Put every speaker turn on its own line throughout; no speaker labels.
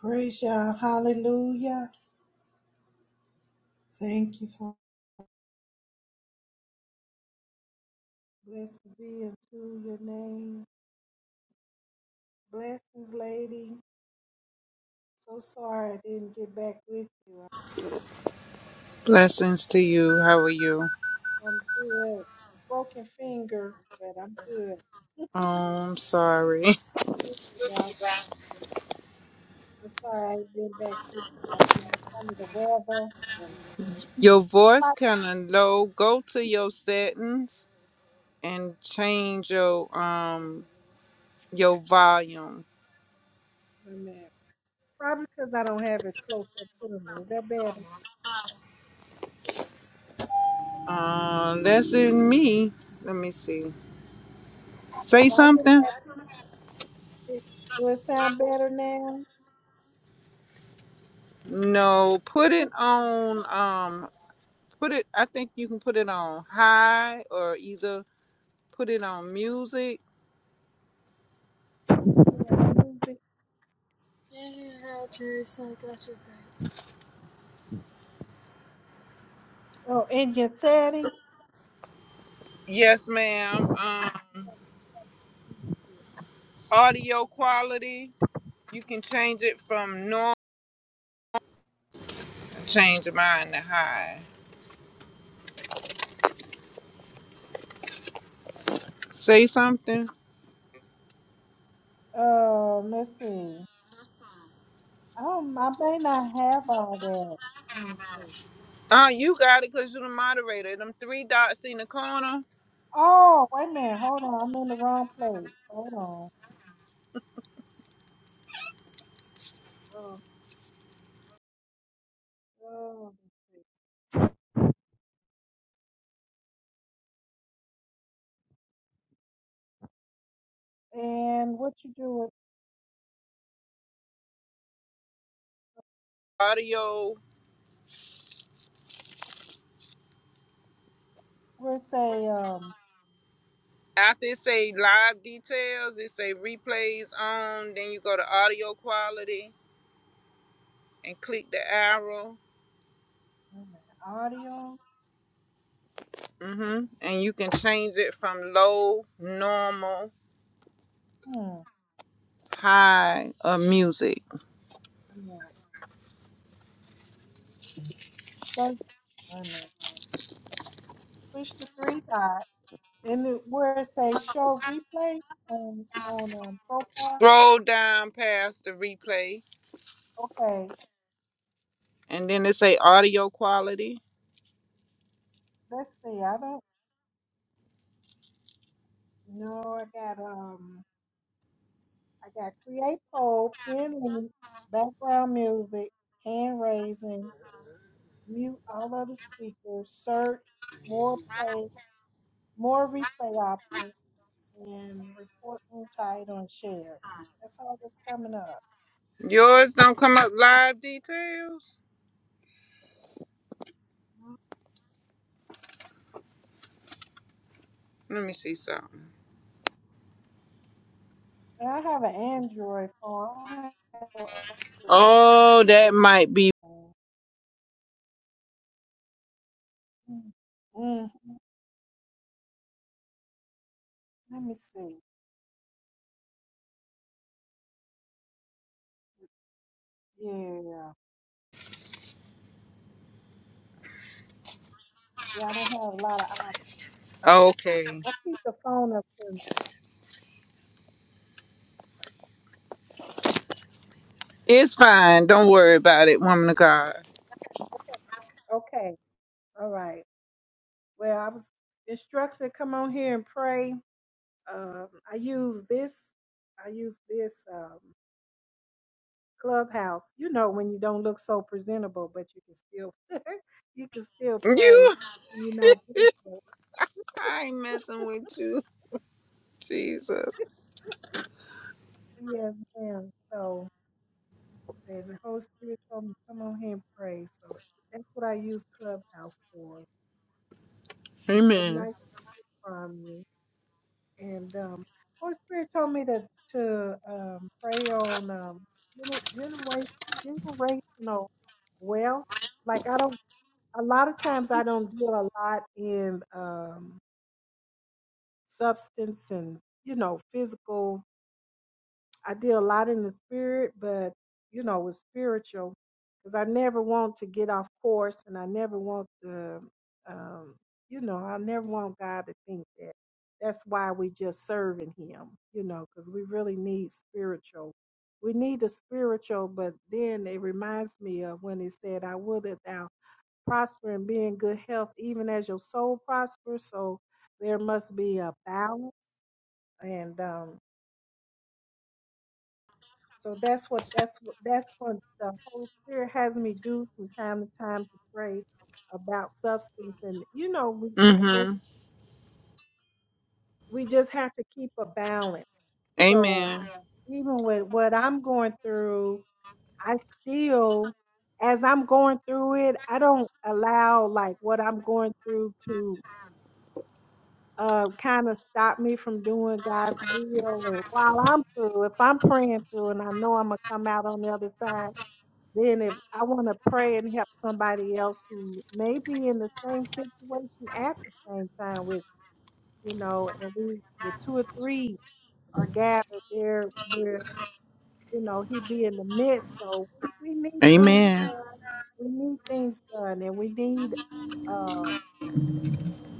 Praise Yah. Hallelujah. Thank you, Father. Blessed be unto your name. Blessings, lady. So sorry I didn't get back with you.
Blessings to you. How are you?
I'm good. Broken finger, but I'm good.
Oh, I'm sorry.
I'm sorry I ain't been back with you. I've been up under the weather. And
Your
I'm
voice
like,
kind of low. Go to your settings and change your um your volume.
wait a minute. Probably because I don't have it close up to me. Is that better?
Uh, that's it. Me. Let me see. Say
Well, I didn't have
something.
it. Do it sound better now?
No,
It
put it
could
on. Um, put it. I think you can put it on high or either put it on music.
be Oh, in your setting?
Yes, ma'am. Um, audio quality. You can change it from normal. Change your mind to hide. Say something.
Um, let's see. I don't. I may not have all that. Let me see.
Oh, you got it because you're the moderator. Them three dots in the corner.
Oh, wait a minute. Hold on. I'm in the wrong place. Hold on. Oh, oh, let's see. And what you do with?
Audio.
We'll say. Um,
After it say live details, it say replays on. Then you go to audio quality and click the arrow.
wait a minute. Audio.
Mm-hmm. And you can change it from low, normal,
Hmm.
high, or music.
Wait a minute. So wait a minute. Push the three dot, and then where it say show replay on on um, profile.
Scroll down past the replay.
Okay.
And then it say audio quality.
Let's see. I don't. No, I got um. I got create poll, pin link, background music, hand raising, mute all other speakers, search, more play, more replay options, and report room title and share. That's all that's coming up.
Yours don't come up live details.
Mhm.
Let me see something.
And I have an Android phone. I don't have an
Oh, that
up-to-date
might be
phone. Mm, mm, Let me see. Yeah, yeah, I don't have a lot of options.
okay.
I keep the phone up to. me.
It's fine. Don't worry about it, woman of God.
Okay, all right. Well, I was instructed to come on here and pray. Um, I use this. I use this um, clubhouse. You know, when you don't look so presentable, but you can still you can still pray.
You,
when You're not visible.
I ain't messing with you, Jesus.
Yes, ma'am. So, and the Holy Spirit told me to come on here and pray. So that's what I use Clubhouse for. And it's so
Amen.
nice to find you. and um, Holy Spirit told me to to um, pray on um, gener- generate generational wealth. Like I don't, a lot of times I don't deal a lot in um, substance and you know physical I did a lot in the spirit, but you know, it was spiritual because I never want to get off course and I never want to, um, you know, I never want God to think that. That's why we just serving Him, you know, because we really need spiritual. We need the spiritual, but then it reminds me of when He said, I would that thou prosper and be in good health, even as your soul prospers. So there must be a balance. And, um, So that's what that's what that's what the Holy Spirit has me do from time to time to pray about substance. And you know, we I
Mm-hmm.
guess we just have to keep a balance. So
Amen.
even with what I'm going through, I still as I'm going through it, I don't allow like what I'm going through to uh, kind of stop me from doing God's will. And while I'm through, if I'm praying through and I know I'm going to come out on the other side, Then if I want to pray and help somebody else who may be in the same situation at the same time with, me, you know, and we with two or three are gathered there where, you know, he be in the midst. So we, we need things
Amen.
done. We need things done and we need um,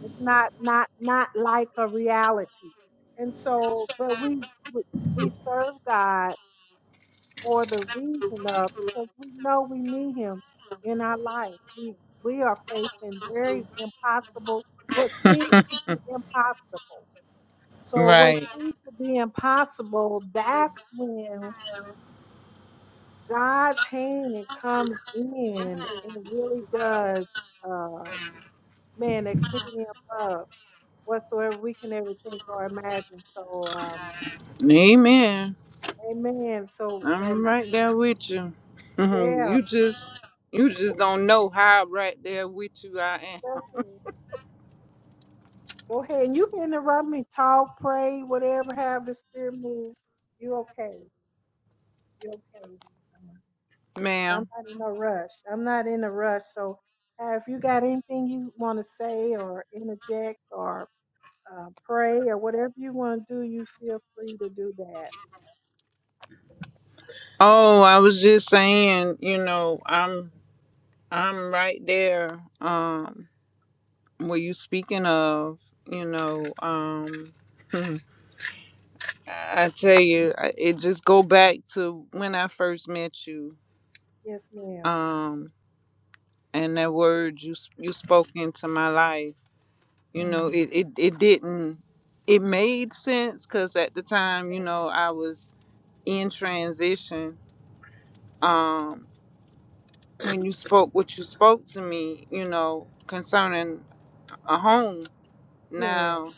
it's not not not like a reality and so but we we, we serve god for the reason of because we know we need him in our life. We we are facing very impossible what seems to be impossible. So what
Right.
seems to be impossible, that's when God's hand comes in and really does um man exceeding above whatsoever we can ever think or imagine. So um
Amen.
amen. So and
I'm right there with you. Mhm.
yeah,
you just, you just don't know how right there with you I
go ahead. Go ahead. And you can interrupt me, talk, pray, whatever, have the spirit move. You okay. You okay. Um,
am,
'cause I'm
ma'am.
not in a rush. I'm not in a rush. So uh, if you got anything you want to say or interject or uh, pray or whatever you want to do, you feel free to do that.
Oh, I was just saying. You know, I'm, I'm right there. Um. Were you speaking of, you know, um, I tell you, I- it just go back to when I first met you,
Yes, ma'am.
um, and that word you s- you spoke into my life. You know,
Mm.
it it, it didn't. It made sense because at the time, you
Okay.
know, I was in transition. Um, when you spoke what you spoke to me, you know, concerning a home. Now
Yes.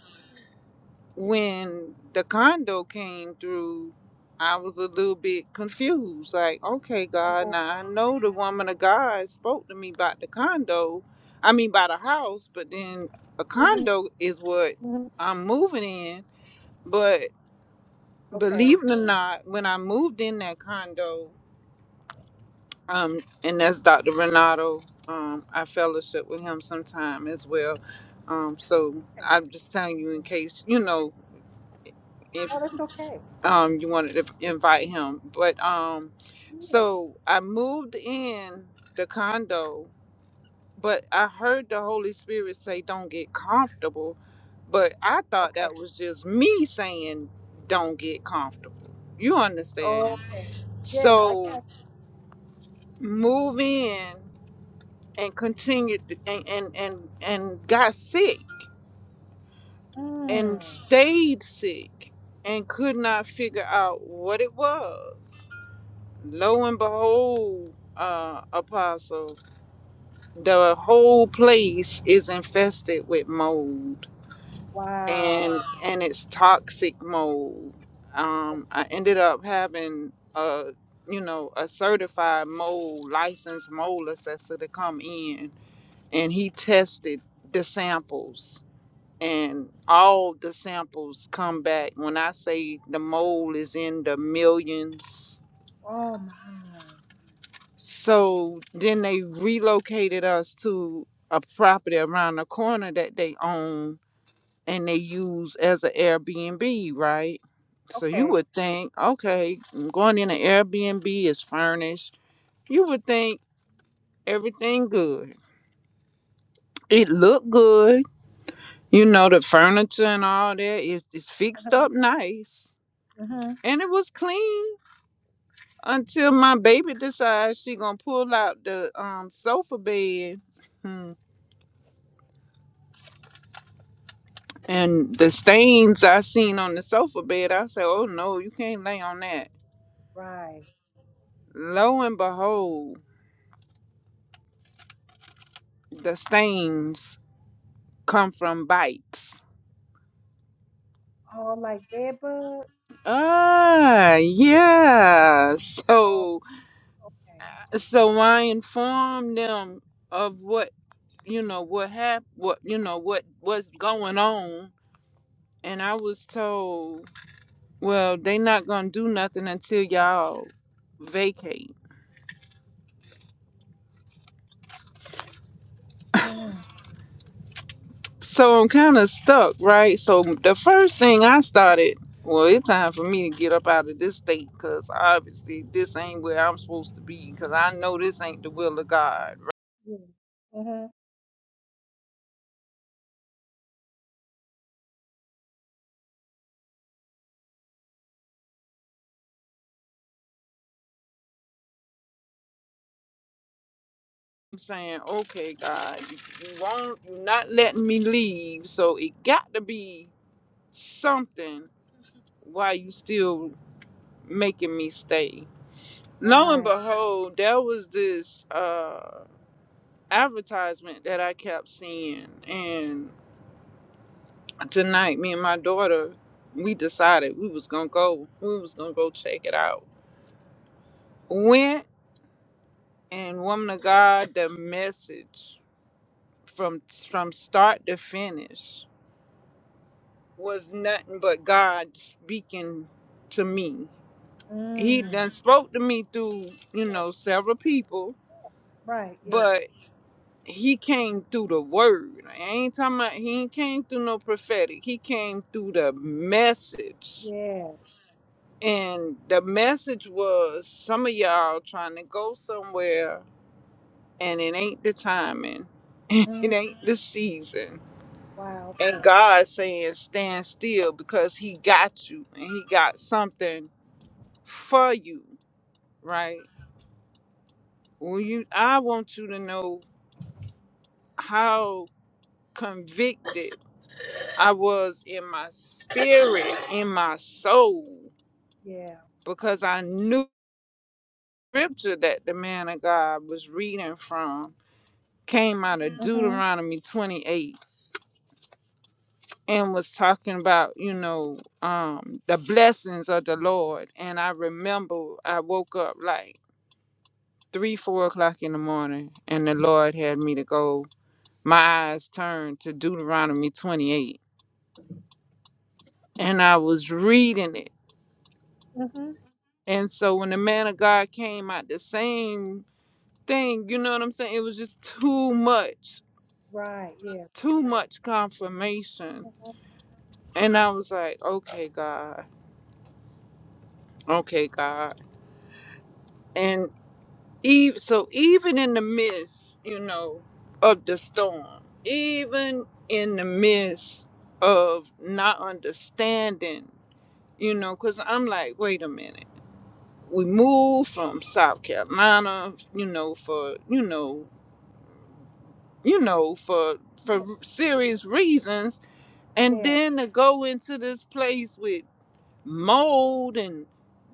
when the condo came through, I was a little bit confused. Like, okay, God,
Oh.
now I know the woman of God spoke to me about the condo, I mean, about the house, but then a
mhm,
condo is what
mhm.
I'm moving in. But
Okay.
believe it or not, when I moved in that condo, um, and that's Dr. Renato, um, I fellowship with him sometime as well. Um, so
Okay.
I'm just telling you in
Amen.
case, you know,
Oh, that's okay.
um you wanted to invite him but um
Yeah.
so i moved in the condo but i heard the holy spirit say don't get comfortable but i thought
Okay.
that was just me saying don't get comfortable you understand
Okay. Yes, I
so
got.
move in and continued to, and, and and and got sick and
Mm.
stayed sick and could not figure out what it was Lo and behold, uh, Apostle, the whole place is infested with mold, and
Wow.
and it's toxic mold.
Oh,
Um, I ended up having a you know a certified mold licensed mold assessor to come in, and he tested the samples. And all the samples come back. When I say the mold is in the millions,
oh my.
So then they relocated us to a property around the corner that they own and they use as an Airbnb, right? So you
Okay.
would think, okay, I'm going in an Airbnb is furnished. You would think everything good. It looked good. You know, the furniture and all that is it's fixed
Uh-huh.
up nice.
Uh-huh.
And it was clean until my baby decides she gonna pull out the um sofa bed. Hmm. And the stains I seen on the sofa bed, I said, Oh no, you can't lay on that.
Right.
Lo and behold, the stains come from bites.
Oh, like bed bug?
Ah, yeah.
Oh,
So,
okay.
so I informed them of what, you know, what happened, what, you know, what was
Yeah.
going on. And I was told, well, they not going to do nothing until y'all vacate.
Mm,
So I'm kind of stuck, right? So the first thing I started, well, it's time for me to get up out of this state because obviously this ain't where I'm supposed to be because I know this ain't the will of God. Right?
yeah. Mm-hmm.
I'm saying, okay, God, you, you won't, you're not letting me leave, so it got to be something why you still making me stay. Lo and
Right.
behold, there was this uh advertisement that I kept seeing, and. tonight me and my daughter we decided we was gonna go we was gonna go check it out went and woman of god the message from from start to finish was nothing but god speaking to me he done
Mm.
spoke to me through you
Yeah.
know several people
Right. Yeah.
but he came through the word I ain't talking about he ain't came through no prophetic he came through the message
Yes.
And the message was some of y'all trying to go somewhere and it ain't the timing,
Mm.
it ain't the season.
Wow.
And
Okay.
God saying, stand still because He got you and He got something for you, right? When you, I want you to know how convicted I was in my spirit, in my soul,
Yeah.
because I knew scripture that the man of God was reading from came out of
Mm-hmm.
Deuteronomy 28 and was talking about, you know, um, the blessings of the Lord. And I remember I woke up like three, four o'clock in the morning, and the Lord had me to go. My eyes turned to Deuteronomy 28, and I was reading it.
Mm-hmm.
And so when the man of God came out, the same thing, you know what I'm saying? It was just too much,
Right. Yes.
too
Right.
much confirmation.
Mm-hmm.
And I was like, okay, God, okay, God. and eve so even in the midst you know of the storm even in the midst of not understanding you know because i'm like wait a minute we moved from south carolina you know for you know you know for for
Yeah.
serious reasons and
Yes.
then to go into this place with mold and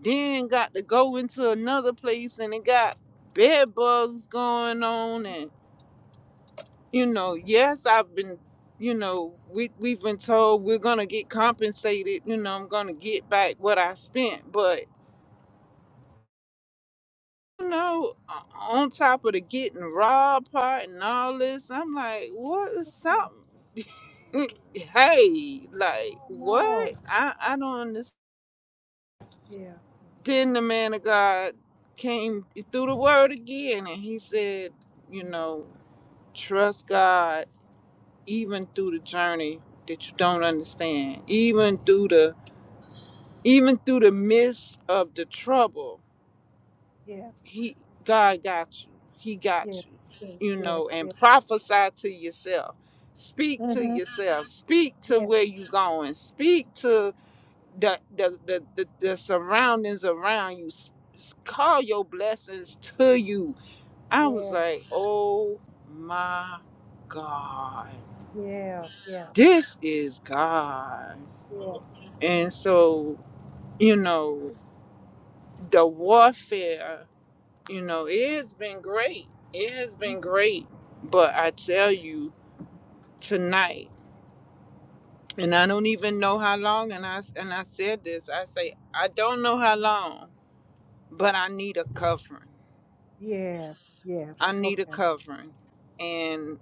then got to go into another place and it got bed bugs going on and you know yes i've been you know we, we've been told we're gonna get compensated you know i'm gonna get back what i spent but you know o- on top of the getting robbed part and all this i'm like what is
Mm-hmm.
something hey like
Oh, no.
what i i don't understand
Yeah.
Then the man of God came through the word again and he said, you know, trust God even through the journey that you don't understand, even through the even through the midst of the trouble,
Yeah.
he God got you. He
Yeah.
got you.
Yeah.
You
Yeah.
know,
Yeah.
and prophesy to yourself. Speak to
Mm-hmm.
yourself. Speak to
Yeah.
where you're going. Speak to the the the, the, the surroundings around you s- s- call your blessings to you i was
Yeah.
like oh my god
Yeah. Yeah.
this is god
Yes, yes.
and so you know the warfare you know it has been great it has been
Mhm.
great but i tell you tonight and i don't even know how long and i and i said this i say i don't know how long but i need a covering
Yes, yes.
I need a
Okay.
covering. And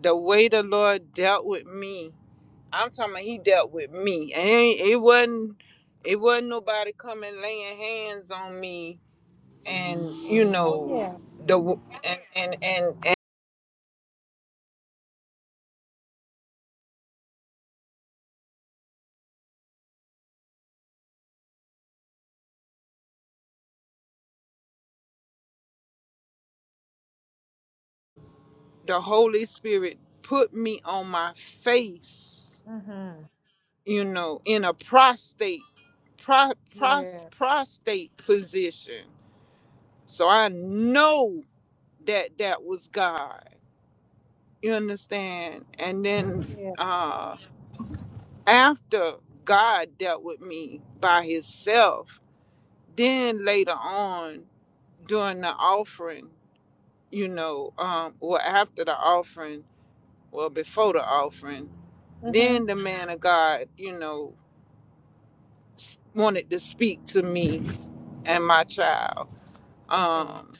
the way the Lord dealt with me, I'm talking about he dealt with me. And it, it wasn't it wasn't nobody coming laying hands on me and you
Oh,
know
yeah.
the and and and, and the Holy Spirit put me on my face,
Mm-hmm.
you know, in a prostate pro, pros,
Yes,
prostate position. So I know that that was God You understand? And then
yes.
uh after God dealt with me by himself, then later on during the offering, you know, um well after the offering, well before the offering,
Mm-hmm.
then the man of God, you know, wanted to speak to me and my child.
Okay.
Um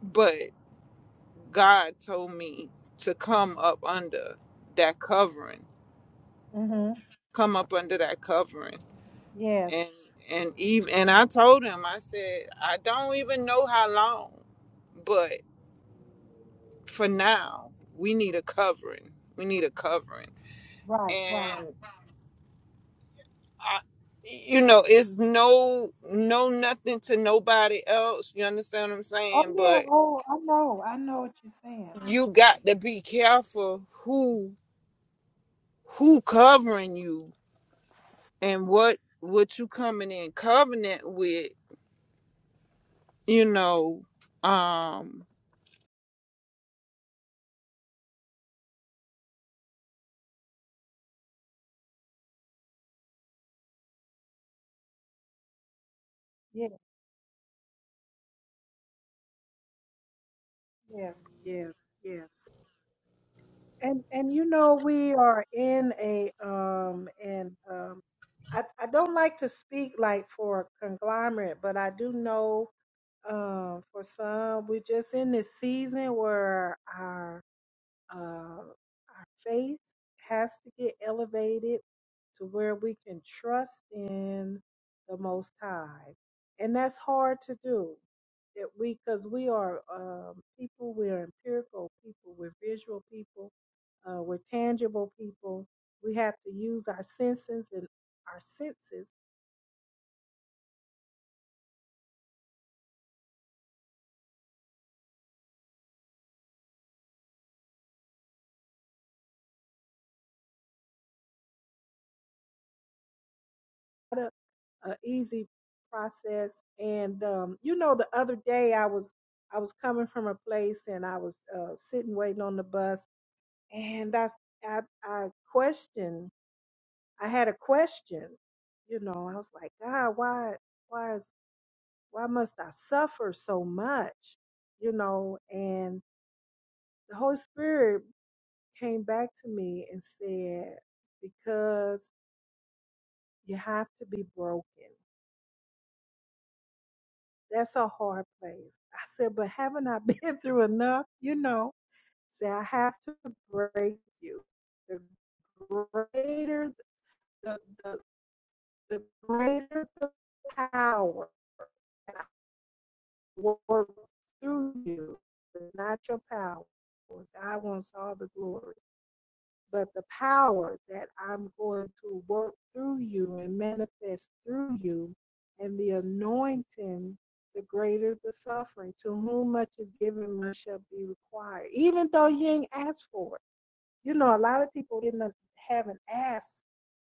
but God told me to come up under that covering,
Mm-hmm.
come up under that covering
Yes,
and and even and I told him I said I don't even know how long, but for now we need a covering. We need a covering,
right, right.
and I, you know, it's no no nothing to nobody else. You understand what I'm
Oh,
saying?
yeah.
But
Oh, I know. I know what you're saying.
you got to be careful who who covering you and what what you coming in covenant with. You know, um,
Yes, yes, yes, yes. And and you know we are in a um and um I I don't like to speak like for a conglomerate, but I do know um for some we're just in this season where our Uh, our faith has to get elevated to where we can trust in the Most High. And that's hard to do. That we, because we are um, people, we are empirical people, we're visual people, uh, we're tangible people. We have to use our senses and our senses a, a easy process. And um, you know, the other day I was I was coming from a place and I was uh, sitting waiting on the bus, and I I, I questioned. I had a question. You know, I was like, God, why why is why must I suffer so much? You know, and the Holy Spirit came back to me and said, because you have to be broken That's a hard place. I said, but haven't I been through enough? You know, say I have to break you. The greater the the, the greater the power that I work through you. It's not your power. God wants all the glory. but the power that I'm going to work through you and manifest through you, and the anointing, the greater the suffering. To whom much is given, much shall be required. Even though you ain't asked for it, you know, a lot of people didn't uh, haven't asked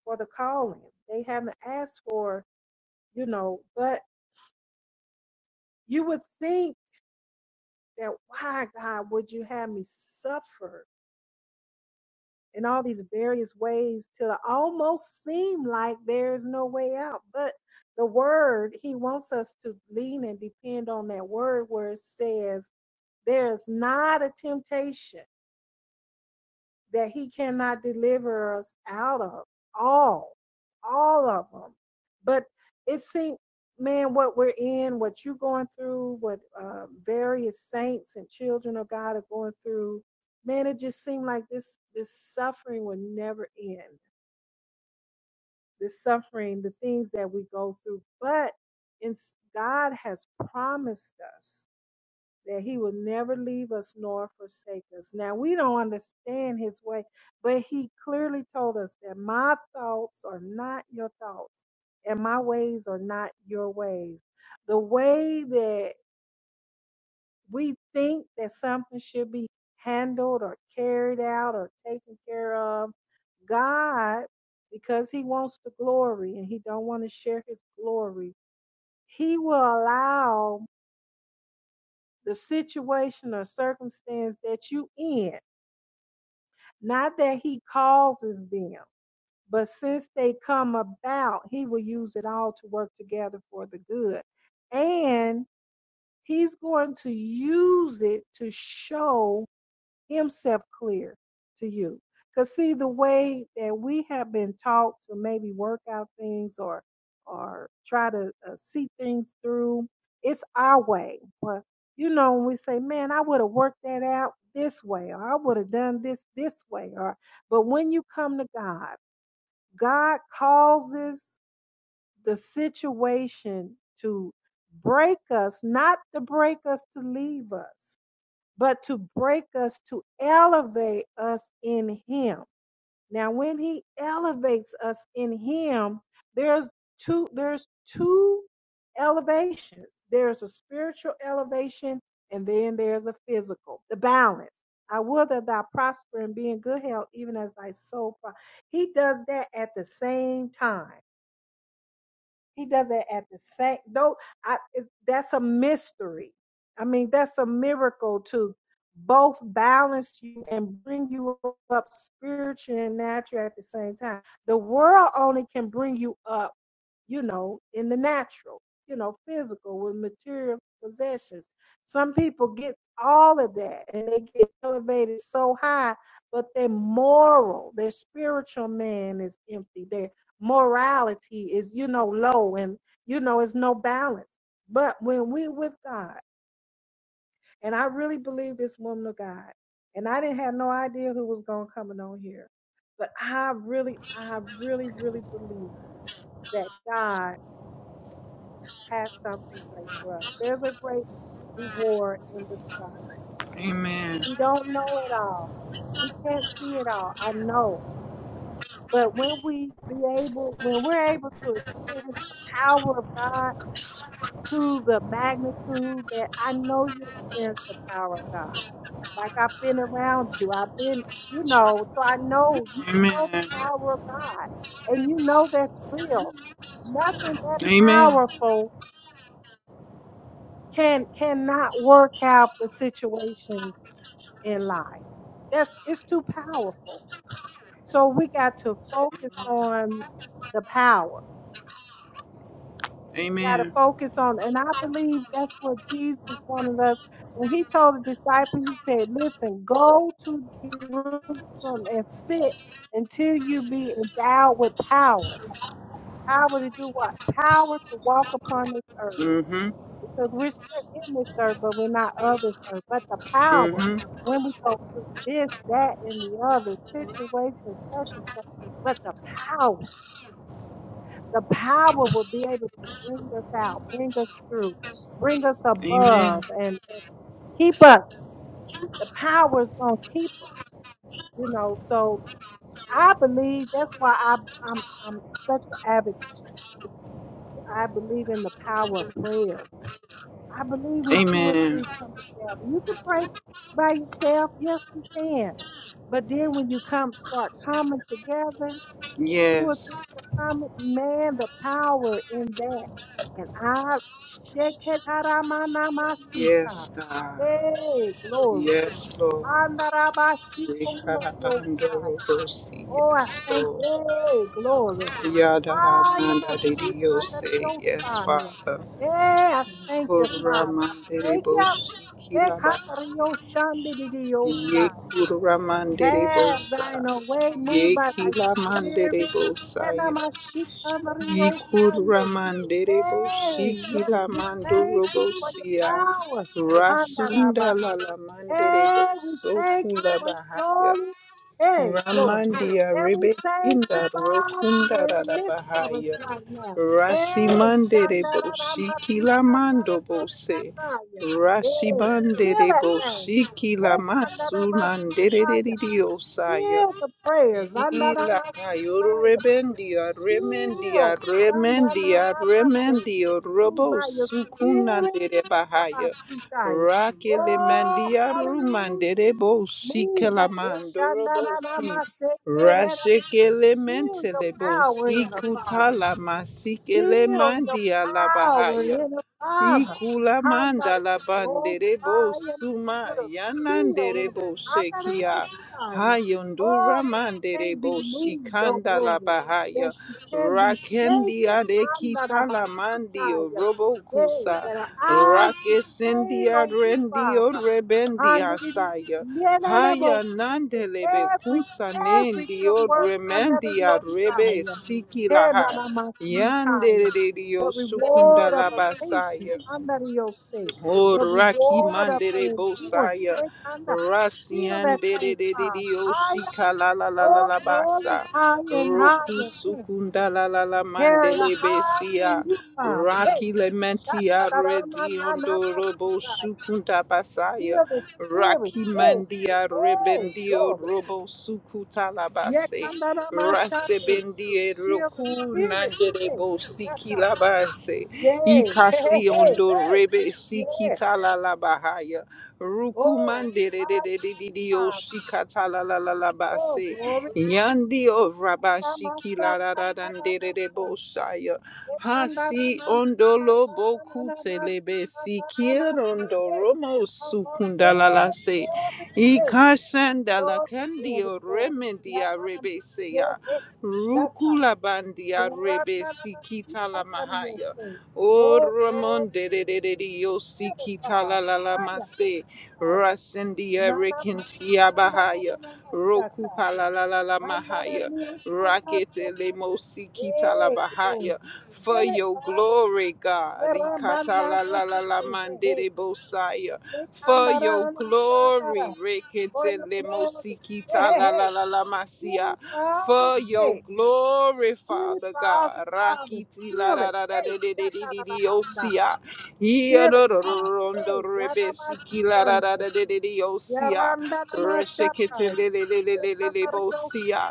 for the calling. They haven't asked for, you know, but you would think that why God would you have me suffer in all these various ways till it almost seem like there's no way out. But the word, he wants us to lean and depend on that word where it says there is not a temptation that he cannot deliver us out of. All, all of them. But it seems, man, what we're in, what you're going through, what uh, various saints and children of God are going through, man, it just seemed like this this suffering would never end. the suffering, the things that we go through. But in, God has promised us that He will never leave us nor forsake us. Now, we don't understand His way, but He clearly told us that my thoughts are not your thoughts and my ways are not your ways. The way that we think that something should be handled or carried out or taken care of god because he wants the glory and he don't want to share his glory he will allow the situation or circumstance that you in not that he causes them but since they come about he will use it all to work together for the good and he's going to use it to show himself clear to you. Because see, the way that we have been taught to maybe work out things or or try to uh, see things through, it's our way. But you know, when we say, "Man, I would have worked that out this way," or "I would have done this this way," or but when you come to God, God causes the situation to break us, not to break us to leave us but to break us, to elevate us in Him. Now, when He elevates us in Him, there's two, there's two elevations. There's a spiritual elevation, and then there's a physical, the balance. I will that thou prosper and be in good health, even as thy soul. Pro-. He does that at the same time. He does it at the same. Though I, it's, that's a mystery. I mean, that's a miracle to both balance you and bring you up spiritually and naturally at the same time. The world only can bring you up you know, in the natural, you know, physical with material possessions. Some people get all of that and they get elevated so high, but their moral, their spiritual man is empty. Their morality is, you know, low and, you know, it's no balance. But when we with God, and I really believe this woman of God, and I didn't have no idea who was going to come on here, but I really, I really, really believe that God has something great for us. There's a great reward in the suffering.
Amen,
We don't know it all. We can't see it all. I know. But when we be able, when we're able to experience the power of God to the magnitude that I know you experience the power of God. Like I've been around you. I've been, you know, so I know you know the
Amen.
power of God and you know that's real. Nothing that
Amen.
powerful can cannot work out the situations in life. That's it's too powerful. So we got to focus on the power. We got to
Amen.
focus on, and I believe that's what Jesus wanted us when he told the disciples. He said, "Listen, go to Jerusalem and sit until you be endowed with power. Power to do what? Power to walk upon this earth."
Mm-hmm.
because we're still in this earth, but we're not of this earth. But the power,
Mm-hmm.
when we go through this, that, and the other situation, circumstance, but the power, the power will be able to bring us out, bring us through, bring us
Amen.
above, and, and keep us. The power is going to keep us, you know. So I believe that's why I, I'm I'm such an advocate. I believe in the power of prayer I believe when two or
Amen.
three come together. You can pray by yourself. Yes, you can. But then when you come, start coming together, two or
Yes.
three are coming, man, the power in that. And I, Sheketaramanamashita.
Yes, God.
hey, glory.
Yes, Lord. We carabando
Handarabashikondoriyosai.
rosi.
Oh, I
Yes,
thank,
Lord.
you, hey, glory.
Yada da manda de eh, Yes,
Hayamashitadoriyosai.
Father.
Hey, I thank you, Father. I
Kuramande de
thank you. I
bosi kila bahaya. Ye
Ekatorioshandididiyosai.
kuramande de
Have
bosa.
thine own way, move
Ye
by thy
kila mande de
spirit.
bosa.
Enamashikandoriyosande.
Yikuramanderebo
Hey,
shikila
yes, we thank you
mandorobo
for your
siya
power.
rasunda
Handarabas.
lala la manderebo
Hey, we thank you
sokula
for your
bahaya
glory. Hey, glory.
ramandia
And we thank you,
rebekinda
Father,
rokunda
you're in
rada
the
la
midst of us
bahaya
right now. Hey,
rasimanderebo shikila mandobo se
Shandaramakitatarayotataya. Hey, seal that
rashibanderebo
thing.
shikila
Hey, Kandaramashitaya.
masunanderebo saya
Seal the prayers.
Ila kayuru
Andaramasitaya.
rebendia remendia
Seal.
remendia
Shandaramate.
remendio robo
Move by your spirit.
sukunandere bahaya.
Ekapasitaya.
Rakele
Oh,
mandia
hallelujah.
rumandere bo
Move by it.
sikelamando robo si.
Shandananamasete.
Rashekele
Seal your
mentele bo
power in her, Father.
sikutala masikele
Seal your
mandia la
power
bahaya.
in her, Father.
Ikula mandala banderebo
Handariyosaya.
suma
Put a seal in it.
yananderebo shekia
Handariyosaya.
hayundura
Oh, that she can't
manderebo
be moved, oh
shikanda la
glory. That
bahaya
she can be
rakendi
shaken.
adekita la mandio
Handanamasitaya.
robo
Hey,
kusa
that her eyes be stayed
rakesendia
on you, Father.
rendio rebendia
Hallelujah.
saya Haya
Yelelebos.
nandelebe
Every,
kusa
every good
nendio
work under the
remendia rebe
Yoshaya.
sikilaha.
Henanamasitaya.
Yandelelio
the reward of her
Basaya.
patience, under the Yose.
Oh,
the
Raki
reward of her
Mandere
endurance.
Bosaya,
Hey, Seal that
Rasian de
thing,
de de de
Father.
de
Higher,
Oshika la la la la
oh
la
glory,
basa,
higher and
Roku
higher. Mm.
Sukunda la la la
Carry her
Mandele
higher in
Besia,
you, Father. Hey,
Raki
shut
Lementia Redi ondo Robo Sukunda
Seal
Basaya,
the Spirit.
Raki
Hey,
Mandia
hey,
Rebendio
glory.
Robo Sukuta la base.
Yekandaramashani.
Rasebendie
Sea of
roku
the Spirit. Hey,
nanderebo siki
yata.
labase
Yay. Hey, hey,
ikasi
hey,
ondo
hey.
rebe siki
Yes.
talala bahaya ruku
Oh,
mandere de de de de
hallelujah,
de o
Father.
sikata la la la
Oh,
base
glory.
yandi o rabashiki la la la dandere de
Anamashakandaramase.
bosaya hasi ondolo boku
Yekandaramashakandaramasi.
telebe sikir
Kandaramase.
ondo
Hey,
romo
come on.
sukunda la
Hey,
la se
glory. Hey,
Senda la
Glory, glory,
candio
glory.
remedia
Yanana,
rebeseya.
yehe, shata.
Rukula bandia
Yeranana,
rebesi kita la
masikana,
mahaya.
yose.
O
Oh,
Ramon
glory,
de de de de dio si
seal it,
kita
Father.
la la la
Haya,
mase.
mashikaya.
Rasendia
Nana,
rekintia
masikana, nana,
bahaya.
nana,
Roku
shata.
pa la la la la
Nana,
mahaya.
nil, shata,
Rakete le
yokani.
mosi kita la
Hey, glory.
bahaya. For
Seal it,
your
Father.
glory, God.
Yeramana,
Ikata la
nana,
la la la
say, hey, hey.
mandere bosaya for
Sekanda,
your
nana,
glory.
shanda, For
Rekete
your
lemo
glory. Hey,
sikita
hey,
la
hey.
la la la
Seal
masia.
it,
For
Father.
your glory,
Seal it,
Father
Father,
God.
Father,
Rakiti la
seal
la
it.
la la
Hey,
de de de de de de
shatarabanda.
osia. Ia
Seal it,
no ro
Father. Hey,
la la la
yanamashikando.
la de de de osia.
Yaranda
Reshekete
namashakai.
le le le le le le le bosia.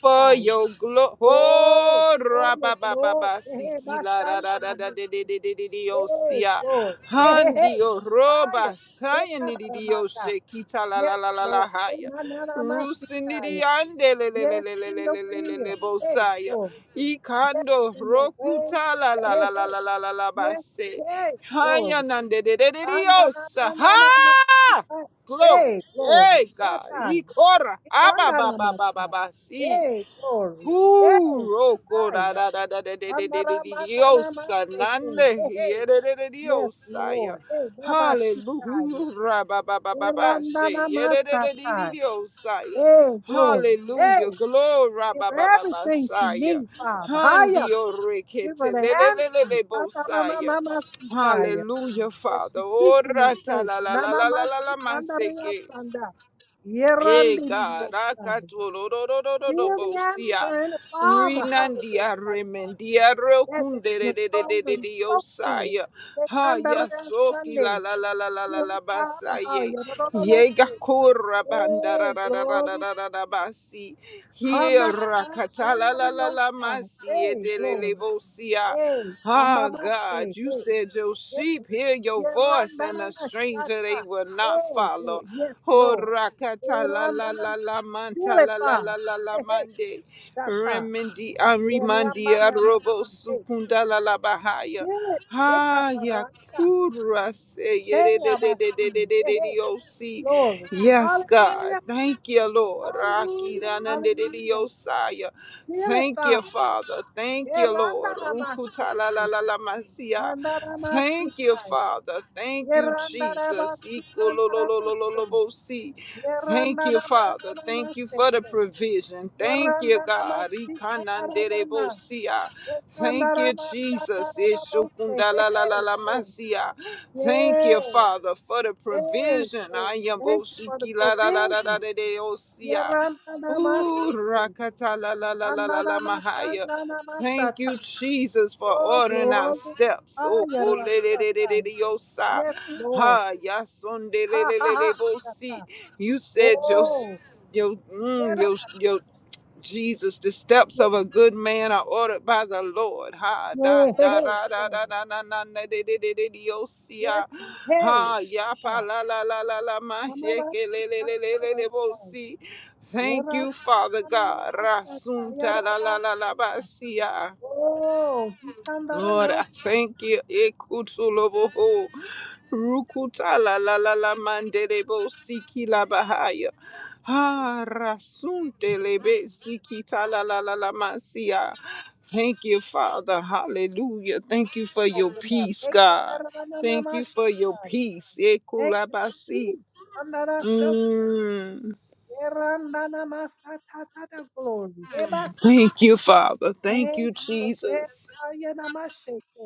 For your glory,
Oh,
oh,
oh, your glory.
rabababa,
Hey,
siki la la
bashanda
la la la de
namose.
de de de de de
Hey,
osia.
Lord. Hey, hey, hey.
Handio Roba
Aya.
sayanidio
Shetaramanda.
shekita la la
Yes,
la la la
Lord. Hey,
haya. Rusinidi
manaramasitaya.
ande le le le
Yes
le
to
le le
your
le le le le
will. Hey,
bosaya.
Lord. Yes
Ikando
to your way.
rokuta la
Hey,
la
hey,
la la
hey.
la la la la
Yes,
base.
hey,
Haya
glory.
nande de de de diosa. Ha!
Ananamananamasika.
Glory.
Hey, glory.
Hey God.
Shatai.
Ikora. Aba ba ba ba ba
Ikandanamasa.
ba si.
Hey, glory. Hey,
Whoo, oh, God,
hi.
da, da, da, da, da, da, da, da, da, Dios,
Anaramananamaseke.
anande,
Hey, hey.
yeah, da, da, da,
Yes,
Dios, ah, yeah.
Lord. Hey, Baba Shitai.
Hallelujah, ra, ba, ba, ba, ba, ba, she, yeah, da, da, da, da, da,
Erandanamasata.
Dios, ah, yeah.
Hey, glory. Hey,
Hallelujah, glory, ra,
give
ba,
her
ba, ba, ba,
everything she
sa, yeah.
needs, Father. Higher.
Handio, re, ke,
Give
te,
her the
le, le, le, le,
answer.
le, bo, sa, yeah.
Anaramanamasitai.
Hallelujah,
Yes,
Father.
she's
Oh,
seeking and
ra, ta, la,
searching.
la, la,
Nana
la, la, la,
matsi
la, ma, se,
kandaria
ke.
sanda.
Hey
Yerandi
God,
yosaya. See the
Akatolororororobosia,
answer in the Father, hallelujah.
Rinandia Remendia
That
Rokunde
that's
de
the
de de de
told
de
and
de
spoke to
Osaya,
her.
Ha
Kandaria
Yasoki la
Sunday.
la la la la la
Seal
la
it, Father,
Basaye,
hallelujah. No, no, no, won't
Yega
say.
Kora Bandara
Hey,
da da da da
glory.
da da da Basi, Here
Hanarama
Rakatala la la
shandaria
la la
yosai.
Masi,
Hey, glory.
Edelebosia,
Hey,
Oh
Rambaba
God,
say.
you
Hey.
said your
hey,
sheep hear your voice and a stranger
Yerandanamashata.
they will not
Hey,
follow.
Lord. Yes,
Oh
Lord.
rakata la la la
Yerandanam-
la
Seal
manta
it,
la la
Father.
la la la
Hey, hey.
mande.
Shata.
Remendi amrimandi arobo
Yeramanamashe. Hey.
sukunda la la bahaya
Seal it. Hey,
ha ya
kataranda.
ku ra se ye de de de de de de de
Sheyabasi.
de
Hey,
de de
hey.
yo si.
Glory.
Yes, God.
Hallelujah.
Thank you, Lord. ra ki
Hallelujah.
de de de
Hallelujah.
yo sa
Seal it,
Thank you,
Father.
Father. Thank you, Lord. ruku la la
Yerandanamashete.
la la ma Thank you,
Andanamasikai.
Father. Thank you, Jesus. iku lo lo lo lo lo
Yerandanamasikandaraboshe.
lo bo si. Thank you, Father. Thank you for the
Yerananamasete.
provision. Thank you, God.
Yeranamashikaranana.
Ikananderebosia. Thank you, Jesus.
Ekanaramashakarabose. Hey, hey, glory.
Ishukundalalalalamasiya. Thank you,
Yes.
Father, for the
Hey,
provision.
glory. Thank you for the provisions.
Ayamboshikilalalalalaladeosia. Ooh,
Yerandanamasete.
rakata la la la la la la mahaya. Thank
Ananamashandanamasata.
you, Jesus, for
Oh,
ordering our
glory.
steps. Oh, oh, le, le, le, le, le,
Ayarashatai.
le, yo, sa.
Yes, Lord.
Ha, ya, son, de,
Ha,
le, le,
ha,
le,
ha.
le, bo,
Shata.
si. You said your,
Oh,
your, mm, your,
yerabasha.
your. Jesus, the steps of a good man are ordered by the Lord. Ha da
Yeah,
da da
yeah,
da da da da da da de de de de de oh, see, ah.
Yes, hey,
Ha ya pa
Shata.
la la la la la ma shake
Namavasi
le le le le le le bo
Kanarosai.
see. Thank
Yera
you, Father God.
Shata.
Rasunta
Yera
la la la
Baksa.
la ba see, ah.
Oh, he
Lord, I
Yos
thank you. Ekutuloboho. Rukuta la la la la mandelebo siki la bahaya. Ha rasunte lebe siki ta la la la la masia. Thank you, Father. Hallelujah. Thank you for your
open up.
peace,
He
God. Thank you for your
Hekandaranamashatai.
peace.
Thank you for
Ekulabasi.
peace. Andarashok-
Mm.
Yerandanamasatata Glory. Hebas-
Thank you, Father. Thank you,
Thank you for rest.
Jesus.
Ayanamashete.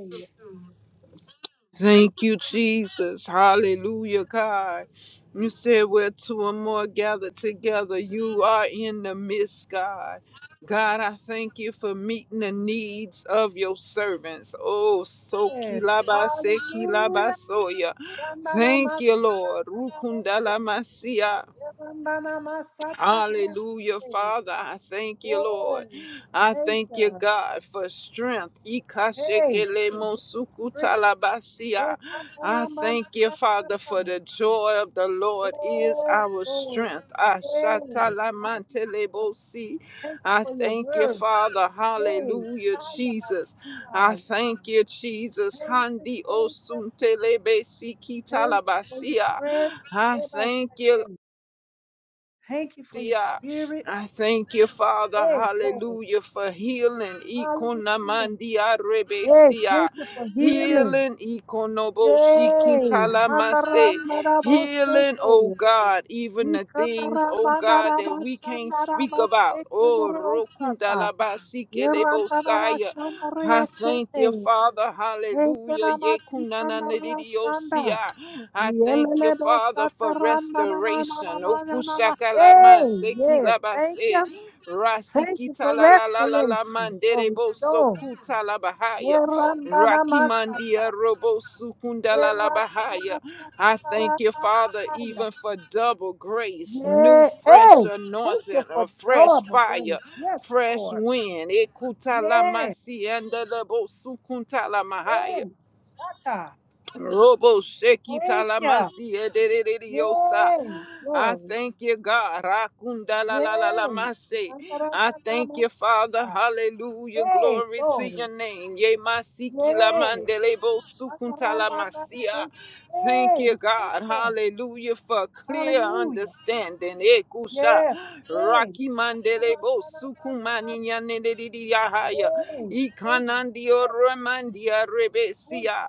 Thank you, Jesus. Hallelujah, God. You said where two or more gather together, you are in the midst, God. God, I thank you for meeting the needs of your servants. Oh, so kilabase
Hallelujah.
kilabasoya. Thank you, Lord.
Shandanamasa-
Rukundala masia.
Yabandana
Hallelujah,
masatatarabaseya.
Father. I thank you, Lord.
Oh,
I
thank
thank you,
you.
God, for strength.
Hey, thank you for strength. Yes,
Ikashekelemosukutalabasiya. I thank you, Father, for
kataramandamasata.
the joy of the Lord is
Oh,
our
glory.
strength.
Yes. Hallelujah.
Ashatalamantelebosi.
Thank you
I
for your
thank you,
word.
Father.
Yay.
Hallelujah,
Shaya
Jesus. I
Basaya.
thank you, Jesus.
Thank you,
Handi
thank you, thank you for your
osuntelebesikitalabasiya.
presence.
I thank you.
Ebashate. Thank you for your spirit.
I thank you, Father,
Hey, Lord.
hallelujah, for healing.
Hallelujah.
Ikonamandia
Hey,
rebesia.
thank you for healing.
Healing. Ikonobo
Yay!
shikintalamase. Healing,
Handaranarabosheke.
oh God, even the things, oh God, that we can't speak about. Oh,
Ikataramanaramashanaramasekanareosata.
Rokundalabasikele Bosaya. I thank
Yerandanamashanareyasete.
you, Father. Hallelujah.
Enkenamasikanarashanda.
Yekunananedidiosia. I thank you, Father, for restoration.
Yelelebosatarandanamanamanama. Hey, yes, thank
Okushakalamansekilabase.
you. Thank you
Rasikita
for
la la la la la
restoration, for
mandere bo
restore.
sokuta la bahaya.
Yerandanamasa.
Rakimandia robo sukunda la la bahaya. I thank you, Father,
Yerandanamashanaranamaya.
even for double grace, new
Yeah. Hey,
fresh
thank you
anointing, a
for
fresh
adorable
fire,
grace. Yes,
fresh
Lord.
wind. Ekuta la
Yeah.
masianda la bo sukunta la mahaya.
Hey, Sata.
Robo Sheki
Thank you.
Talamasi Ederiosa.
Yay.
I
Glory.
thank you, God. Rakunda la la la la
Yay.
mase. I thank you, Father.
Shandaramanamasata.
Hallelujah.
Hey,
Glory to your
glory.
name. Ye masiki la
Yay.
mandele bo sukunta la masia.
Shandaramanamas.
Thank
Hey,
you,
thank
God.
you.
Hallelujah for clear
Hallelujah.
understanding. Ekusha.
Yes. Hey.
Raki mandele bo
Shandaramanamas.
sukumani yanelelidi yahaya.
Hey, thank you.
Ikanandio
Yes.
remandia
Thank
rebesia.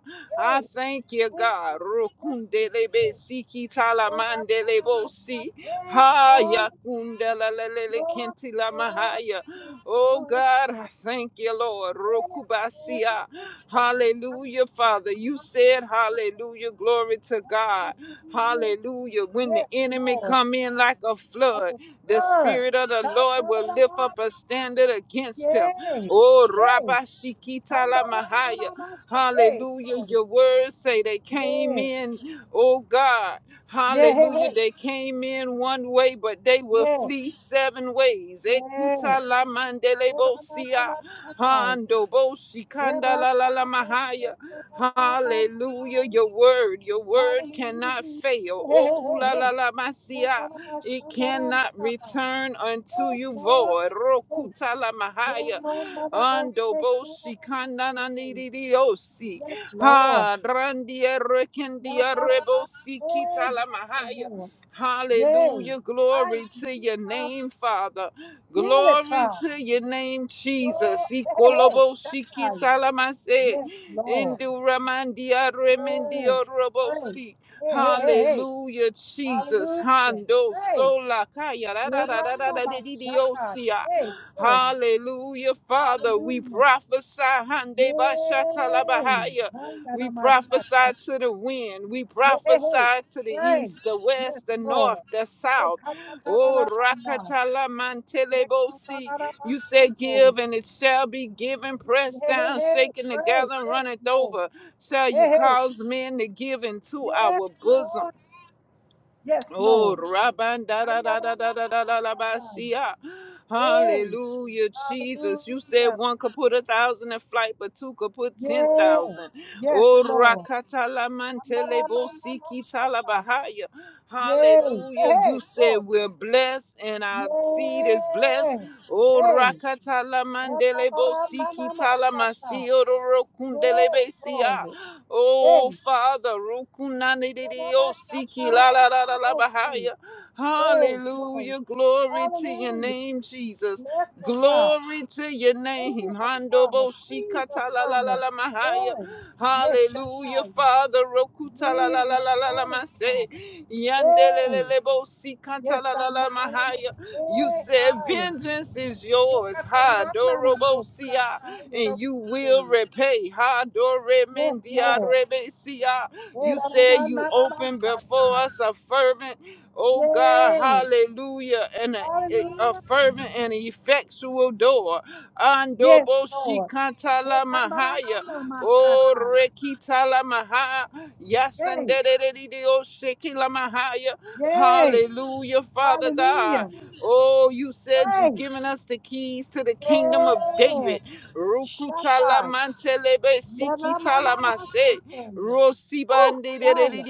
you.
I thank you,
Hey, yo-
God.
listening.
Rokundele be
Hey,
siki
yo,
tala
ra- ra-
mandele
ra-
bo si.
hey,
Ha
glory,
yakundela lele
glory,
kentila
glory,
mahaya. Oh
glory,
God, I
glory.
thank Thank you, Lord.
Hey, hey,
Rokubasia.
hey, hey. I'm
Hallelujah, Father. You
not
said hallelujah. Glory to
gonna
God.
give you
Hallelujah. When the
Yes,
enemy
Lord.
come in like a
That's
flood,
a
the
blood.
spirit of the
Shout
Lord
out
will
the
lift up
mouth.
a standard against him.
Yay.
Oh,
Hey.
Rabashikita
I'm
la
the run that I
Mahaya.
Hey,
Hallelujah.
glory.
Your words say they came
Yeah.
in, oh God.
Yeah, hey,
Hallelujah.
hey.
They came in one way, but they will
Yeah.
flee seven ways. Ekuta
Yes.
la mandele
Yeah, ra- ra- ra- ra- ra- ra-
bosia.
ra- ra-
Hando boshi
ra- ra-
kanda
ra- ra-
la la la mahaya. Hallelujah. Your word, your word
Hallelujah.
cannot fail.
Hey, hey,
Oh,
hey,
kula la
hey.
la
Na, na,
masia.
na, na, sha,
It
na, na,
cannot
na.
return unto
Hey,
you
Lord.
void.
Hey.
Rokuta la
Then,
mahaya.
na, na, na, bo,
Ando
se,
bo
ke, na, na, na,
shikana
se,
na
ke.
ni di
Yes, Lord.
Ha, randia
Ya,
rekendia
na, na,
rebo
na, Hey,
kita la
yes,
mahaya.
Lord. Yay.
Hallelujah.
I
Glory to your
love,
name, Father.
seal it,
Glory
Father.
to your name, Jesus.
Lord. Hey, hey, hey.
Ikolobo
Shaddai.
shikitalamase.
Yes, Lord.
Induramandia
Yes.
remendio
Pray.
robosi.
Hey, hey, hey, hey.
Hallelujah, Jesus.
Hallelujah.
Hando
Pray.
sola kaya ra ra ra ra ra
Yeranda
ra di di di
Bashatai.
osia.
Hey, Lord.
Hallelujah, Father. we. We
Hallelujah.
prophesy, Hande
Yay.
Bashatalabahaya. We
Hayanamashata.
prophesy to the wind. We prophesy
Yay.
to the
Pray.
east, the west,
Yes,
the north,
Lord.
the south. Oh,
Ekatatarabanda.
Rakatala Mantelebosi. You said,
Yekatarabashambo.
Give, and it shall be given, pressed down,
Yay.
shaken
Pray.
together, and
Yes,
runneth
Lord.
over. Shall you
Hey, hey.
cause men to give into
Yes,
our bosom?
Lord. Yes,
Oh,
Lord.
Rabban, da da da da da da da da da ba,
Andaramamamashata.
see
Yay.
Hallelujah, Jesus. You said
Hallelujah.
one could put a thousand in flight, but two could put ten
Yay.
thousand.
Yes,
Oh,
Lord.
Rakata la mantele bo siki
Andaramamamashata.
talabahaya.
Yay. Hey,
Hallelujah.
hey,
You
Lord.
said we're blessed and our seed is blessed.
Yeah.
Oh,
Hey.
Rakata la mandele bo siki
Yakabaramamamashata.
talamasio
Yeah,
rokundele be siya.
glory. Hey.
Oh, Father, Rukunani di di o Siki la la La La
Yanamashakaramaramose.
Bahaya.
Hey, glory.
Hallelujah. Glory to your
Hallelujah.
name, Jesus.
Bless the Father.
Glory to your
Move
name.
upon her.
Handobo
Breathe upon her.
shikatalalalamaha.
Hey. Yes,
Hallelujah,
Shataya.
Father.
Breathe upon her,
Rokutalalalalalamasay.
Father. Hey.
Yandelelelebo
Yes, I'm
sikatalalalamaha. You
Hey,
said,
higher.
Vengeance is yours. Ha dorobo siya. And you will repay. Ha dore
Yes,
mendia
Lord.
rebe siya.
Yay.
You said you opened before
Ra-ra-ra-ra-ra-ra-sha-ta.
us a fervent, oh God,
Yay.
hallelujah, and a, a
Hallelujah.
fervent and effectual door. Ando
Yes,
boshi
Lord. Hey,
kantala mahaya, oh
ra-ra-ra-ra-ra-sha-ta.
rekitala maha,
Yay.
yasenderedidio shekila mahaya,
Yay.
hallelujah, Father God.
Hallelujah.
Oh, you said you've
Pray.
given us the keys to the kingdom of
Yay.
David. Rukutala
Shatai.
mantelebe sikitala mase,
Yeramanamasekenya. Woo.
rosibandi
Shia.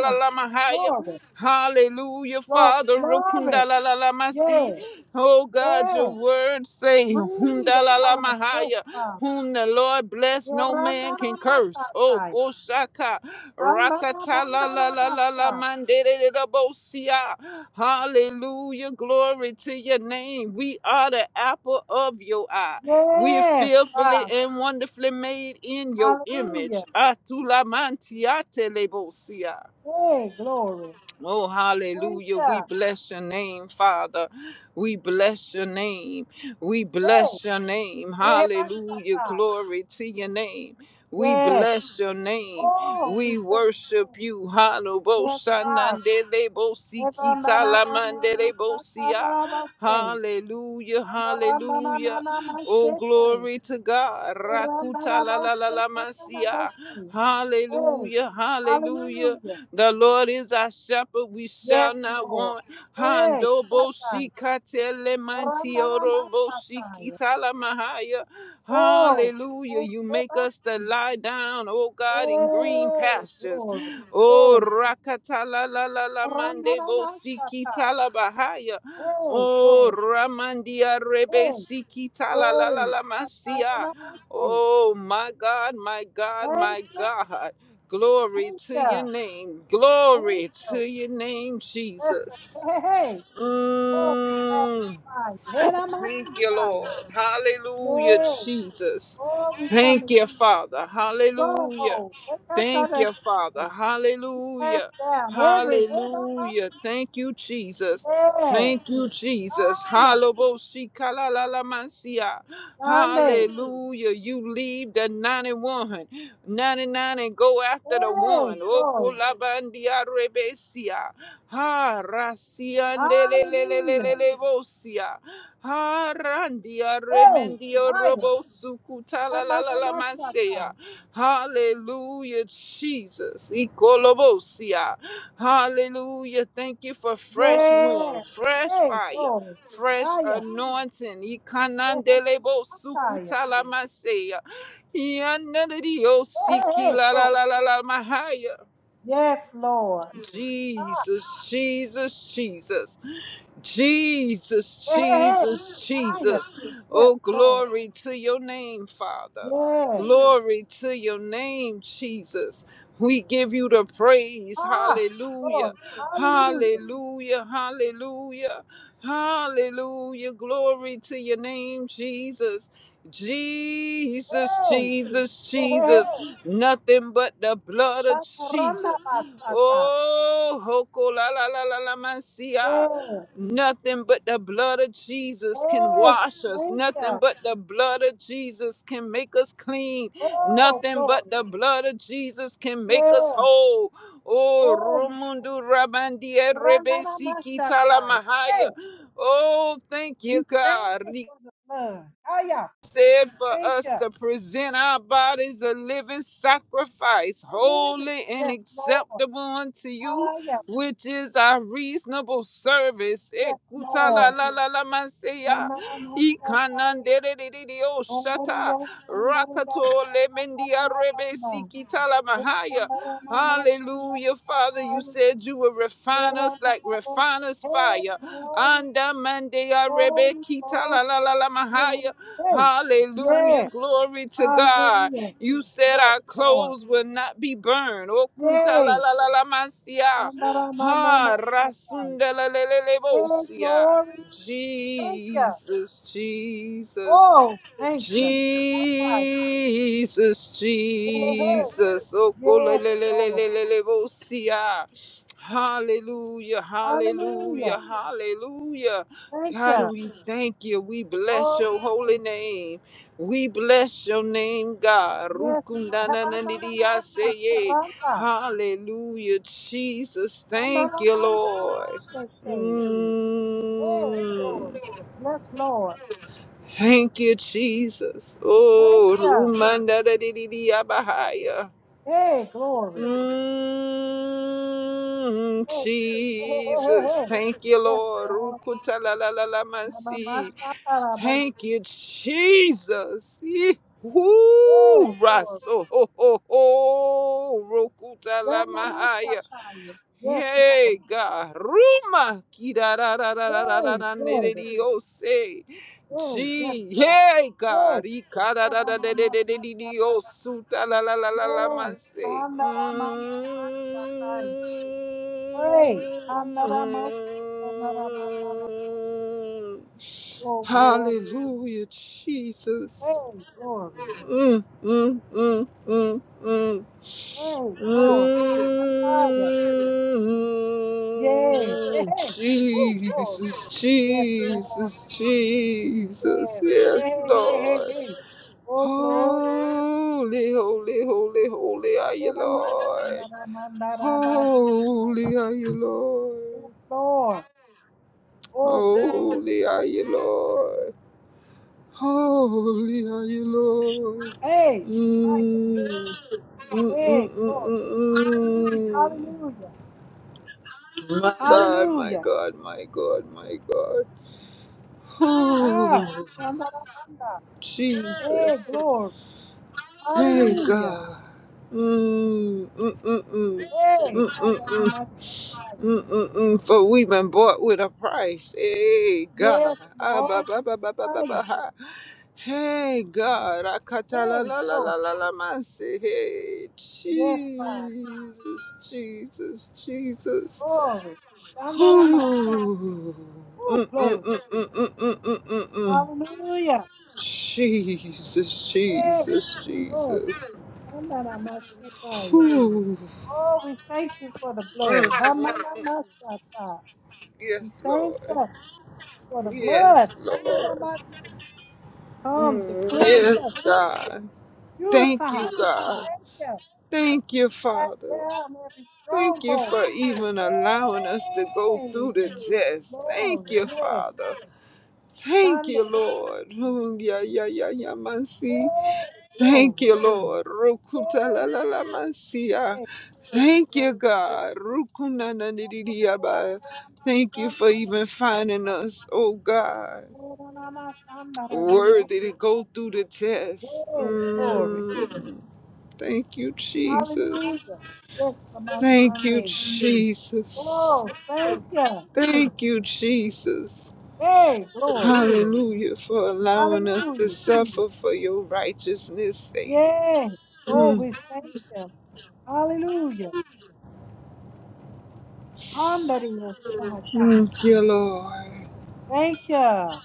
la la la mahaya.
Glory.
Hallelujah,
Glory.
Father.
Glory.
Rokunda la la la masi.
Yes.
Oh God, your
Yes.
word say,
Breathe
Hunda la la
upon us, fresh
mahaya.
Father.
Whom the Lord bless,
Yeah,
no
da, da,
man
da,
can
ma,
curse.
sha,
Oh,
ta.
Goshaka.
Andara
Rakata la la
mandara
la la la
masa.
mandere da bosia. Hallelujah. Glory to your name. We are the apple of your eye. We are
Yes,
fearfully
Father.
and wonderfully made in your
Hallelujah.
image. Atula mantiate lebosia.
Hey, glory.
Oh,
Thank
hallelujah. We
you.
bless your name, Father. We bless your name. We
Hey,
bless your name.
yeah, my
Hallelujah.
Shaddai.
Glory to your name. We
Yes.
bless your name.
Oh, we
We
bless your
worship
name.
you.
Yes,
Hallelujah.
Father. Never na na na na na na na na na na say.
Hallelujah.
Na na
Hallelujah.
na na na na
Hallelujah.
na na
Oh,
shete.
glory to God.
na
Rakuta
na na
la
na
la la
say.
la
Na na na na
masia.
say. Hey,
Hallelujah. Hallelujah.
hallelujah.
The Lord is our shepherd. We shall
Yes,
not
Lord.
want.
Hey,
Hando bo
Shaddai.
shikatele
Na na na na na
mantioro bo
Shaddai.
shikitala mahaya.
Oh,
Hallelujah.
thank
You make us to
you.
lie down, oh God. God in green
Hey,
pastures.
glory.
Oh,
Hey,
rakatala la la la mande bo siki
Ramanamasata.
tala bahaya.
Hey,
Oh,
glory.
ramandia rebe
Hey,
siki tala la la
hey,
la masia.
Satayanamase.
Oh, my God, my God,
Thank
my
you,
God. Glory
thank
to your
you,
name.
thank
Glory to
you.
your name,
Listen,
Jesus.
hey, hey, hey. Lord, we
Mm.
magnify you. Hey,
Thank you, Lord.
Namasita.
Hallelujah,
Yay.
Jesus.
Lord, we come
Thank
in
you, Father. Hallelujah.
stronghold. Hey,
Thank
Katarina.
you, Father.
Cast
Hallelujah.
down every head on my
Hallelujah.
seat.
Thank you, Jesus.
Yes.
Thank you, Jesus.
Fire.
Hallelujah.
Sunday.
Hallelujah. You leave the 91, 99, and go after the
Hey,
one.
glory.
Okolabandiarebesia. Ha,
Hallelujah.
rasiandelelelelelebosia. Harandia
Hey,
remendio
hiya.
robo sukuta la la la la mansea.
Amanamasaka.
Hallelujah, Jesus. Ikolobosia. Hallelujah. Thank you for fresh wind,
Yeah.
fresh
Hey,
fire,
glory.
fresh
Hiya.
anointing. Ikanandelebo
Ehamashataya.
sukuta la mansea. Yananadio
Hey, hey,
siki
hey,
la la
glory.
la la la mahaya.
Yes, Lord.
Jesus, Jesus, Jesus. Jesus,
Hey, hey, hey.
Jesus,
Shia.
Jesus. Oh,
Yes, Lord.
glory to your name, Father.
Yes.
Glory to your name, Jesus. We give you the praise.
Ah,
Hallelujah.
glory. Hallelujah.
Hallelujah. Hallelujah. Hallelujah. Glory to your name, Jesus. Jesus,
Hey,
Jesus,
hey, hey,
Jesus.
hey.
Nothing but the blood of Jesus.
Shataranabasata.
Oh, hoko la la la la la mansia.
Yeah.
Nothing but the blood of Jesus can
Hey, we
wash us.
thank
Nothing
you.
but the blood of Jesus can make us clean.
Oh,
Nothing but the
glory.
blood of Jesus can make us
Yeah.
whole. Oh,
Oh, we
Rumundu Rabandia Rebe Siki
Ra-na-na-ma-sha-tai. Hey,
Talamahaya. Oh, thank you,
we thank you
God
for the blood. Aya,
said for
thank
us
you.
to present our bodies a living sacrifice,
Live it.
holy and
Yes, Lord.
acceptable unto you,
Aya,
which is our reasonable service.
yes, Lord.
Ekutalalalamanseya,
Ra-na-na-ma-sha-tai.
ikananderedididio shata,
Om-ri-yo-shan-da-ri-ya-sha-ta-ta-ra-ra-ra-ra.
rakatolemendiarebesikitalamahaya. Hallelujah,
Yes-ra-na-na-ma-shan-da-ri-ya.
Father. You said you would refine us like
Ye-ra-na-na-ma.
refiner's
Hey,
fire.
glory,
Anda
glory,
rebekita
glory,
la la la la mahaya.
glory. glory. Hey,
Hallelujah,
yes,
glory to God.
hallelujah.
You said our
Yes, Lord.
clothes will not be burned. Okunta, kunta
Yay.
la la la la masia. Ha
Shandaramanamasatai.
rasunda la le le le
Hey,
bosia.
glory. Thank you.
Jesus, Jesus.
Oh, thank you. Sai.
Jesus,
Hey, hey. hey.
Jesus. Oh, go le-
Yes,
le- le- le-
Lord.
le- le- le- bo- see, ah. Hallelujah,
Hallelujah.
hallelujah, hallelujah.
Thank
God,
you.
we thank you. We bless
Oh,
your holy
thank
name. We bless your name, God.
you. yes. Lord.
Rukundananandidiaseye.
Habananamasataranda.
Hallelujah, Jesus. Thank you, Lord.
Shandaramanamashete. Hey, Lord.
Mm.
Yes, Lord.
Thank you, Jesus.
Thank
Oh,
you.
Rumanda da di di di abahaya.
Hey, glory.
Mm,
Hey, hey, hey, hey, hey.
Jesus.
hey.
Thank you,
Yes,
Lord.
Lord.
Rukuta la la la la masi.
Yamamashataramosa.
Thank you, Jesus. Ih,
Hey,
Woo,
glory.
Raso. Ho, ho, ho. Rukuta la mahaya.
Renamashataya. Yes,
Hey
Lord.
God, ruma ki da da da da da da da
Hey,
da ne de
glory.
dios se.
Hey, yes,
Jee,
Lord.
hey God,
Hey,
ika da da da da da da da di dios
Renamashataya.
suta la la la la la
Yes.
mas se.
Andaramamamashataya. Pray. Andaramoshatanaramanamamashataya. Oh, glory.
Hallelujah, Jesus.
Hey, glory.
Mmm, mmm, mmm, mmm, mmm.
Hey, glory. Shataya. Yeah. Hey,
Mm,
hey. Woo, glory.
Jesus,
Yes, Lord.
Jesus, Jesus.
Yes. Hey,
Yes,
hey, hey, hey.
Lord.
hey. Oh, glory.
Holy, holy, holy, holy are you, Lord.
Eramashandaramandarabasa.
Holy are you, Lord.
Yes, Lord. Oh, glory.
Holy are you, Lord. Holy are you, Lord.
Hey,
Mm.
hey, glory.
Mm-mm-mm-mm-mm.
Hallelujah.
My God, my
Hallelujah.
God, my God, my God.
Ah,
Oh,
Shandaramanda.
Jesus.
Hey, glory.
Hey,
Hallelujah.
God. Mm, mm, mm, mm. Mm,
Hey,
mm, mm,
Ayanamasai.
mm, mm, mm, for we've been bought with a price. Hey, God.
Yes,
Ah, ba,
Lord.
ba, ba, ba, ba, ba, ba,
Aya.
ha. Hey, God. Ah, kata, la,
Hey,
la, la,
glory.
la, la, la, man, say, Hey,
Yes, Father.
Jesus, Jesus, Jesus.
Glory. Shandaramanda.
Ooh.
Oh,
Mm, mm, mm,
glory.
mm, mm, mm, mm, mm, mm.
Hallelujah.
Jesus,
Hey,
Jesus,
glory.
Jesus.
Shandaramashakaya.
Ooh.
Oh, we thank you for the
Mm,
blood.
mm.
Hamanamasata. We
Yes,
thank
Lord.
you for the blood.
Yes, Lord.
Hamanamasi. Comes to
Mm,
cleanse us,
Yes, God. Thank
purify
you,
us,
God.
yeah,
Thank you,
cast
Father.
down every
Thank you
stronghold.
for even allowing us to go
Yay!
through the test.
Glory,
Thank you,
yeah.
Father. Thank
Shanda.
you, Lord. Ooh, yeah, yeah, yeah, yeah,
Yay!
my Thank
Glory.
you, Lord. Rukuta la
Yay!
la la masia.
Yay! Glory,
Thank
glory.
you, God. Rukuna na ni di di ya ba. Thank you
Hamanamashanda.
for even finding us, oh God,
Hamanamasandaradiyo.
worthy to go through the test.
Yay! Glory.
Mm. Thank you, Jesus.
Hallelujah. Yes, Lama
Thank you,
Sunday.
Jesus.
Oh, thank you.
Thank you, Jesus.
Hey, glory.
Hallelujah for allowing us to
Hallelujah.
suffer for your righteousness' sake.
Yes. Oh,
Mm.
we thank you. Hallelujah. Handario Shahatan.
Thank you, Lord.
Thank you.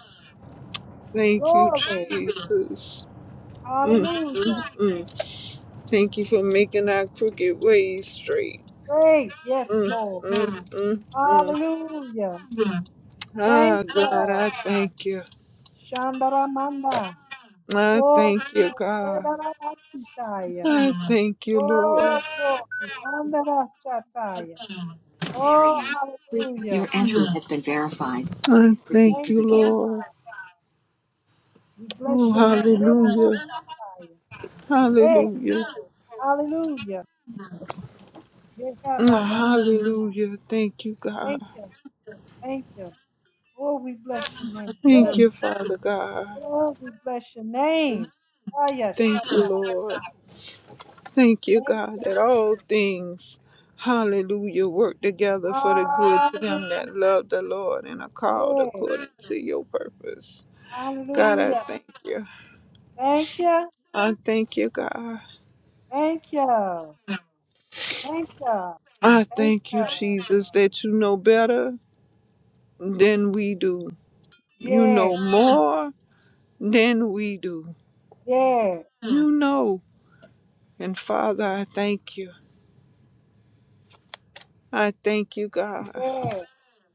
Thank you,
Glory.
truth. Mm,
Hallelujah.
mm. Thank you for making our crooked ways straight.
Great. Yes,
Mm,
Lord.
mm, mm, mm.
Hallelujah. Thank
Ah,
you.
God, I thank you.
Shandaramanda.
I
Oh, we
thank you, God.
thank you.
I thank you, Lord.
Oh, glory. Handarashataya. Oh, hallelujah.
Your entry has been verified. I thank
Thank
you,
you.
Lord.
We
Oh,
bless your name. Eh,
hallelujah.
Hey,
Hallelujah.
Lord. Hallelujah. Yeah, ka
Mm, Hallelujah. Thank you, God.
Thank you. Thank you. Oh, we bless your name.
Thank
Hey,
you, Father God.
oh, we bless your name. Ah, yeah, sha
Thank you, Lord. Thank you,
Thank
God, that all things, hallelujah, work together for the good to them
Hallelujah.
that love the Lord and are called
Yeah.
according to your purpose. God, I
Hallelujah.
thank you.
Thank you.
I thank you, God.
Thank you. Thank you.
I
Thank
thank you,
you.
Jesus, that you know better than we do. You
Yeah.
know more than we do.
Yes.
You know. And Father, I thank you. I thank you, God.
Yeah.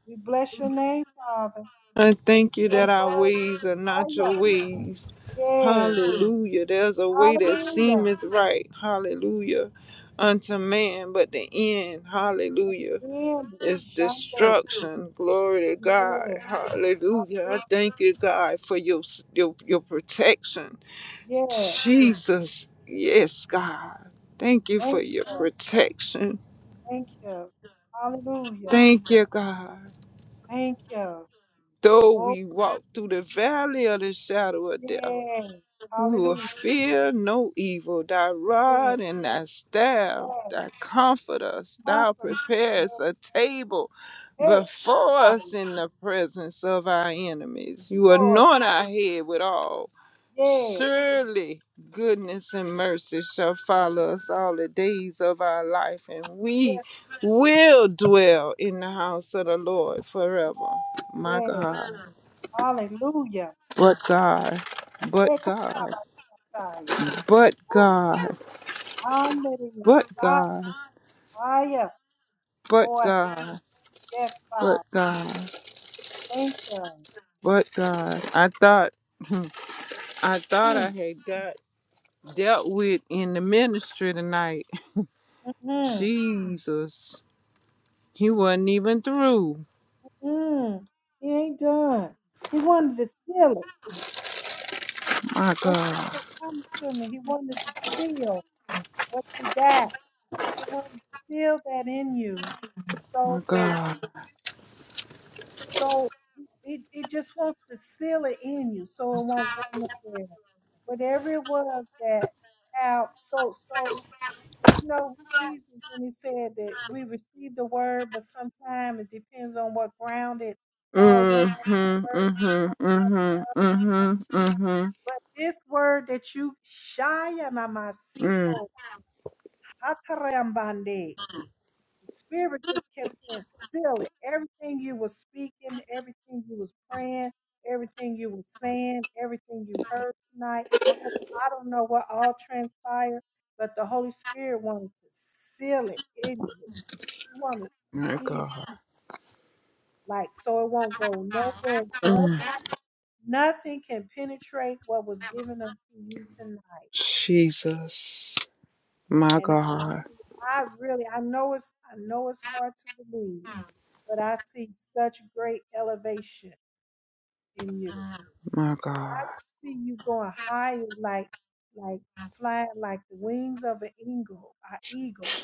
We bless your name, Father.
I
Are you
thank you
so
that our
worthy?
ways are not
Hallelujah.
your ways.
Yes.
Hallelujah. There's a way that
Hallelujah.
seemeth right. Hallelujah. Unto man, but the end,
At
hallelujah,
the end of
is destruction. Glory to God.
Yes.
Hallelujah. I
Hallelujah.
thank you, God, for your your, your protection.
Yes.
Jesus. Yes, God. Thank you for
Thank,
your protection.
thank you. Hallelujah.
Thank you, God.
Thank you.
Though
Oh,
we walk through the valley of the shadow of death,
yes.
We will
Hallelujah.
fear no evil. Thy
Yes.
rod and thy staff,
That
thy comfort us. Thou
confirmation.
preparest
Yes.
a table
Hey,
before us
Shaddai.
in the presence of our enemies. You
Glory.
anoint our head with oil.
Yes.
Surely goodness and mercy shall follow us all the days of our life, and we
Yes.
will dwell in the house of the Lord forever. My
Yes.
God,
Hallelujah.
but God, but
Hey,
God,
Shaddai.
but
Woo.
God.
Hallelujah.
but God,
Fire.
but
Oh, I thank you.
God,
Yes,
but
Father.
God,
Thank you.
but God. I thought I thought I
Mm,
had got dealt with in the ministry tonight.
mm,
Jesus. He wasn't even through.
mm. He ain't done. He wanted to seal it.
My
That's what
God.
kept coming to me. He wanted to seal what you got. He wanted to seal that in you
My
so that
God.
you, so it, it just wants to seal it in you so it won't go nowhere. Whatever it was that how so, so, you know, Jesus, when he said that we receive the word, but sometimes it depends on what ground it falls on,
Mm-hmm.
earth,
Mm-hmm. Mm-hmm. Mm-hmm. Mm-hmm.
But this word that you Shaya
Mm.
Mamasiko Hatarambande, the spirit just kept saying, seal it. Everything you were speaking, everything you was praying, everything you was saying, everything you heard tonight. But I don't know what all transpired, but the Holy Spirit wanted to seal it in you. He wanted to
My
seal it,
God.
like so it won't go nowhere. Nobody nothing can penetrate what was given unto you tonight.
Jesus. My
And I just
God.
see, I really, I know it's, I know it's hard to believe, but I see such great elevation in you.
My
I
God.
just see you going higher, like, like flying, like the wings of an eagle, an eagle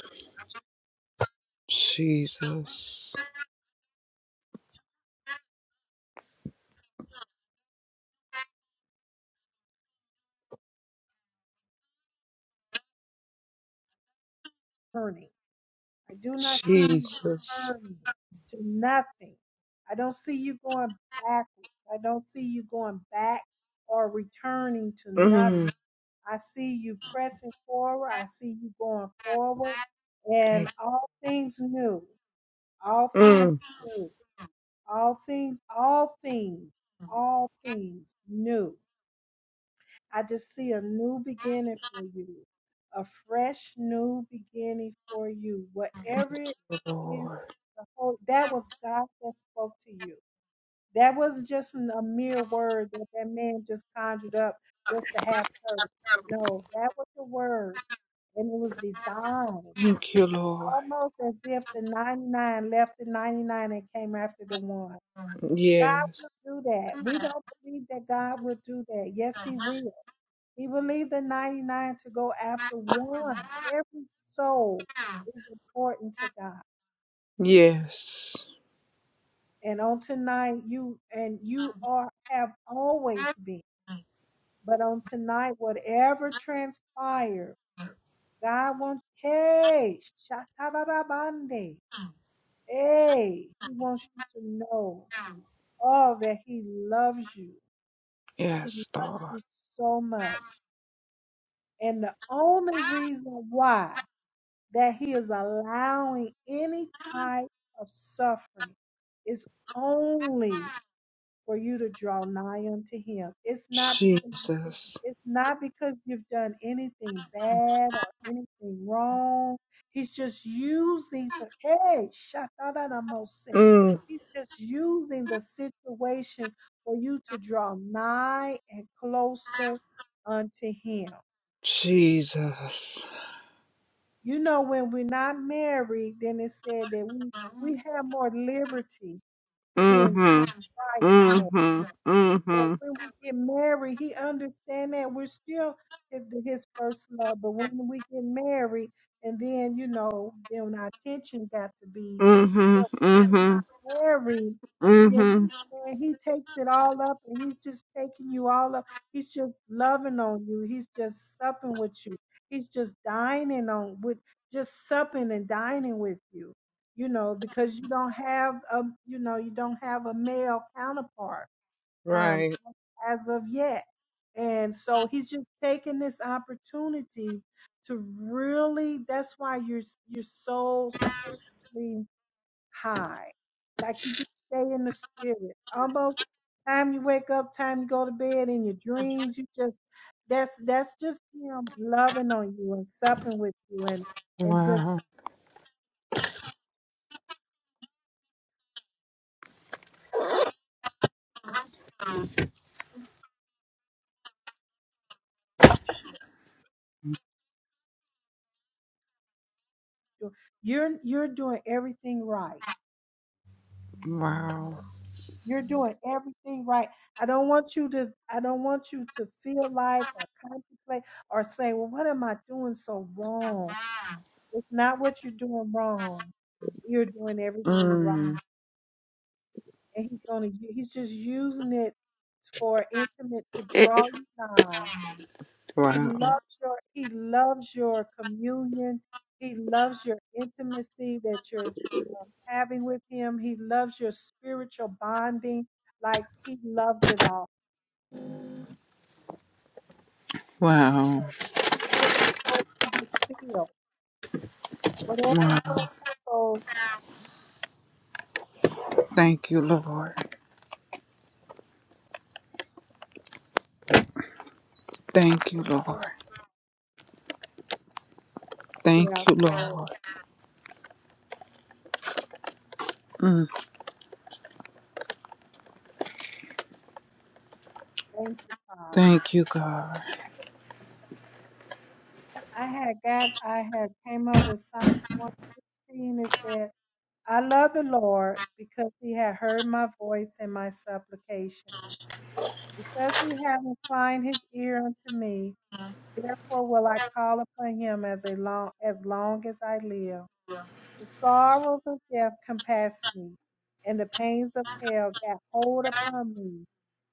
Jesus.
turning. I do not see
Jesus.
you returning to nothing. I don't see you going backwards. I don't see you going back or returning to nothing.
Mm.
I see you pressing forward. I see you going forward.
Thank
And all things new, all
you. Mm.
things new, all things, all things, all things new. I just see a new beginning for you, a fresh new beginning for you. Whatever it is,
Lord.
the whole, that was God that spoke to you. That wasn't just an- a mere word that that man just conjured up just to have service. No, that was the word and it was designed
Thank you, Lord.
almost as if the 99 left the 99 and came after the one. God
Yes,
will do that. We don't believe that God will do that. Yes, He will. He will leave the 99 to go after one. Every soul is important to God.
yes,
And on tonight, you and you are have always been. But on tonight, whatever transpired, God wants. Hey, shatarabande. Hey, he wants you to know all that he loves you. He
yes,
loves
Lord.
you so much. And the only reason why that he is allowing any type of suffering is only for you to draw nigh unto him. It's not because
Jesus.
It's not because you've done anything bad or anything wrong. He's just using the hey, shut that say.
Mm,
He's just using the situation for you to draw nigh and closer unto him.
Jesus.
You know, when we're not married, then it said that we we have more liberty to
Mm-hmm.
enjoy life
Mm,
more But
Mm-hmm.
when we get married, he understand that we're still his, his first love. But when we get married, and then you know, then our attention got to be.
Mm-hmm.
But
Mm-hmm.
when we're not married, then
Mm-hmm.
he man, he takes it all up, and he's just taking you all up. He's just loving on you. He's just supping with you. He's just dining on with just supping and dining with you. You know, because you don't have a you know you don't have a male counterpart Um
Right.
as of yet. And so he's just taking this opportunity to really that's why you're you're so spiritually high. Like you just stay in the spirit. Almost time you wake up, time you go to bed, in your dreams, you just that's that's just him loving on you and supping with you and and just
Wow.
you're you're doing everything right
Wow.
You're doing everything right. I don't want you to I don't want you to feel like or contemplate or say, "Well, what am I doing so wrong?" It's not what you're doing wrong. You're doing everything right.
Mm.
And he's going to he's just using it for intimate to draw you nigh. He
Wow.
loves your he loves your communion. He loves your intimacy that you're um, having with him. He loves your spiritual bonding. Like he loves it all So
Wow.
it just so it can be sealed. Whatever it
Wow.
was, the soul
Thank you, Lord. Thank you,
yeah,
Lord. Thank
yeah.
you,
So
Lord. Mm.
thank you, Tom.
Thank you, God.
I had got I had came up with Psalms one sixteen it said, I love the Lord because he had heard my voice and my supplications. Because he had inclined his ear unto me, therefore will I call upon him as a long as long as I live. The sorrows of death compassed me, and the pains of hell got hold upon me.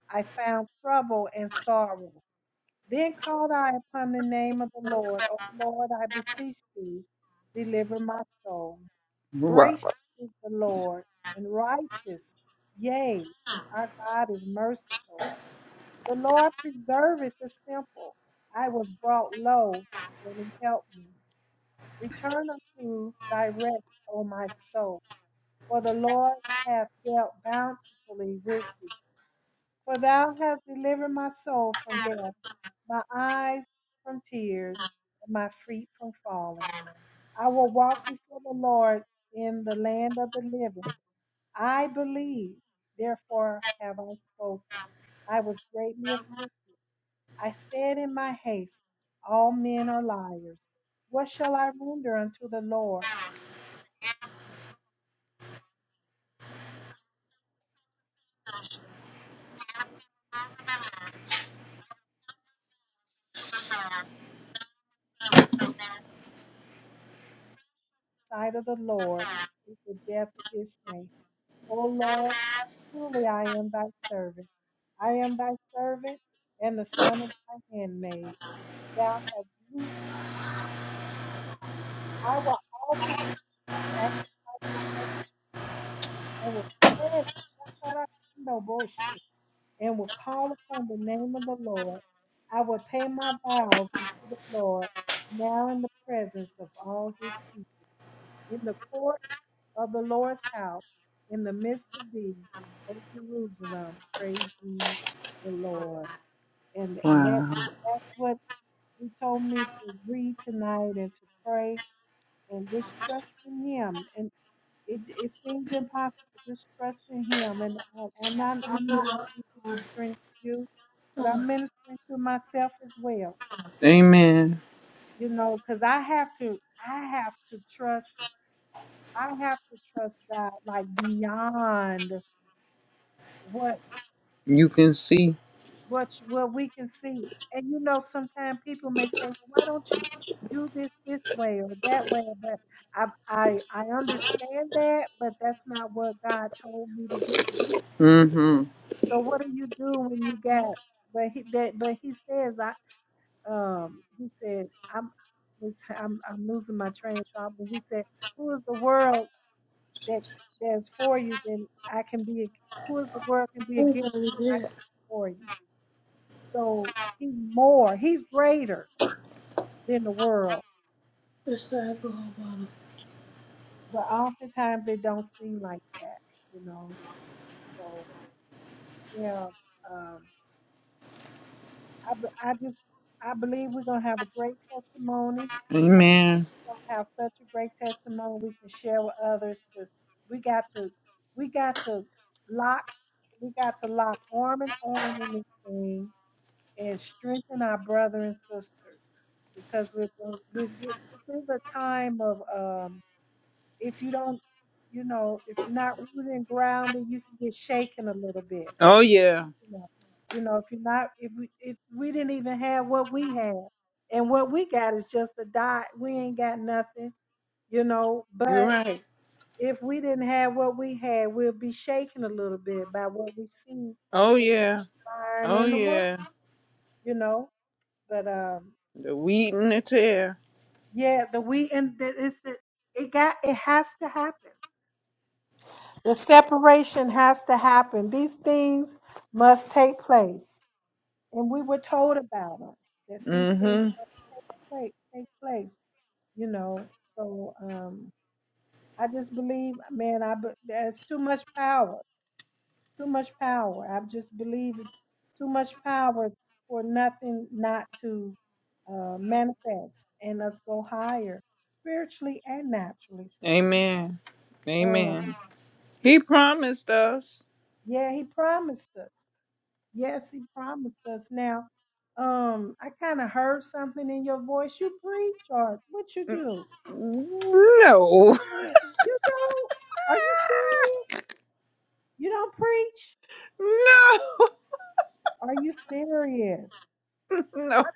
I found trouble and sorrow. Then called I upon the name of the Lord. O Lord, I beseech thee, deliver my soul. Gracious is the Lord and righteous. Yea, our God is merciful. The Lord preserveth the simple. I was brought low, and he helped me. Return unto thy rest, O my soul for the Lord hath dealt bountifully with thee. For thou hast delivered my soul from death, my eyes from tears, and my feet from falling. I will walk before the Lord in the land of the living. I believe, therefore have I spoken. I was greatly afflicted. I said in my haste, All men are liars. What shall I render unto the Lord, The sight of the Lord, is the death of his saints? O Lord, truly I am thy servant. I am thy servant and the son of thy handmaid. Thou hast loosed me. I will offer to thee the sacrifice of thanks and will pledge Shandarakandoboshi, and will call upon the name of the Lord. I will pay my vows unto the Lord now in the presence of all his people, in the court of the Lord's house in the midst of thee, O Jerusalem. Praise ye the Lord. And that
Wow.
that's what he told me to read tonight and to pray and just trust in him. And it it seems impossible. Just trust in him. And and I'm I'm not only ministering to you, but I'm ministering to myself as well.
Amen.
You know, because I have to I have to trust I have to trust God like beyond what
You can see.
what you, well we can see it. and you know sometimes people may say well why don't you do this this way or that way but i i i understand that but that's not what god told me to do
Mm hmm.
so what do you do when you got but he that but he says i um he said i'm was i'm, I'm losing my train of thought but he said who is the world that that's for you then i can be who is the world can be against you and i can be for you so he's more, he's greater than the world. But oftentimes it don't seem like that, you know. So yeah, um, I be- I just I believe we're gonna have a great testimony. I believe
Amen.
we're gonna have such a great testimony we can share with others. To we got to we got to lock we got to lock arm in arm in this thing and strengthen our brother and sister because we're going- we're this is a time of um if you don't, you know, if you're not rooted and grounded, you can get shaken a little bit.
Oh yeah,
You know, you know, if you're not, if we, if we didn't even have what we had, and what we got is just a dot. We ain't got nothing, you know.
you're
But
right.
if we didn't have what we had, we'll be shaken a little bit by what we see
Oh
was
yeah.
transpiring
Oh
in the world,
yeah.
you know. But um,
The wheat and the tear.
yeah, the we and the, it's the it got it has to happen. The separation has to happen. These things must take place. And we were told about them that these things
Mm-hmm.
must take place, take place, you know. So um, I just believe, man, I, be- there's too much power, too much power. I just believe it's too much power for nothing not to uh, manifest and us go higher spiritually and naturally. So,
Amen.
um,
Amen. He promised us.
yeah, he promised us. Yes, he promised us. Now, um, I kind of heard something in your voice. You preach or what you do?
No.
You don't? Are you serious? You don't preach?
no.
Are you serious?
No.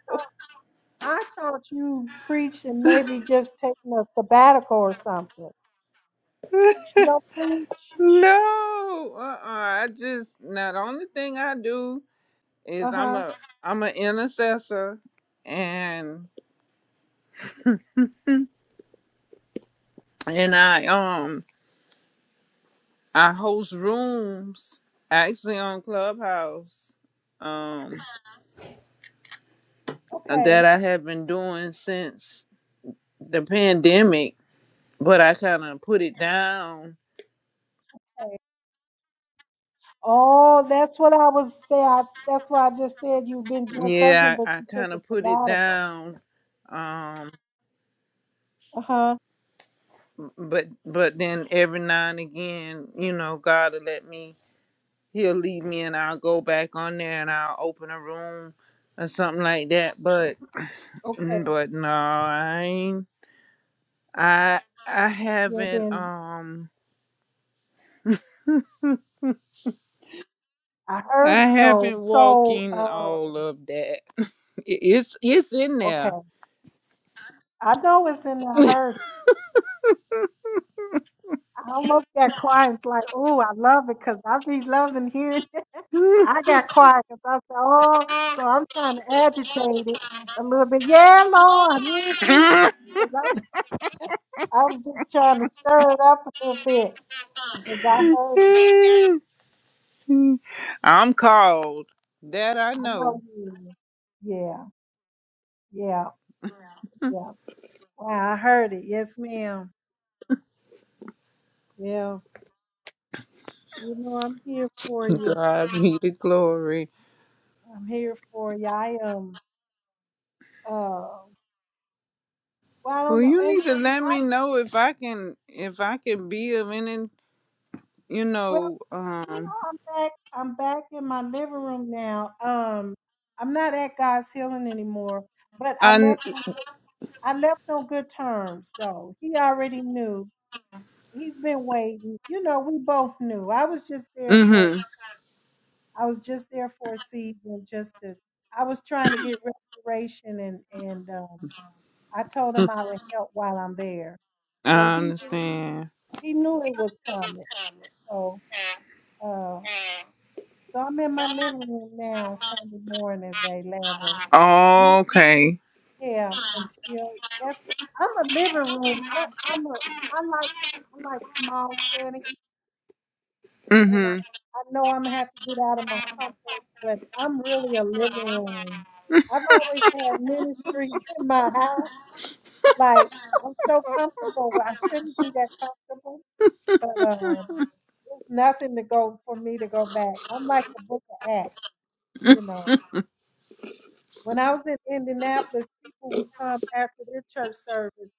I thought you preached and maybe just taking a sabbatical or something. You don't preach?
No. Uh-uh. I just now the only thing I do is I'm
Uh-huh.
a I'm an intercessor and and I um I host rooms actually on Clubhouse. Um.
Okay.
that I have been doing since the pandemic, but I kind of put it down.
Okay. Oh, that's what I was saying. I, that's why I just said you've been doing something,
Yeah,
but
I, I
you took
kind
a
of put it
sabbatical.
down. Um,
Uh-huh.
but but then every now and again, you know, God will let me. He'll lead me, and I'll go back on there, and I'll open a room or something like that. But
Okay.
mm, but no, I ain't. I I
You ain't
haven't
been
um
I heard
I
it though.
haven't
So,
walking
uh,
all of that. It- It's it's in
okay.
there.
I know it's in the I heard it. I almost got quiet. It's like, oh, I love it because I be loving hearing it. I got quiet because I said, oh, so I'm trying to agitate it a little bit. Yeah, Lord. mhm. 'Cause I, I was just trying to stir it up a little bit because I heard it.
I'm called. That I
I
know.
know you is. Yeah, yeah, yeah. Wow, I heard it. Yes, ma'am. Yeah. You know, I'm here for you.
God be the glory.
I'm here for you. I am. Uh, well, I
Well,
don't know.
you
And and
need to let
I,
me know if I can, if I can be of any, you
well,
know,
you know,
um,
I'm back. I'm back in my living room now. Um, I'm not at God's healing anymore, but I
I,
left. On, I left on good terms, though. He already knew. He's been waiting. You know, we both knew. I was just there for.
mm-hmm,
I was just there for a season, just to. I was trying to get restoration, and and um, I told him I would help while I'm there. So
I
he knew.
understand.
He knew it was coming. So. Uh, So I'm in my living room now on Sunday mornings at 11. May-
Okay.
Yeah, until that's I'm a living room. I, I'm a I like s- I like small settings, and I
Mm-hmm.
I know I'm gonna have to get out of my comfort, but I'm really a living room. I've always had ministries in my house. Like I'm so comfortable. Well, I shouldn't be that comfortable, but um, it's nothing to go for me to go back. I'm like the Book of Acts, you know. When I was in Indianapolis, people would come after their church service,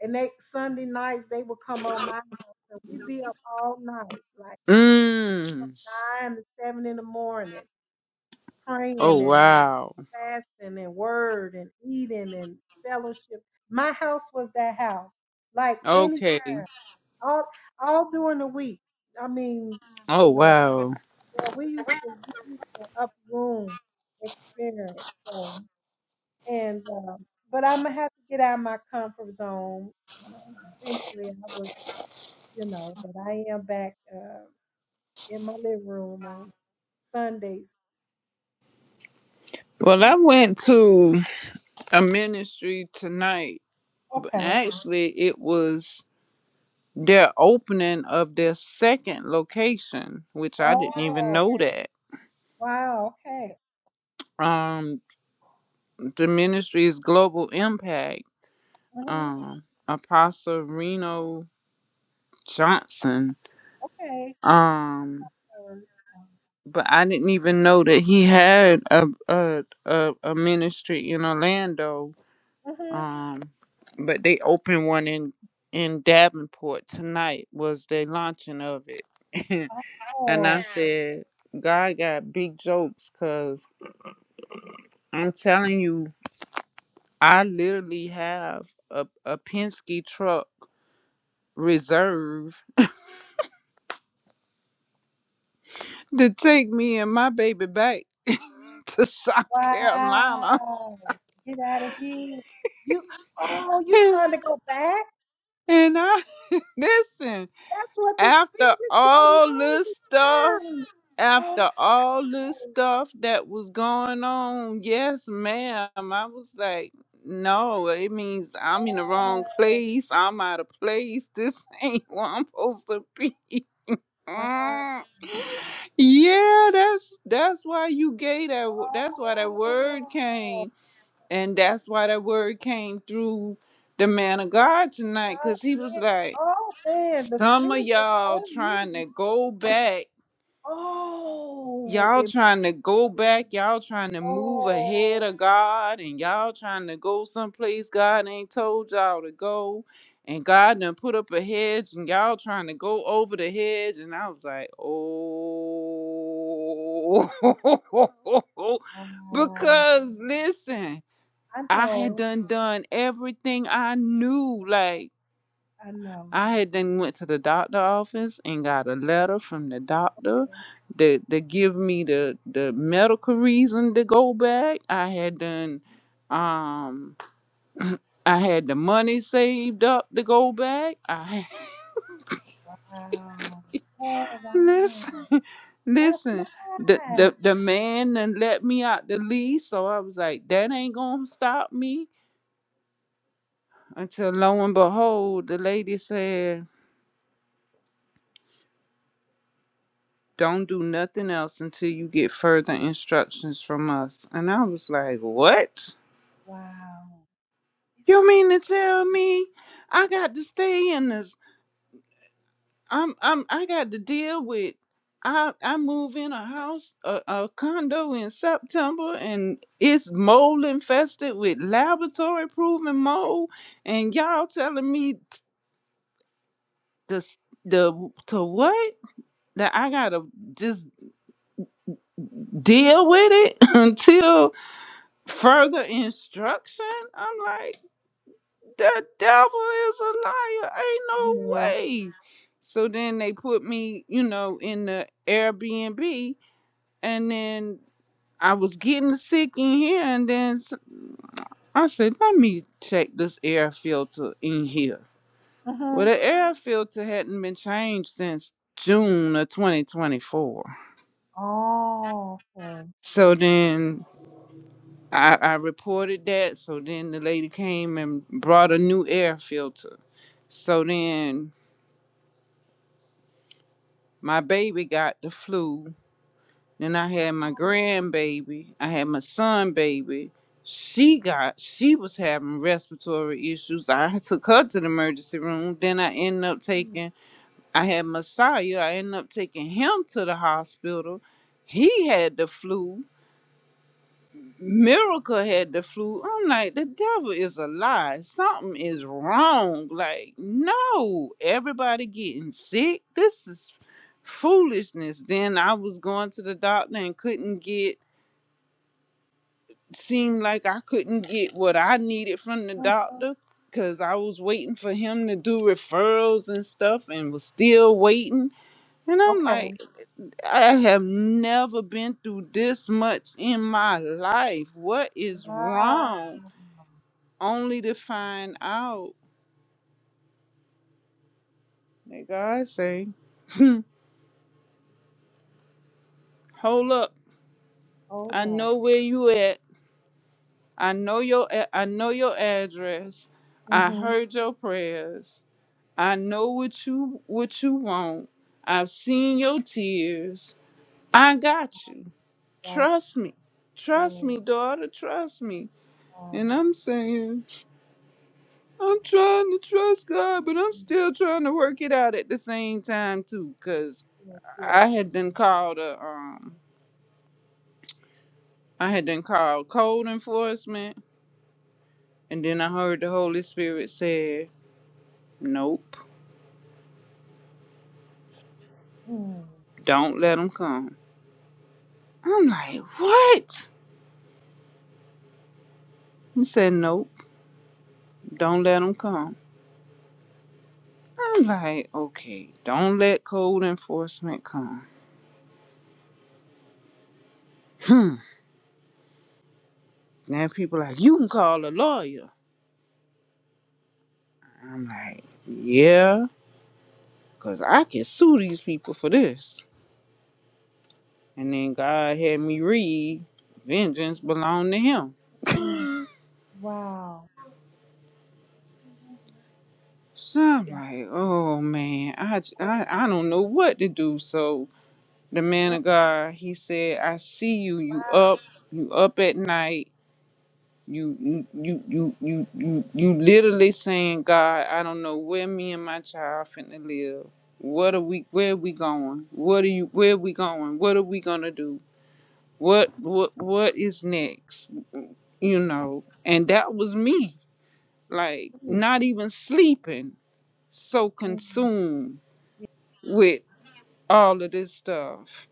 and they Sunday nights they would come on my house, and we'd be up all night, like
Mm.
nine to seven in the morning,
Oh,
praying and
wow.
fasting and word and eating and fellowship. My house was that house, like any
Okay.
all all during the week. I mean,
Oh,
you know,
wow.
yeah, we used to we used to up room experience. So And um, but I'm gonna have to get out of my comfort zone. Um eventually, I will, you know. But I am back uh, in my living room on Sundays.
Well, I went to a ministry tonight, but
Okay.
actually it was their opening of their second location, which I didn't even
Oh,
know that.
wow. Okay.
Um, the ministry's global impact.
hmm
Um, Apostle Reno Johnson.
Okay.
Um, but I didn't even know that he had a a a, a ministry in Orlando.
Mm-hmm.
Um, but they opened one in in Davenport tonight. Was the launching of it, and
Oh,
said, God got big jokes, cause. I'm telling you, I literally have a, a Penske truck reserve to take me and my baby back to South Carolina.
wow. Get out of here. You, oh, you
And,
trying to go back?
and I listen,
That's what the
after
spirit said.
all this stuff,
No return. Oh.
after all this
Nice.
stuff that was going on, yes, ma'am, I was like, no, it means I'm in the wrong
Oh,
place. I'm out of place. This ain't where I'm supposed to be.
wow.
Yeah, that's that's why you gave that. wo- That's why that word
Oh,
came, and that's why that word came through the man of God tonight,
God,
cause he was
yeah.
like,
Oh, man, the
some of
spirit is
y'all
on you.
trying to go back
Oh,
y'all
it,
trying to go back, y'all trying to move ahead
oh,
of God, and y'all trying to go someplace God ain't told y'all to go. And God done put up a hedge, and y'all trying to go over the hedge. And I was like, oh,
wow.
because listen,
I
I had
know,
done done everything I knew, like.
I know.
I had then went to the doctor office and got a letter from the doctor
Okay,
that that give me the the medical reason to go back. I had done um I had the money saved up to go back. I
Wow. Oh, wow.
listen
That's
listen the
why.
the the man then let me out the lease so I was like that ain't gonna stop me until lo and behold the lady said Don't do nothing else until you get further instructions from us. And I was like, What?
Wow. Get
You
out
mean to tell me I got to stay in this? I'm I'm I got to deal with I I move in a house a, a condo in September and it's mold infested with laboratory proven mold and y'all telling me the the to what that I gotta just deal with it until Further instruction? I'm like, the devil is a liar. Ain't
of
no
here. Yeah.
way. So then they put me, you know, in the Airbnb, and then I was getting sick in here, and then s- I said, let me check this air filter in here.
Mm-hmm.
Well, the air filter hadn't been changed since June of 2024.
Oh, okay.
So then I, I reported that. So then the lady came and brought a new air filter. So then my baby got the flu. Then I had my
Oh,
grandbaby. I had my son baby. She got she was having respiratory issues. I took her to the emergency room. Then I ended up
mm,
taking I had Messiah. I ended up taking him to the hospital. He had the flu. Miracle had the flu. I'm like, the devil is a lie. Something is wrong. Like, no, everybody getting sick. This is foolishness. Then I was going to the doctor and couldn't get, seemed like I couldn't get what I needed from the
mhm.
doctor because I was waiting for him to do referrals and stuff and was still waiting. And I'm
Okay.
like, I have never been through this much in my life. What is
Wow.
wrong? only to find out, that God say, hmm, hold up.
Hold
I
up.
know where you at. I know your a- I know your address. I
Mm-hmm.
heard your prayers. I know what you what you want. I've seen your tears. I got you.
Gotcha.
Trust me. Trust
Yeah.
me, daughter. Trust me. And
Wow.
I'm saying, I'm trying to trust God, but I'm
Mm,
still trying to work it out at the same time too, 'cause
Yes, yes,
I had
yes.
been called a um I had then called code enforcement, and then I heard the Holy Spirit said, "Nope,
Mm,
don't let them come." I'm like, "What?" He said, "Nope, don't let them come." I'm like, "Okay, don't let code enforcement come." Hmm. Now people like, "You can call a lawyer." I'm like, "Yeah, 'cause I can sue these people for this." And then God had me read, "Vengeance belong to Him."
mm, wow.
So I'm
Wow.
like, oh man, I, j- I I don't know what to do. So the man
That,
of God, he said, I see you. You
wow.
up. You up at night. You you you you you you you literally saying, God, I don't know where me and my child finna live. What are we? Where we going? What are you? Where we going? What are we gonna do? What what what is next? You know. And that was me, like
Mm,
not even sleeping, so
mm.
consumed
yeah.
with all of this stuff.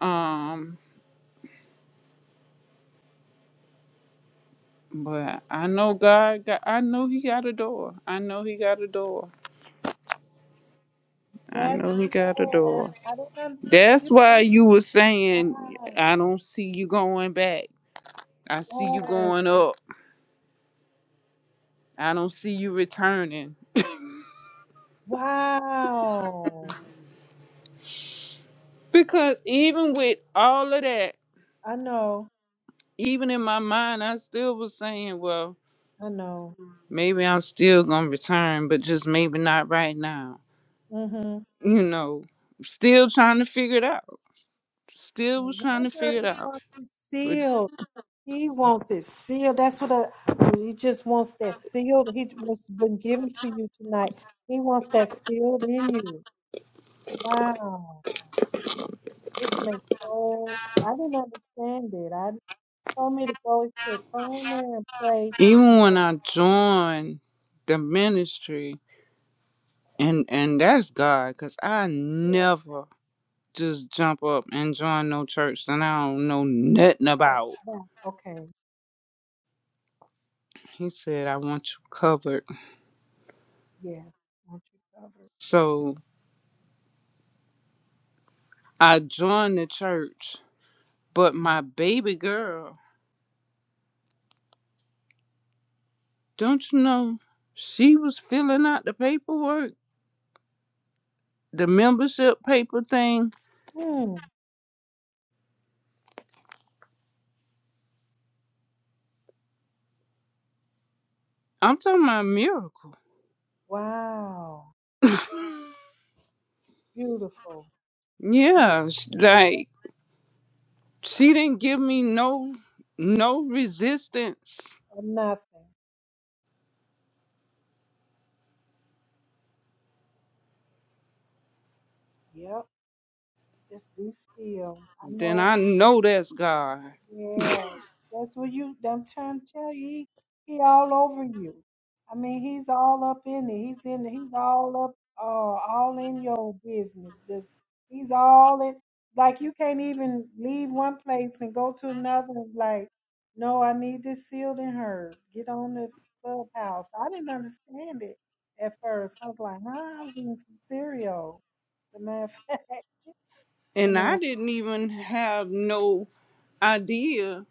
Um, but I know God got I know he got a door. I know he got a door. I
That's,
know he got a
oh,
door.
I, I didn't, un- you
That's
know,
why you were saying I
wow.
don't see you going back. I see you
Oh,
going up. I don't see you returning.
wow.
Because even with all of that,
I know,
even in my mind, I still was saying, well,
I know.
maybe I'm still going to return, but just maybe not right now.
Mm-hmm.
You know, still trying to figure it out Still was
No
trying to
wonder
figure it
he
out.
wants it
But
sealed. He wants it sealed. That's what I, he just wants that sealed. He was been given to you tonight. He wants that sealed in you. Wow. This makes so I didn't understand it. I told me to go and said, come on there and pray.
even when
Yeah,
I joined the ministry, and and that's God, cause I
yeah,
never just jump up and join no church that I don't know nothing
right,
about.
right. Okay.
He said, "I want you covered."
Yes. Want you covered.
So I joined the church, but my baby girl, don't you know, she was filling out the paperwork, the membership paper thing.
Hmm.
I'm talking about a miracle.
Wow. Beautiful. Yeah,
Yeah,
yeah,
like she didn't give me no no resistance
Or nothing. Yep. Just be still. I
then
know
i know that's god
Yeah, that's what you. I'm trying to tell you, he, he all over you. I mean, he's all up in it. He's in. He's all up. Uh, all in your business. Just he's all in. Like you can't even leave one place and go to another. and Like, no, I need this sealed and heard. Get on the clubhouse. I didn't understand it at first. I was like, huh? I was eating some cereal. As a matter of fact,
and
and uh,
i didn't even have no idea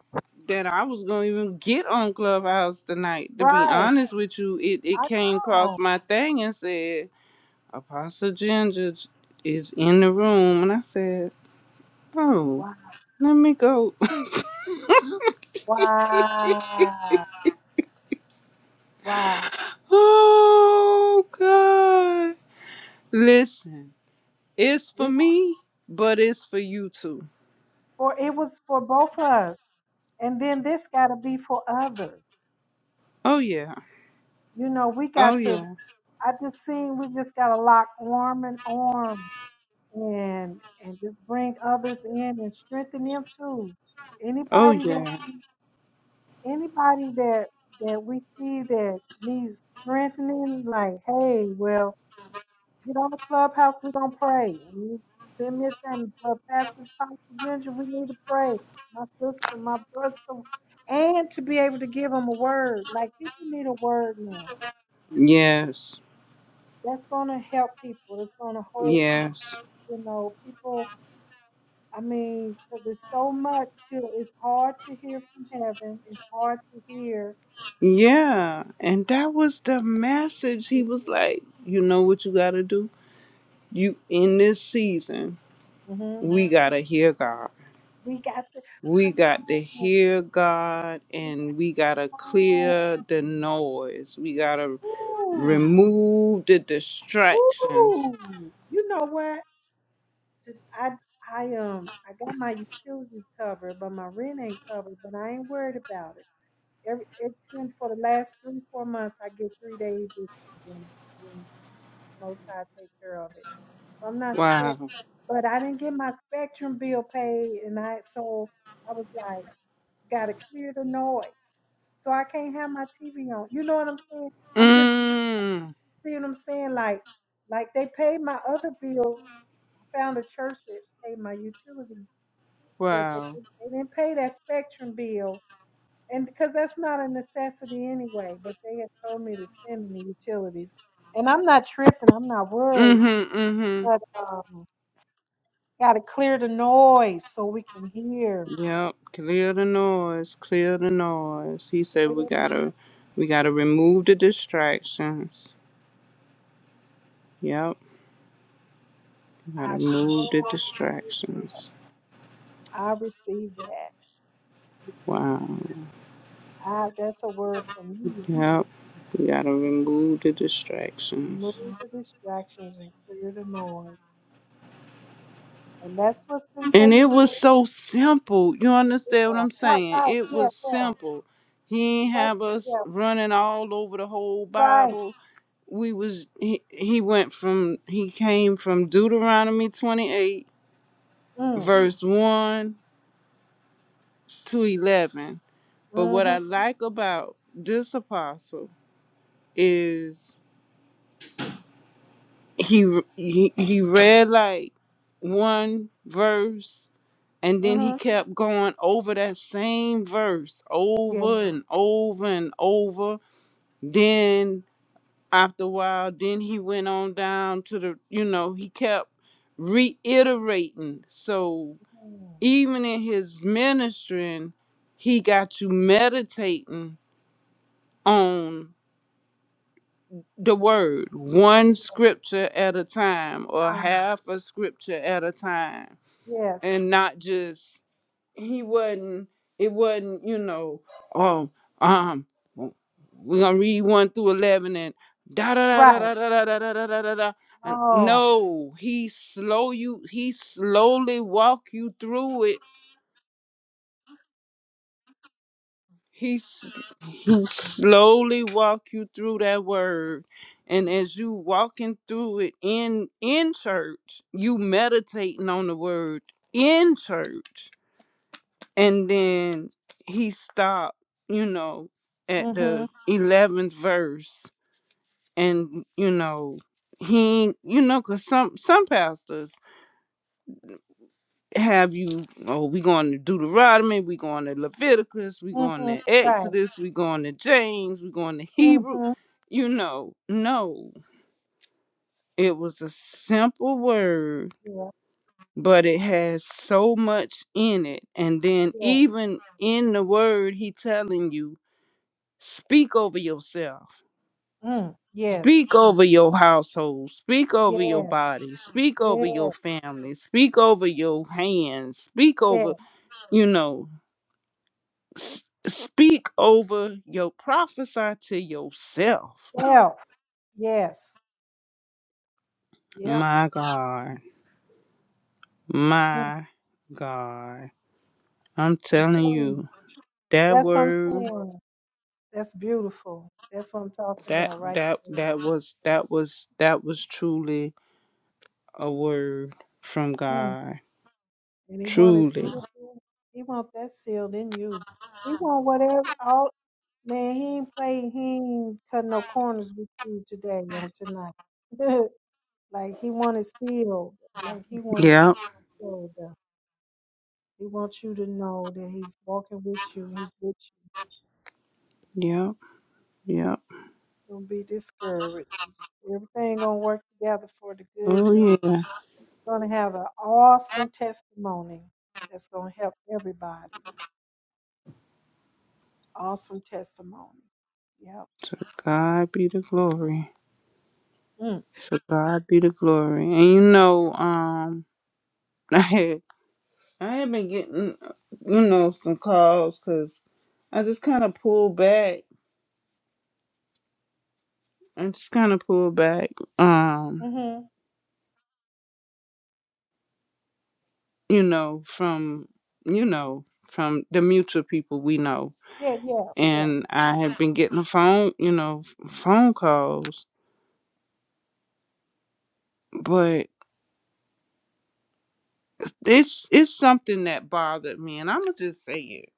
that i was gonna even get on clubhouse tonight to be
right.
honest with you it, it
I
came across
know.
my thing and said apostle ginger is in the room and i said oh let me go
Wow. Wow.
oh god listen it's for
We
me but it's for you too
for it was for both of us. And then this gotta be for others.
Oh yeah.
You know, we
Oh
got to
yeah.
I just seen we just gotta lock arm and arm and and just bring others in and strengthen them too.
Oh
Anybody that
yeah.
we- anybody that that we see that needs strengthening, like, hey, well, Get on the clubhouse. We're going to pray. You Send me a thing. Brother Pastor Pastor Ginger, we need to pray. My sister, my brother. so, And to be able to give them a word. Like, people need a word now.
Yes.
That's going to help people. That's going to hold people.
Yes.
You know, people, I mean, because it's so much Too, It's hard to hear from heaven. It's hard to hear.
Yeah. And that was the message. He was like, you know what you gotta do? You in this season,
hmm
we gotta hear God.
We got to,
We
come
got to
on.
hear God
We got,
and we gotta
come on.
clear the noise. We gotta
Ooh.
remove the distractions.
Ooh, you know what? To- I I um I got my utilities covered, but my rent ain't covered. But I ain't worried about it. Every it's been for the last three four months. I get three day evictions, and, and the Most High take care of it, so I'm not stressed.
Wow.
But I didn't get my spectrum bill paid, and I so I was like, gotta clear the noise, so I can't have my TV on. You know what I'm saying? I'm just
Mm.
you See what I'm saying? Like, like they paid my other bills. I found a church that paid my utilities, but they
Wow.
didn't- they didn't pay that spectrum bill, and because that's not a necessity anyway. But they had told me to send them the utilities, and I'm not tripping. I'm not worried,
Mm-hmm. mm-hmm.
but um, got to clear the noise so we can hear.
Yep, clear the noise, clear the noise. He said we gotta we gotta remove the distractions. Yep, we gotta
I
remove the
sure received that.
distractions.
I received that.
Wow.
I, that's a word for me.
Yep. We gotta remove the
Remove
distractions.
the distractions and clear the noise. And that's what's been
And
taking
it was
place.
so simple. You understand what
Yeah.
I'm
Right,
saying?
right.
It
Yeah,
was
yeah.
simple. He ain't
Right,
have us
yeah,
running all over the whole
right.
Bible. We was he, he went from he came from Deuteronomy 28
Mm,
verse 1 to 11. But what
mm-hmm,
I like about this apostle is he he, he read like one verse and then he
mm-hmm.
kept going over that same verse
Yeah.
over and over and over. Then after a while, then he went on down to the, you know, he kept reiterating. So
mm,
even in his ministering, he got you meditating on. the word one
Yeah.
scripture at a time or
Ah,
half a scripture at a time
yes.
and not just he wasn't it wasn't you know oh um we're gonna read one through 11 and da da da
Right.
da da da da da da da da da and
Oh.
no he slow you he slowly walk you through it He. s- slowly walk you through that word and as you walking through it in in church you meditating on the word in church and then he stopped you know at
Mm-hmm.
the 11th verse and you know he you know because some some pastors have you oh we going to deuteronomy we going to leviticus we going
Mm-hmm.
to
Right.
exodus we going to james we going to hebrew
Mm-hmm.
you know no it was a simple word
Yeah.
but it has so much in it and then
Yes.
even in the word he telling you speak over yourself
Mm. Yes.
speak over your household speak over your
Yes.
body speak over your
Yes.
family speak over your hands speak
Yes.
over you know Speak over your prophesy to yourself.
Self. Yes. Yep.
My God.
Mm.
My God. I'm
I'm
telling
telling you.
you, that
That's what I'm
word
saying. That's beautiful. That's what I'm talking
that
about right
that
there.
that was that was that was truly a word from
Mm.
God.
And he want it
Truly.
sealed. in- He want that sealed in you. He want whatever. All man, he ain't play. He ain't cut no corners with you today on tonight. like he want it sealed. Like he want it
Yep.
sealed. up. He wants you to know that he's walking with you. He's with you.
Yep. Yep.
Don't be discouraged. Everything gonna work together for the good.
Oh
You
yeah.
going to have an awesome testimony that's going to help everybody. Awesome testimony. Yep.
To God be the glory.
Mm.
To God be the glory. And you know, um I have been getting, you know, some calls because I just kind of pulled back. I just kind of pulled back, um,
Mhm.
you know, from, you know, from the mutual people we know.
Yeah. Yeah. Yeah.
And I have been getting a phone, you know, phone calls, but it's it's something that bothered me, and I'm gonna just say it.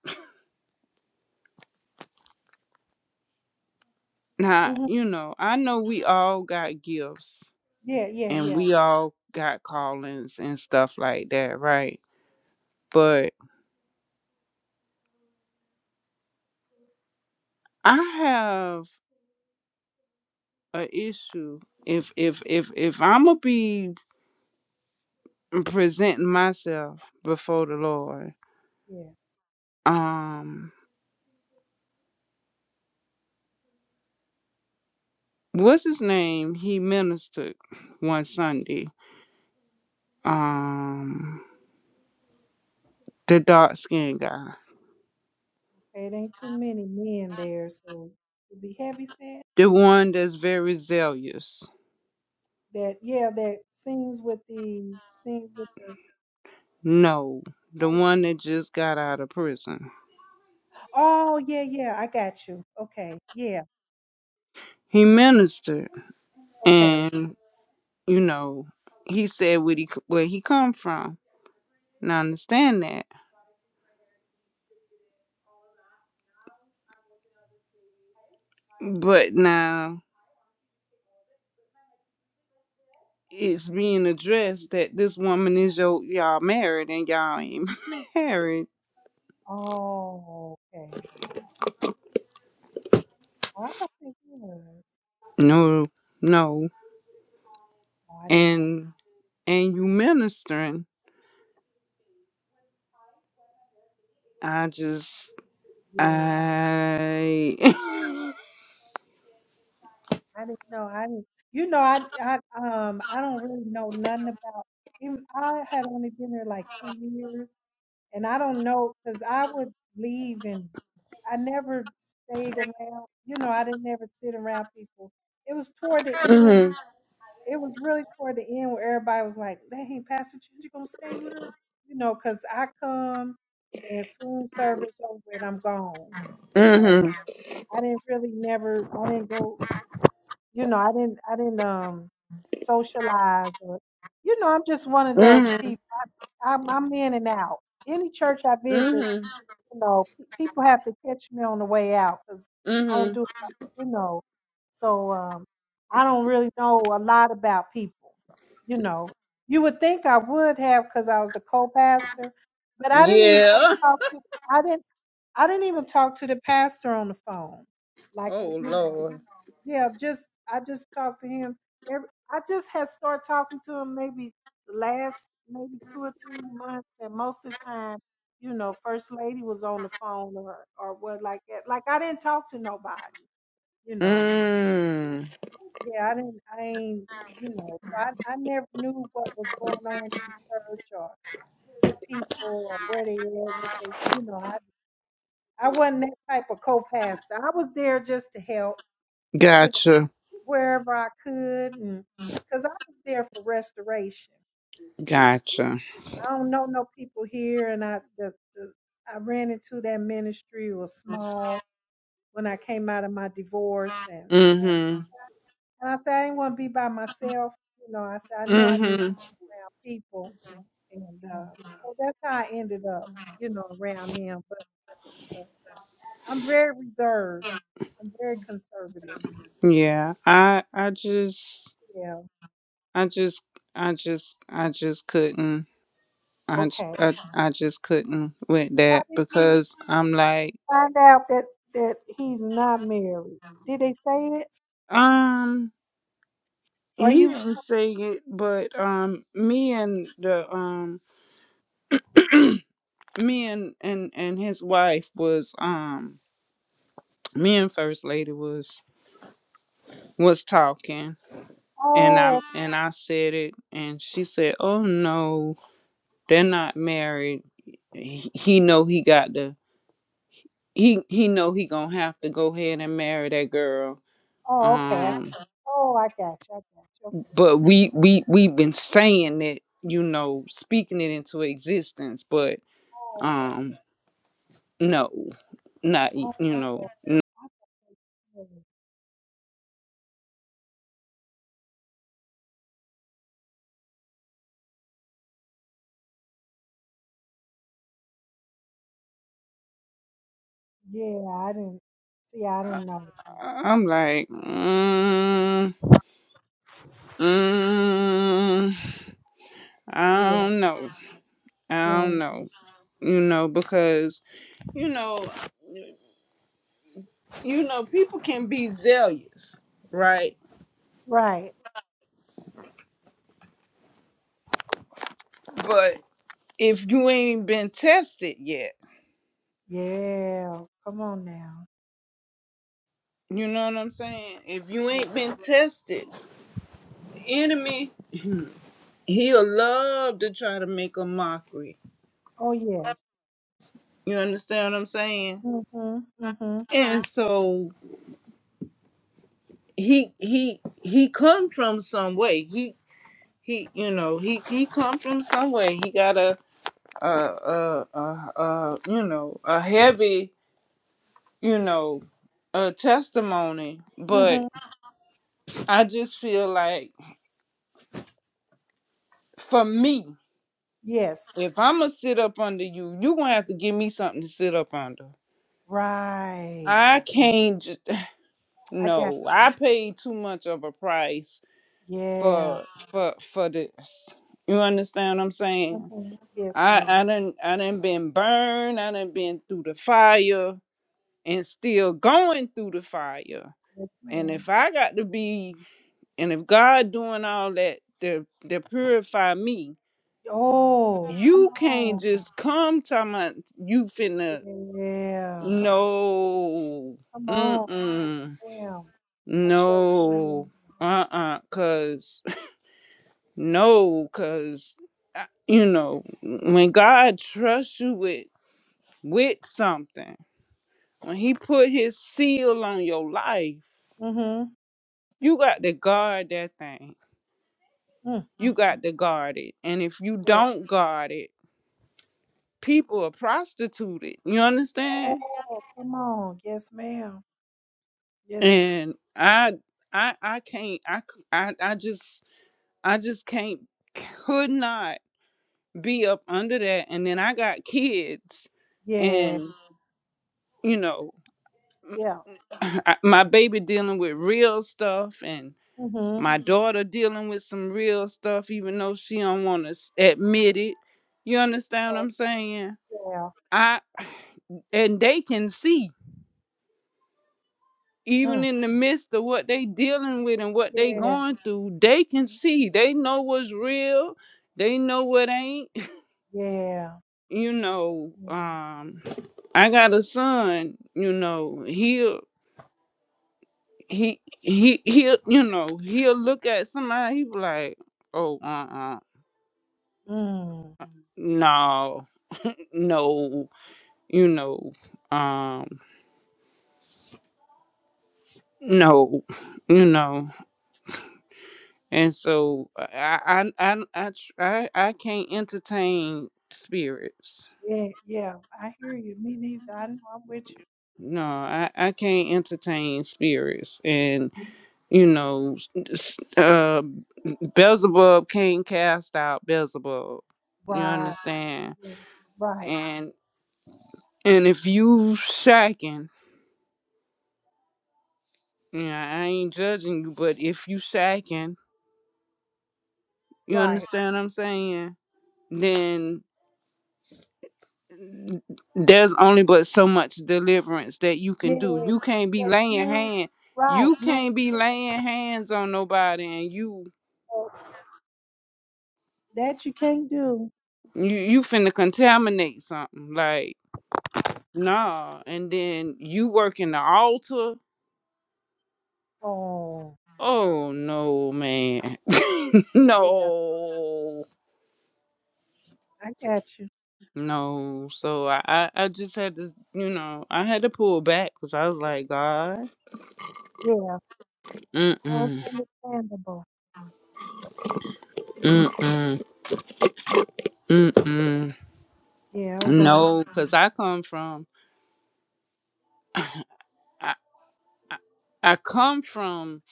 Now,
Mhm.
you know, I know we all got gifts,
Yeah. Yeah.
and
Yeah.
we all got callings and stuff like that, right? But I have a issue if if if if I'm gonna be presenting myself before the Lord.
Yeah.
Um, what's his name? He ministered one Sunday. Um, the dark skinned guy,
Okay, it ain't too many men there, so is he heavy set?
the one that's very zealous.
That yeah, that sings with the sings with the.
No, the one that just got out of prison.
Oh yeah, yeah. I got you. Okay. Yeah.
He
Yeah.
ministered,
Okay.
and you know, he said what he where he come from. And I understand that, but now. it's being addressed that this woman is your y'all married and y'all ain't married.
Oh. Okay. Oh, I thought they was.
No, no.
Oh, I didn't know.
And and you ministering. I just
Yeah.
I
I didn't know. I didn't, you know, I, I, um, I don't really know nothing about, even, I had only been there like two years and I don't know, cause I would leave and I never stayed around, you know, I didn't ever sit around people. It was toward the end.
Mm-hmm.
It was really toward the end where everybody was like, dang, Pastor, Ch- you gonna stay with us? You know, cause I come and soon service over and I'm gone. You know,
Mm-hmm.
so I didn't really never, I didn't go you know, I didn't I didn't um socialize or you know, I'm just one of those
Mm-hmm.
people. I'm I'm in and out. Any church I visit, you know, pe- people have to catch me on the way out because I
Mm-hmm.
don't do, you know, so um, I don't really know a lot about people. You know, you would think I would have because I was the co-pastor, but
hmm
I didn't even really
Yeah.
talk to. I didn't. I didn't even talk to the pastor on the phone, like uh,
Oh
you know
Lord.
yeah, just I just talked to him. Every, I just had started talking to him maybe the last maybe two or three months, and most of the time, you know, first lady was on the phone or or what like that. Like I didn't talk to nobody, you know.
mm,
Yeah, I didn't. I ain't, you know. So I I never knew what was going on in church or with people or where they were, what they, you know. I I wasn't that type of co-pastor. I was there just to help. You
gotcha.
wherever I could, and because I was there for restoration.
Gotcha.
I don't know no people here, and I the, the, I ran into that ministry It was small when I came out of my divorce, and um,
Mm-hmm.
and I said I didn't want to be by myself. You know, I said I know I need
Mm-hmm.
to be around people, and uh, so that's how I ended up, you know, around them. But uh, I'm very reserved. I'm very conservative.
Yeah. I I just
Yeah.
I just, I just, I just couldn't. I, j-
Okay.
I, I just couldn't with
How
that
did you?
because I'm like,
find out that that he's not married. Did they say it?
um,
Are
he
you?
didn't say it, but um, me and the um, me and and and his wife was um, me and first lady was was talking, and I
Oh,
and I said it, and she said, oh no, they're not married. He, he know he got the he he know he gonna have to go ahead and marry that girl
oh, okay. I-
um
Oh, I got you. I got you. Okay.
but we we we've been saying it you know speaking it into existence but
Oh, okay.
um no not y- you know
Oh, I thought they said it. yeah. I didn't see. I
I,
didn't know.
I- i'm like mm, mm, i
Yeah.
don't know
You
i don't
know. yeah.
know you know because you know you know people can be zealous right
Right.
but if you ain't been tested yet
Yeah. Come on now.
you know what i'm saying if you
Yeah.
ain't been tested the enemy he'll love to try to make a mockery.
Oh yes.
You understand what I'm saying?
Mhm. Mhm.
And so he he he come from some way. He he you know he he come from some way. He got a a a a, a you know a heavy you know a testimony. But
Mhm.
I just feel like for me,
Yes.
if I'm gonna sit up under you, you gonna have to give me something to sit up under.
Right.
I
Okay.
can't.
I got
No, I
you.
paid too much of a price
Yeah.
for for for this. You understand what I'm saying?
Mhm. Yes,
I
ma'am.
I done I done been burned. I done been through the fire and still going through the fire.
Yes,
And
ma'am.
if I got to be, and if God doing all that to to purify me,
Oh, come
you can't
on.
just come to my. You finna
Yeah.
no,
Come
mm
on. Yes,
mm,
ma'am. I shall lean
no,
on
uh uh, cause. No, because, you know, when God trusts you with, with something, when He put His seal on your life,
that. Mm-hmm.
you got to guard that thing. You
Mm-hmm.
got to guard it. And if you
Yeah.
don't guard it, people are prostituted. You understand?
Oh, come on. Yes, ma'am. Yes, they,
And I, I, I can't, I, c- I, I just, I just can't, could not be up under that. And then I got kids
yeah.
and, you know,
Yeah.
I- my baby dealing with real stuff and
Mm-hmm.
my daughter dealing with some real stuff even though she don't want to admit it you understand what
Yeah.
i'm saying
yeah.
i and they can see even
Mm.
in the midst of what they dealing with and what they
Yeah.
going through they can see they know what's real they know what ain't
Yeah.
you
Yes,
know
ma'am.
um i got a son you know he he he he'll you know he'll look at somebody he be like oh uh-uh
Mm.
no no you know um no you know and so i i i i, tr- I, I can't entertain spirits
Yeah. Yeah. I hear you. Me neither. I know I'm with you.
no i i can't entertain spirits and you know s- uh beelzebub can't cast out beelzebub you
Right.
understand
Yeah. Right.
And if you sacking, yeah, I ain't judging you, but if you sacking, you
Right.
understand what I'm saying? Then there's only but so much deliverance that you
Yeah.
can do. You can't be
That
laying
you.
hand.
Right.
You can't be
No.
laying hands on nobody, and you
Oh, That you can't do.
you you finna contaminate something like nah. And then you work in the altar.
Oh,
Oh no, man,
yeah,
no.
I got you.
No, so I, I, I just had to, you know, I had to pull back because I was like, God,
Yeah, well, it's
mm-mm,
understandable.
mm-mm, mm-mm.
Yeah, it was
No, because I
understandable.
come from, I, I, I come from,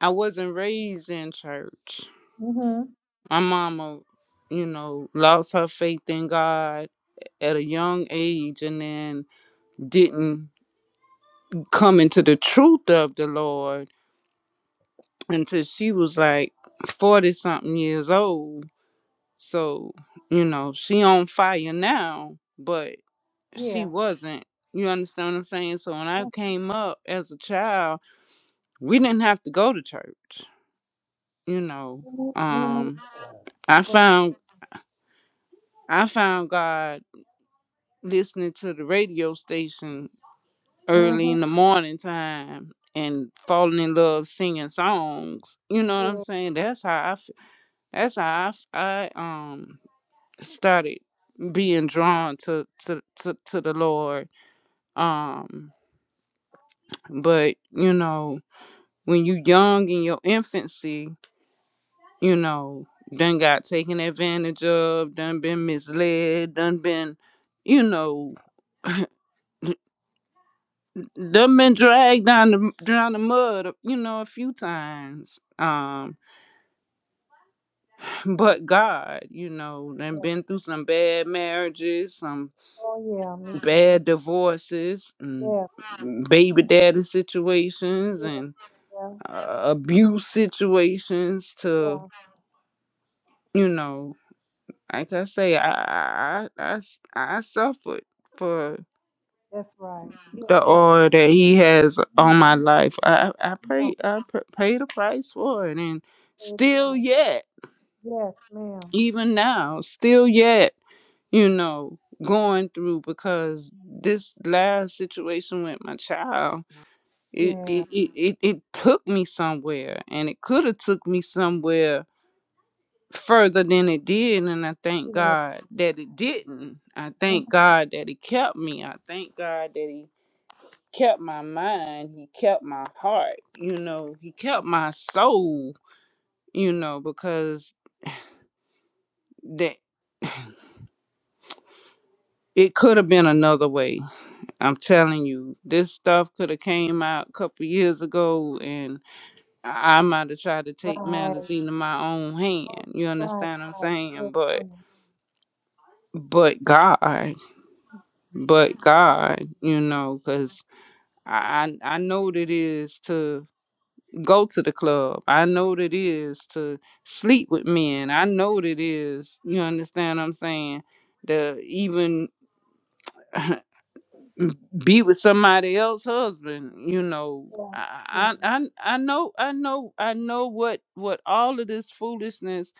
I wasn't raised in church.
Mm-hmm.
My mama, you know, lost her faith in God at a young age and then didn't come into the truth of the Lord until she was like 40 something years old So, you know, she on fire now, but she
Yeah.
wasn't. You understand what I'm saying? So when I
Mhm.
came up as a child, we didn't have to go to church. You know,
Me, ne- me neither.
um I
I wasn't ready.
found I found God listening to the radio station early
Mm-hmm.
in the morning time and falling in love singing songs. You know what I'm
Yeah,
saying? That's how I f- that's how I, f- I um started being drawn to to to, to the Lord Um, but you know, when you young in your infancy, you know, done got taken advantage of, done been misled, done been, you know, done been dragged down the down the mud, uh, you know, a few times. Um, but God, you know, done
yeah.
been through some bad marriages, some
Oh, yeah, me too.
bad divorces, and
Yeah,
baby daddy situations,
yeah,
and
yeah,
uh, abuse situations to
yeah.
you know, like I say, I I I I I suffered for
That's right. Yeah,
the
yeah.
oil that he has on my
Mm.
life. I I
Come on,
pray I pr- pay the price for it, and
pay the
still
price.
yet,
Yes, ma'am.
even now, still yet, you know, going through because this last situation with my child, it
Yeah,
it it, it, it took me somewhere, and it could have took me somewhere further than it did and I thank
yeah.
God that it didn't. I
hmm
thank God that he kept me. I thank God that he kept my mind, he kept my heart, you know, he kept my soul, you know, because that it could have been another way. I'm telling you, this stuff could have came out a couple years ago and I I might have tried to take
Right.
matters into my own
Oh,
hand. You
right,
understand what I'm
right.
saying?
Yes,
But
ma'am.
but God, but God, you know, 'cause I, I I know what it is to go to the club. I know what it is to sleep with men. I know what it is. You understand what I'm saying? To even be with somebody else's husband. You know,
Yeah, yeah.
I I I I know I know I know what what all of this foolishness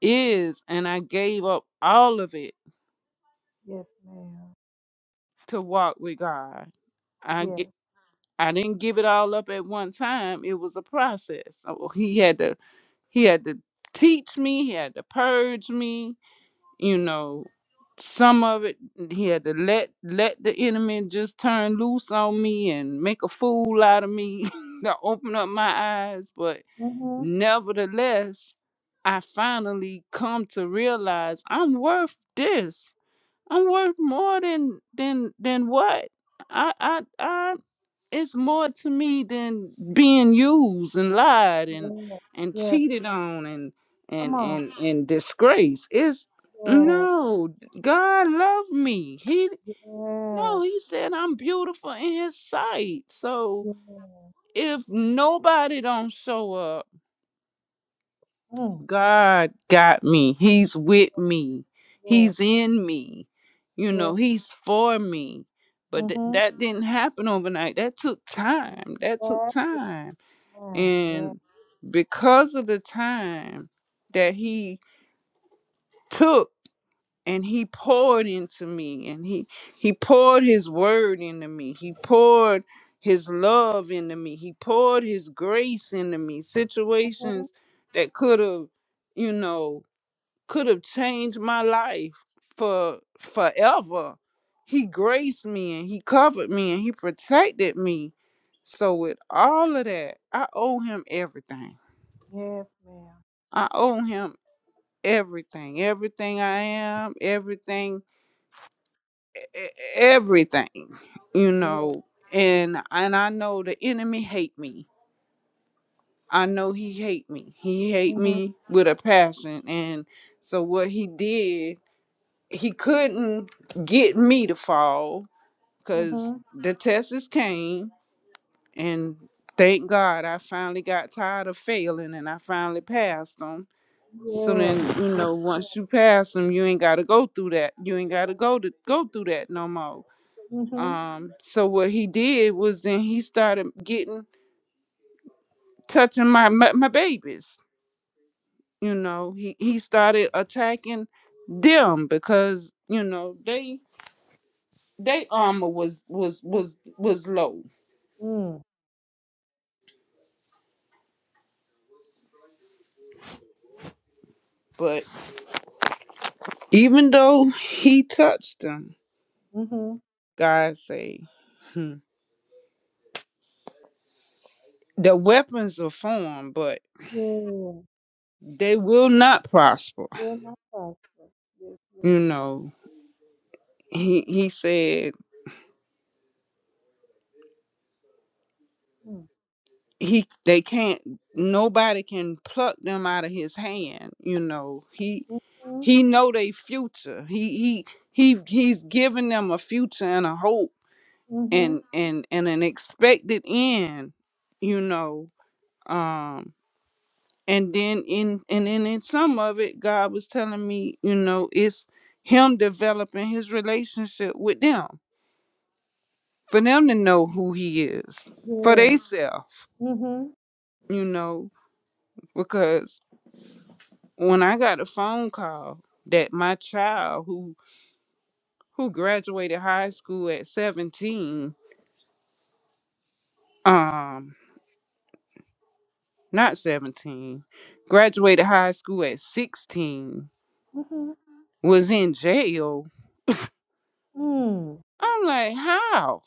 is, and I gave up all of it
Yes, ma'am.
to walk with God. I
Yes.
get. I didn't give it all up at one time. It was a process. So He had to He had to teach me, he had to purge me, you know, some of it he had to let let the enemy just turn loose on me and make a fool out of me to open up my eyes but
Mm-hmm.
nevertheless i finally come to realize i'm worth this I'm worth more than than than what? I I I it's more to me than being used and lied and
Yes.
and
Yes.
cheated
yes.
on and
Come
and
on.
and and disgrace. It's
Yes.
no, God loved me. He
Yes.
no, he said I'm beautiful in his sight. So
Yes.
if nobody don't show up
Mm.
God got me. He's with me.
Yes.
He's in me. You know,
Yes.
he's for me. But th-
Mm-hmm.
that didn't happen overnight. That took time. That took time. And because of the time that he took and he poured into me and he he poured his word into me. He poured his love into me. He poured his grace into me. Situations that could have, you know, could have changed my life for forever. He graced me and he covered me and he protected me. So with all of that, I owe him everything.
Yes, ma'am.
I owe him everything. Everything I am, everything e- everything. You
Yes.
know, and and I know the enemy hate me. I know he hate me. He hate
Mm-hmm.
me with a passion and so what he did he couldn't get me to fall
Yes,
because
ma'am.
the tests came and thank god i finally got tired of failing and i finally passed them so then you know once
Yes.
you pass them you ain't gotta go through that you ain't gotta go to go through that no more
Mm-hmm.
um so what he did was then he started getting touching my my, my babies you know he he started attacking them because you know they they armor was was was was low, but even though he touched them,
Mm-hmm.
God say hmm, the weapons are formed, but
Yes. Yes, ma'am. Mm-hmm. Mm. Mm-hmm. Yes.
they will not prosper.
Will not prosper. Yes, ma'am.
You know, he he said
Mm.
he they can't nobody can pluck them out of his hand. You know, he
Mm-hmm.
he know their future. He he he he's giving them a future and a hope
Mm-hmm.
and and and an expected end. You know, um. and then in and then in some of it god was telling me you know it's him developing his relationship with them for them to know who he is for
Yes.
theyself
Mm-hmm.
you know because when i got a phone call that my child who who graduated high school at 17 um not 17 graduated high school at 16
Mm-hmm.
was in jail
Mm.
i'm like how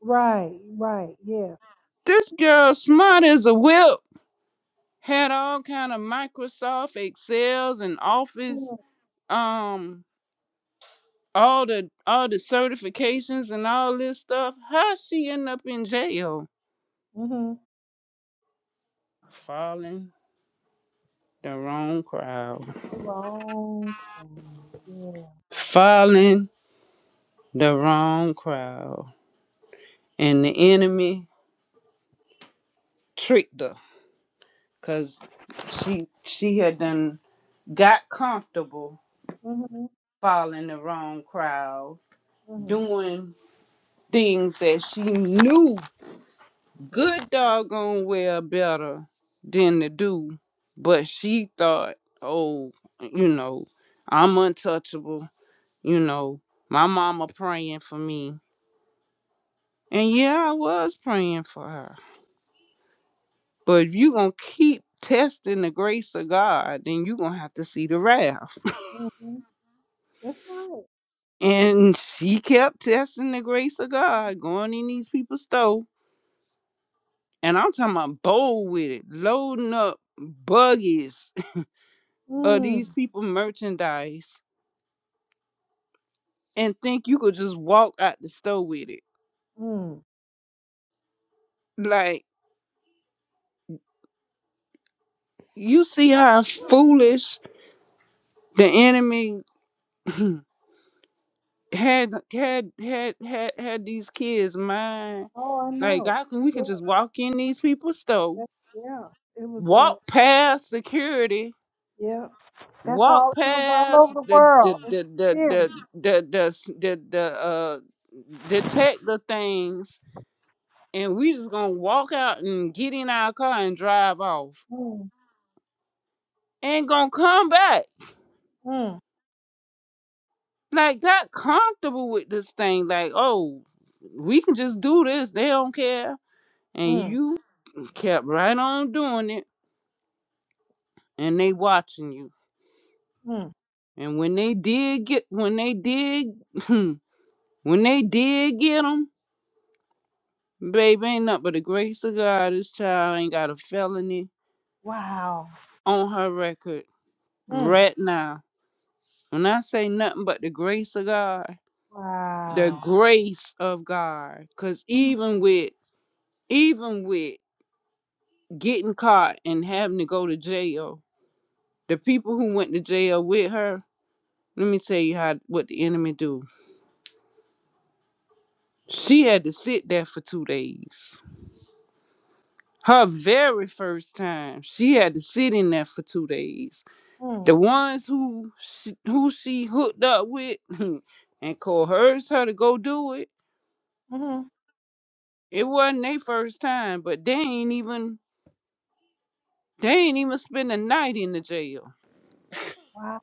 Right. Right. Yes.
this girl smart as a whip had all kind of Microsoft Excels and Office,
Mm-hmm.
um, all the all the certifications and all this stuff. How she end up in jail?
Mm-hmm.
Falling the wrong crowd.
The wrong crowd. Yeah.
Falling the wrong crowd. And the enemy tricked her because she she had done got comfortable
Mhm.
following the wrong crowd,
Mhm.
doing things that she knew good doggone well better than the dude. But she thought, oh, you know, I'm untouchable. You know, my mama praying for me. And yeah, I was praying for her. But if you going to keep testing the grace of God, then you going to have to see the wrath.
Mhm. That's right.
And she kept testing the grace of God, going in these people's stove. And I'm talking about bold with it, loading up buggies of these
Mm.
people merchandise and think you could just walk out the store with it.
Mm.
Like you see how foolish the enemy had had had had had these kids mind.
Oh, I
Like
know.
I can we can
Yeah.
just walk in these people's store,
That, yeah. It was uh,
walk past security,
yeah. That's
walk
all. It was all
past
over the
the the
world. It's
the the the
spirit.
the the, the, the uh detector things, and we just gonna walk out and get in our car and drive off.
Mm.
Ain't gonna come back
Mm.
like got comfortable with this thing like oh we can just do this they don't care and
Mm.
you kept right on doing it and they watching you
Mm.
and when they did get when they did when they did get them baby ain't nothing but the grace of god this child ain't got a felony
Wow.
on her record
Mm.
right now when i say nothing but the grace of god the
Wow.
grace of god because
Mm.
even with even with getting caught and having to go to jail. The people who went to jail with her, let me tell you how what the enemy do. She had to sit there for two days. Her very first time, she had to sit in there for two days. The
Mm.
ones who she, who she hooked up with and coerced her to go do it,
Mhm.
it wasn't their first time, but they ain't even they ain't even spend a night in the jail.
Wow.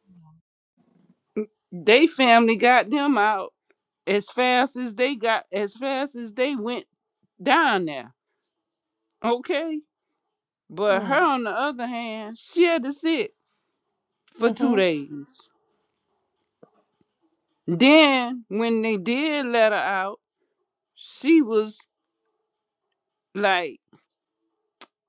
They family got them out as fast as they got as fast as they went down there. Okay? But her
Mm.
on the other hand, she had to sit for two
Mhm.
days. Then when they did let her out, she was like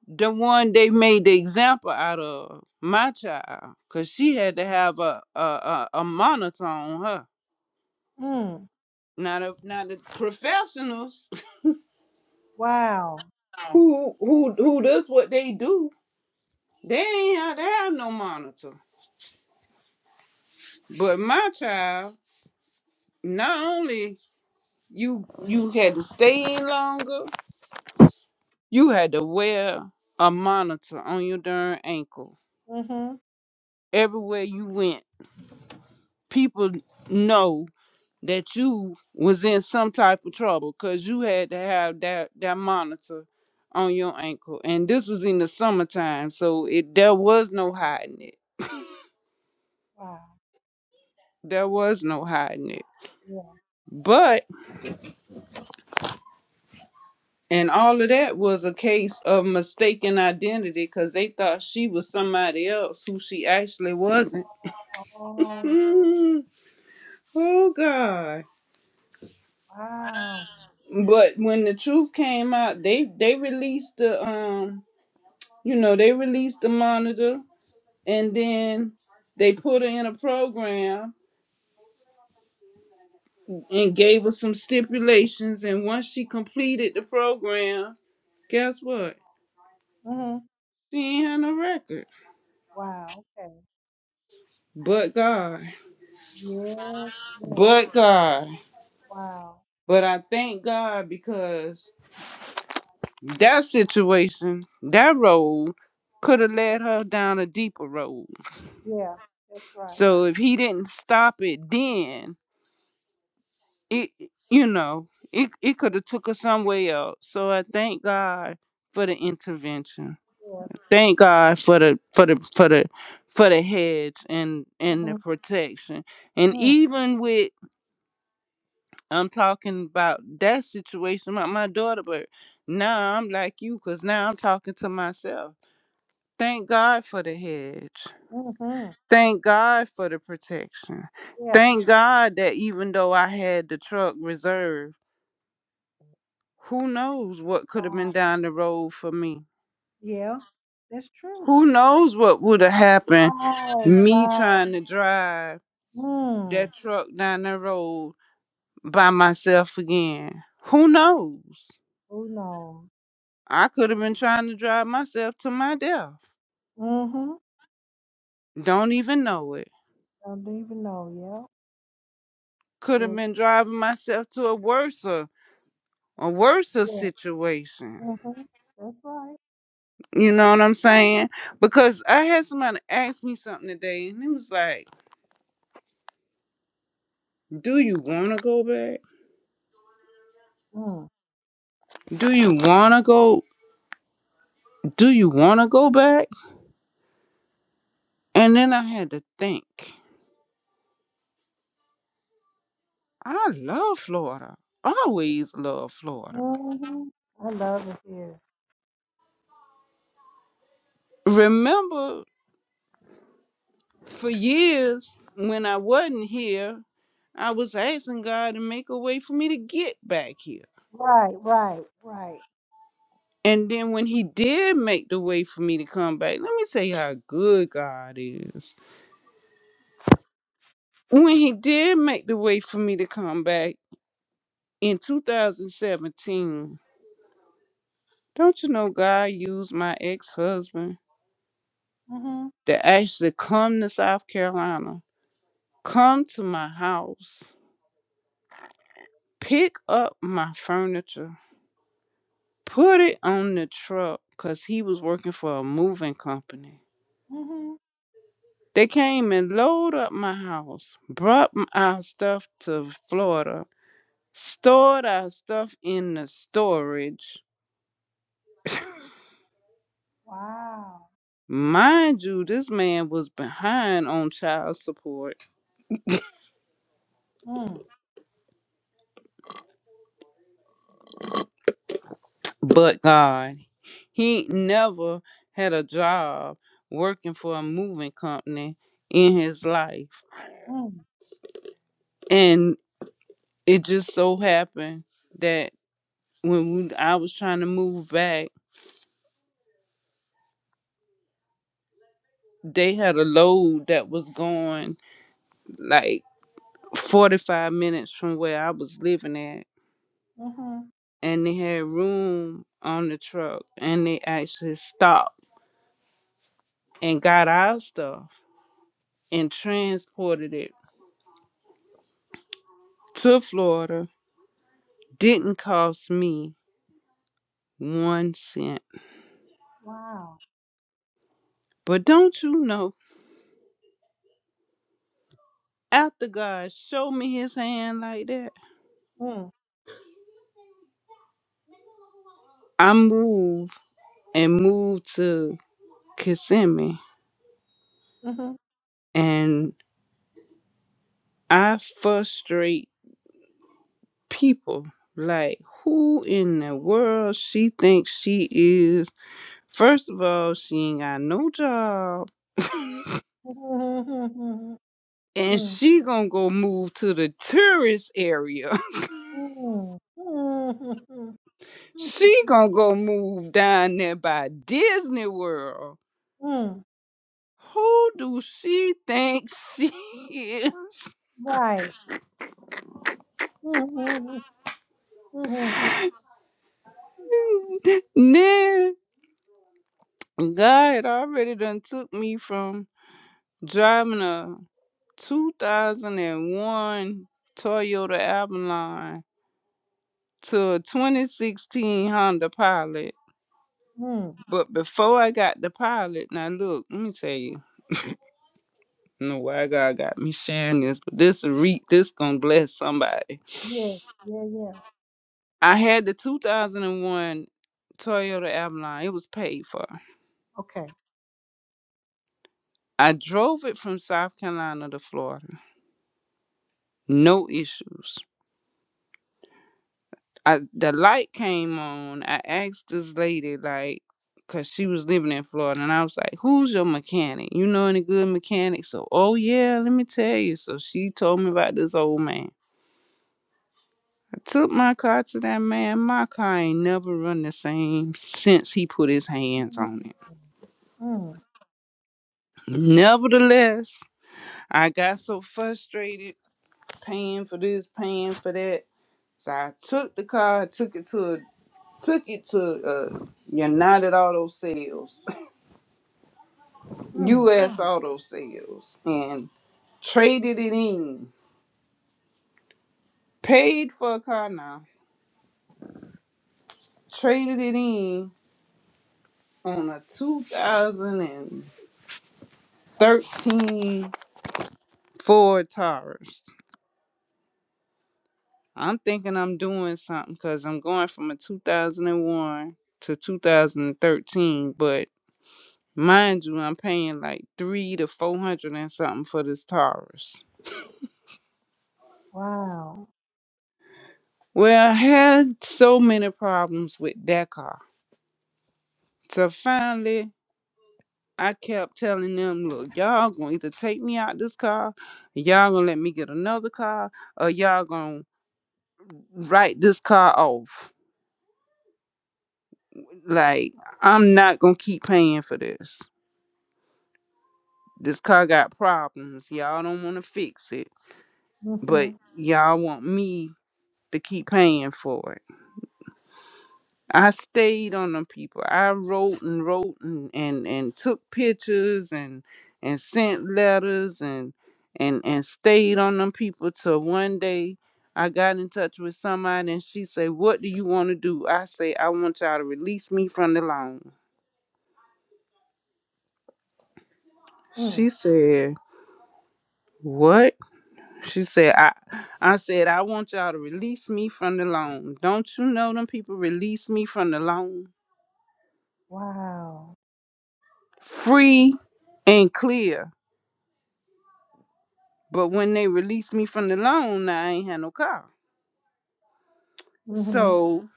the one they made the example out of my child. Cause she had to have a a, a, a monitor on her.
Mm.
Now the now the professionals
Wow.
who who who does what they do, they ain't had to have no monitor. But my child, not only you you had to stay in longer, you had to wear a monitor on your darn ankle.
Mhm.
Everywhere you went, people know that you was in some type of trouble because you had to have that, that monitor on your ankle. And this was in the summertime, so it there was no hiding it.
Wow.
There was no hiding it.
Yeah.
But. And all of that was a case of mistaken identity because they thought she was somebody else who she actually wasn't.
Oh. oh,
Mm, oh God.
Wow.
But when the truth came out, they they released the um, you know, they released the monitor and then they put her in a program and gave her some stipulations and once she completed the program, guess what?
hmm
She ain't had no record.
Wow. Okay.
But God.
Yes. Yeah.
But God.
Wow.
But I thank God because that situation, that road could have led her down a deeper road.
Yeah. That's right.
So if he didn't stop it then, it you know, it, it could have took her somewhere else. So I thank God for the intervention.
Yes. yeah.
Thank God for the for the for the for the hedge and and the
Mm-hmm.
protection. And
mm,
even with I'm talking about that situation about my daughter, but now I'm like you because now I'm talking to myself. Thank God for the hedge.
Mm-hmm.
Thank God for the protection.
Yeah.
Thank God that even though I had the truck reserved, who knows what could have
Wow.
been down the road for me?
Yeah. That's true.
Who knows what would have happened?
Right.
Me
Right.
trying to drive
Mm.
that truck down the road by myself again. Who knows?
Who knows?
I could have been trying to drive myself to my death.
Mm-hmm.
Don't even know it.
Don't even know.
Could
Yeah.
have
It,
been driving myself to a worse a worse
yeah.
situation.
Mm-hmm. That's right.
You know what I'm saying? Because I had somebody ask me something today and it was like, Do you wanna go back?
Mm.
Do you wanna go do you wanna go back? And then I had to think. I love Florida. Always love Florida.
Mm-hmm. I love it here.
Remember for years when I wasn't here, I was asking God to make a way for me to get back here.
Right. Right. Right.
And then when he did make the way for me to come back, let me tell you how good God is. When he did make the way for me to come back in 2017, don't you know God used my ex-husband
Mm-hmm.
to actually come to South Carolina, come to my house, pick up my furniture put it on the truck because he was working for a moving company.
Mm-hmm.
They came and loaded up my house, brought m- our stuff to Florida, stored our stuff in the storage.
Wow.
Mind you, this man was behind on child support,
Mm.
but God, he ain't never had a job working for a moving company in his life.
Mm.
And it just so happened that. when we, I was trying to move back, they had a load that was going like 45 minutes from where I was living at.
Mm-hmm.
And they had room on the truck. And they actually stopped and got our stuff and transported it to Florida. Didn't cost me one cent.
Wow.
But don't you know, after God showed me his hand like that,
Mm.
I moved and moved to Kissimmee.
Mm-hmm.
And I frustrate people. Like, who in the world she thinks she is? First of all, she ain't got no job.
Mm-hmm.
And
Mm.
she gonna go move to the tourist area.
Mm. Mm.
she
Mm.
gonna go move down there by Disney World.
Mm.
Who do she think she is?
Right. Mm-hmm. Mm-hmm.
Nah, God already done took me from driving a 2001 Toyota Avalon to a 2016 Honda Pilot.
Mm.
But before I got the Pilot, now look, let me tell you. I don't know why God got me sharing this, but this a re- this gonna bless somebody.
Yeah. Yeah. Yeah.
I had the 2001 Toyota Avalon. It was paid for.
Okay.
I drove it from South Carolina to Florida, no issues. I the light came on. I asked this lady like, cause she was living in Florida, and I was like, "Who's your mechanic? You know any good mechanics?" So, oh yeah, let me tell you. So she told me about this old man. I took my car to that man. My car ain't never run the same since he put his hands on
Mm.
it.
Mm.
Nevertheless, I got so frustrated paying for this, paying for that. So I took the car, took it to, a, took it to uh, United Auto Sales
Mm.
U.S. auto sales and traded it in. Paid for a car now. Traded it in on a 2013 Ford Taurus. I'm thinking I'm doing something because I'm going from a 2001 to 2013, but mind you, I'm paying like three to four hundred and something for this Taurus.
Wow.
Well, I had so many problems with that car. So finally, I kept telling them, look, y'all gonna either take me out this car, y'all gonna let me get another car, or y'all gonna write this car off. Like, I'm not gonna keep paying for this. This car got problems. Y'all don't wanna fix it, but
Mm-hmm.
y'all want me to keep paying for it. I stayed on them people. I wrote and wrote and, and, and took pictures and and sent letters and and and stayed on them people till one day I got in touch with somebody and she said, What do you want to do? I say, I want y'all to release me from the loan.
Mm.
She said, What? She said, I I said, I want y'all to release me from the loan. Don't you know them people release me from the loan?
Wow.
Free and clear. But when they released me from the loan, now I ain't had no car.
Mm-hmm.
So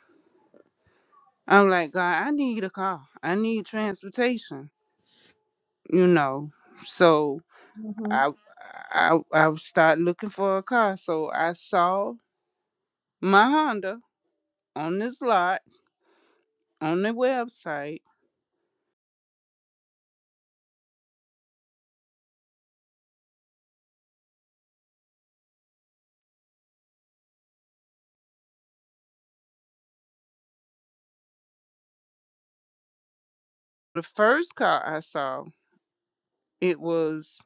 I'm like, God, I need a car. I need transportation. You know. So
Mm-hmm.
I I I start looking for a car. So I saw my Honda on this lot on the website. The first car I saw, it was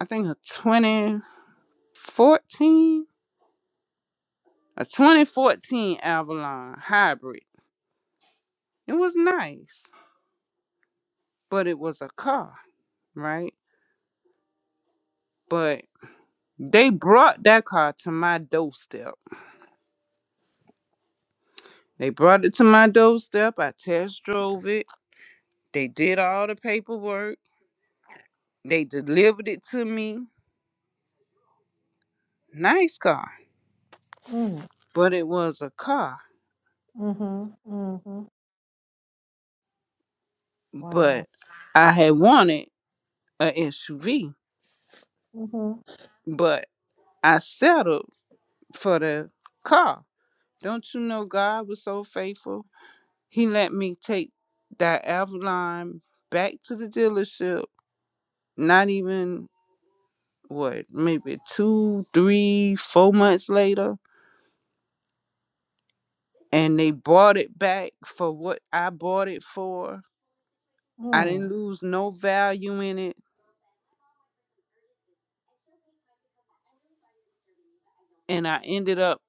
I think a 2014, a 2014 Avalon hybrid. It was nice, but it was a car, right? But they brought that car to my doorstep. They brought it to my doorstep. I test drove it. They did all the paperwork. They delivered it to me. Nice car.
Mm.
But it was a car.
Mm-hmm. Mm-hmm. Wow.
But I had wanted a SUV.
Mm-hmm.
But I settled for the car. Don't you know God was so faithful? He let me take that Avalon back to the dealership. Not even what maybe two three four months later and they bought it back for what i bought it for i
Mm.
didn't lose no value in it and i ended up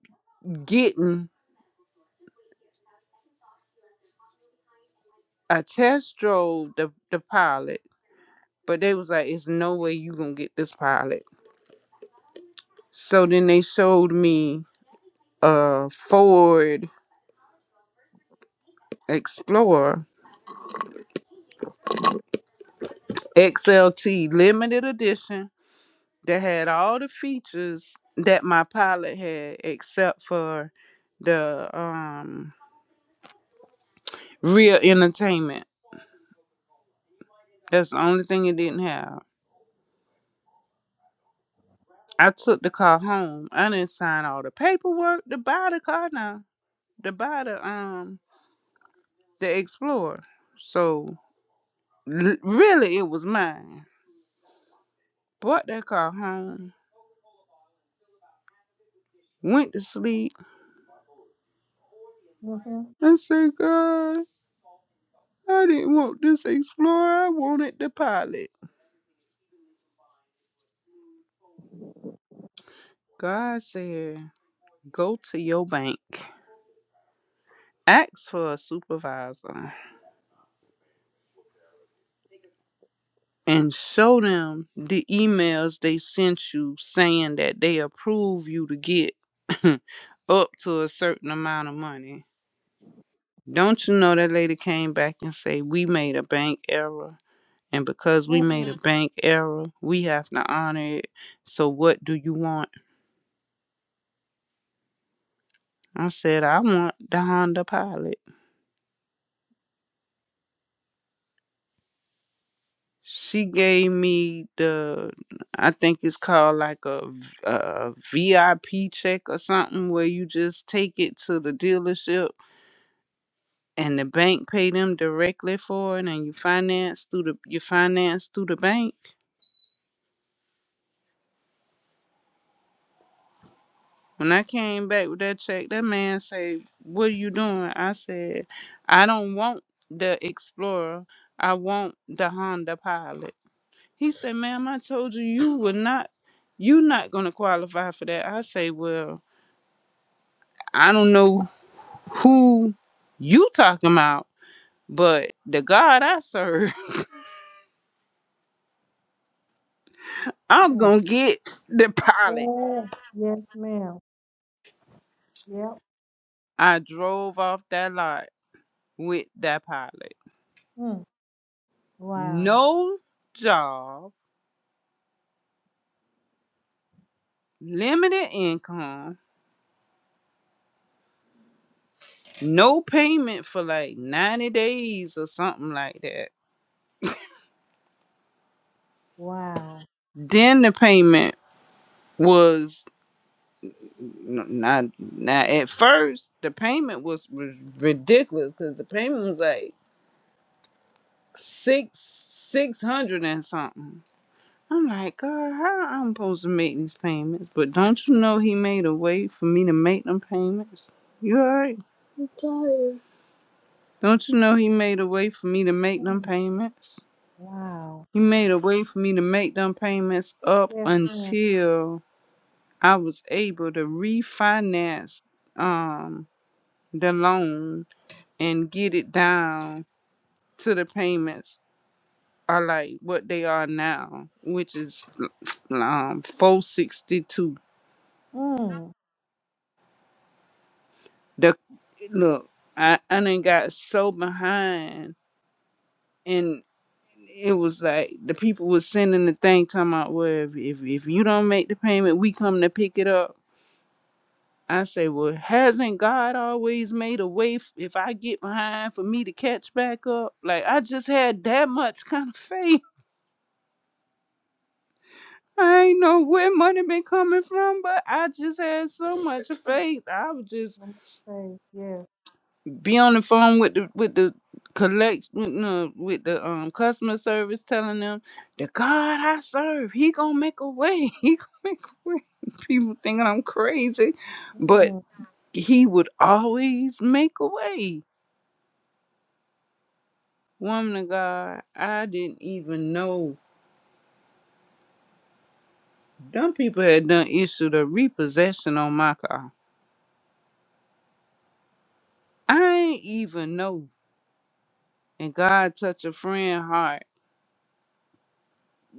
getting a test drove the, the pilot but they was like it's no way you gonna get this pilot so then they showed me a ford explorer xlt limited edition that had all the features that my pilot had except for the um real entertainment. That's the only thing it didn't have. I took the car home. I didn't sign all the paperwork to buy the car now. To buy the um the Explorer. So l- really it was mine. Bought that car home, went to sleep.
Mm-hmm.
I said, God, I didn't want this Explorer. I wanted the pilot. God said, Go to your bank, ask for a supervisor, and show them the emails they sent you saying that they approve you to get up to a certain amount of money. Don't you know that lady came back and say we made a bank error, and because we made
Mm.
a bank error, we have to honor it. So what do you want? I said I want the Honda Pilot. She gave me the, I think it's called like a, v- a VIP check or something where you just take it to the dealership and the bank pay them directly for it and you finance through the you finance through the bank. When I came back with that check, that man said, What are you doing? I said, I don't want the Explorer. I want the Honda Pilot. He said, ma'am, I told you you were not you not gonna qualify for that. I say, Well, I don't know who you talking about, but the God I serve, I'm
Mm.
gonna get the pilot.
Yes. Yes, ma'am. Yeah.
I drove off that lot with that pilot.
Mm. Wow.
No job, limited income, no payment for like 90 days or something like that.
Wow.
Then the payment was N- Not now. At first, the payment was was ridiculous because the payment was like six six hundred and something. I'm like, God, how I'm supposed to make these payments? But don't you know he made a way for me to make them payments? You alright? Don't you know he made a way for me to make them
Mm.
payments?
Wow.
He made a way for me to make them payments up
Yes, ma'am.
until I was able to refinance um the loan and get it down to the payments are like what they are now, which is um four sixty two.
Mm.
The look, I I done got so behind, and it was like the people was sending the thing talking about, well, if if, if you don't make the payment, we come to pick it up. I say, well, hasn't God always made a way f- if I get behind for me to catch back up? Like I just had that much kind of faith. I ain't know where money been coming from, but I just had so much faith. I would just
I'm gonna say yes.
be on the phone with the with the collect with the, with the um customer service, telling them the God I serve, He gonna make a way. He gonna make a way. People thinking I'm crazy, but
Mm-mm.
He would always make a way. Woman of God, I didn't even know them people had done issued a repossession on my car. I ain't even know and God touch a friend heart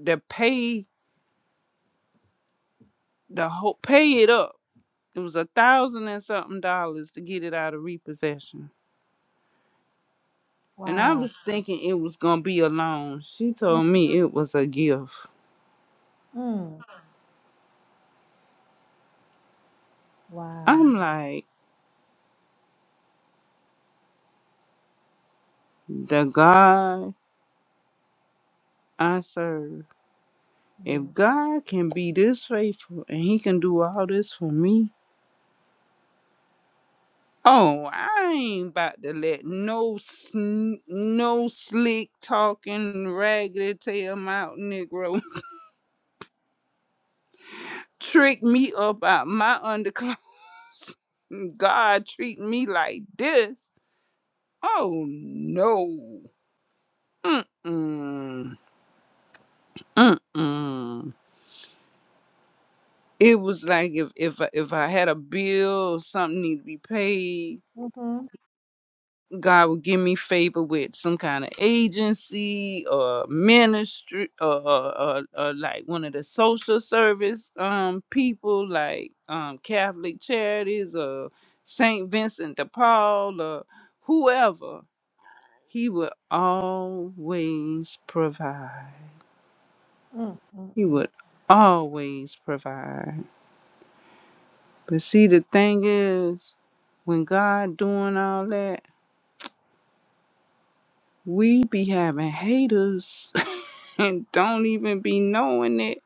that pay the whole pay it up. It was a thousand and something dollars to get it out of repossession. And I
Wow.
was thinking it was gonna be a loan. She told me it was a gift.
Mm. Wow.
I'm like, the God I serve.
Yeah.
If God can be this faithful and he can do all this for me, oh, I ain't about to let no sn- no slick talking raggedy tail mountain Negro trick me up out my underclothes. God treat me like this. Oh no. Mm-mm. Mm-mm. It was like if if I- if I had a bill, something need to be paid.
Mm-hmm.
God will give me favor with some kind of agency or ministry or, or, or, or like one of the social service um people like um Catholic charities or Saint Vincent de Paul or whoever. He would always provide.
Mm.
He
Mm-mm.
would always provide. But see the thing is when God doing all that, we be having haters and don't even be knowing it.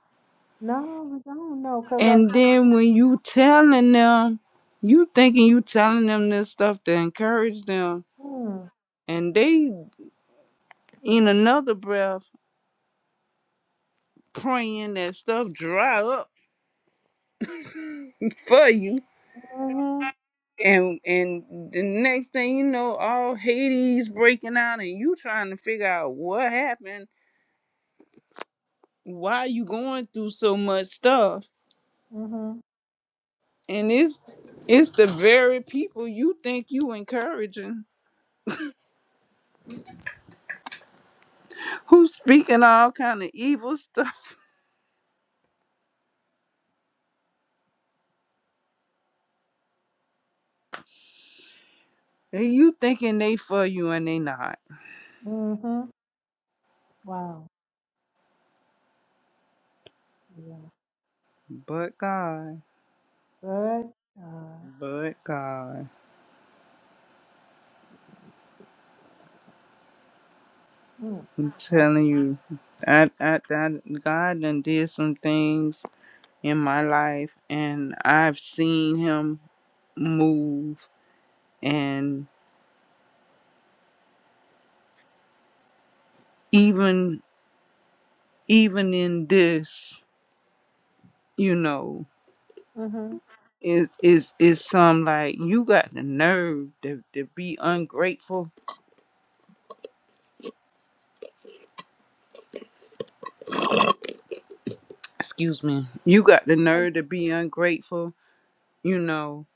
No, we don't know because I
And
said,
then when you telling them, you thinking you telling them this stuff to encourage them,
mm.
and they in another breath praying that stuff dry up for you.
Mm-hmm.
And and the next thing you know, all Hades breaking out, and you trying to figure out what happened, why you going through so much stuff,
Mm-hmm.
and it's it's the very people you think you encouraging Who's speaking all kind of evil stuff? And you thinking they for you and they not.
Mm-hmm. Wow. Yeah.
But God.
Good. Uh,
But God.
mm.
I'm
Wow.
telling you. I, I, I, God done did some things in my life and I've seen him move and even even in this, you know,
Mm-hmm.
it's it's it's some like you got the nerve to, to be ungrateful. Excuse me. You got the
Oh,
nerve to be ungrateful you know,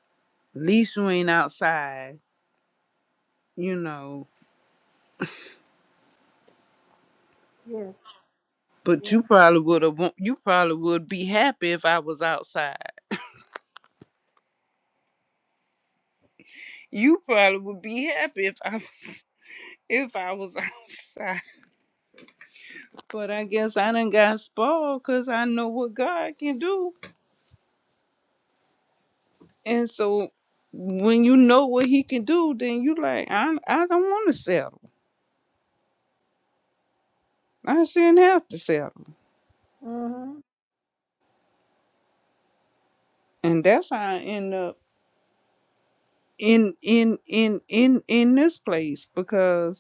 at least you ain't outside, you know.
yes.
But you
Yeah.
probably would have want you probably would be happy if I was outside. You probably would be happy if I if I was outside. But I guess I done got spoiled because I know what God can do. And so when you know what he can do, then you like, I I don't wanna settle. I shouldn't have to settle.
Mm-hmm.
And that's how I end up in in in in in this place because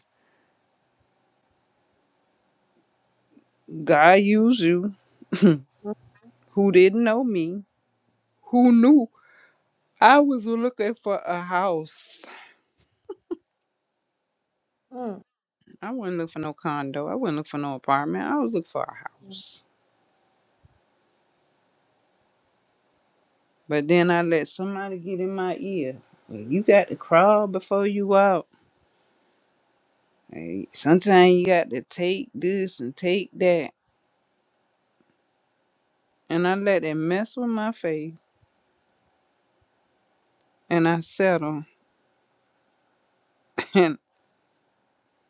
God used you, who didn't know me, who knew I was looking for a house.
Mm.
I wouldn't look for no condo. I wouldn't look for no apartment. I was looking for a
Mm.
house. But then I let somebody get in my ear. Well, you got to crawl before you walk. Hey, sometimes you got to take this and take that. And I let it mess with my faith. And I settle. And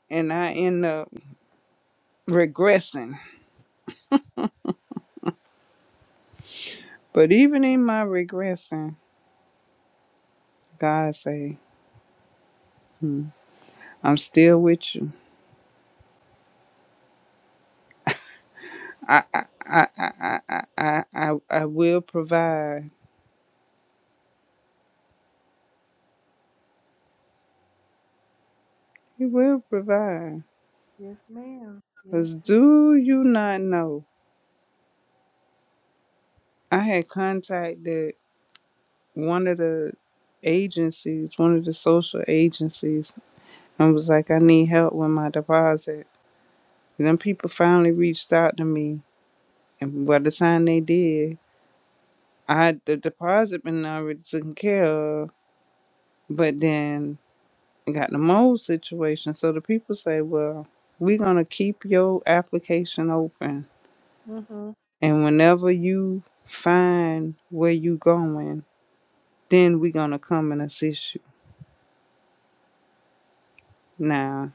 and I end up regressing. But even in my regressing, God say. hmm, I'm still with you. I I I I I I I I will provide. He will provide.
Yes, ma'am.
Cause
Yes.
do you not know? I had contacted one of the agencies, one of the social agencies, and was like, I need help with my deposit. And then people finally reached out to me, and by the time they did, I had the deposit been already taken care of. But then got the mold situation. So the people say, well, we're going to keep your application open.
Mm-hmm.
And whenever you find where you going, then we're going to come and assist you. Now,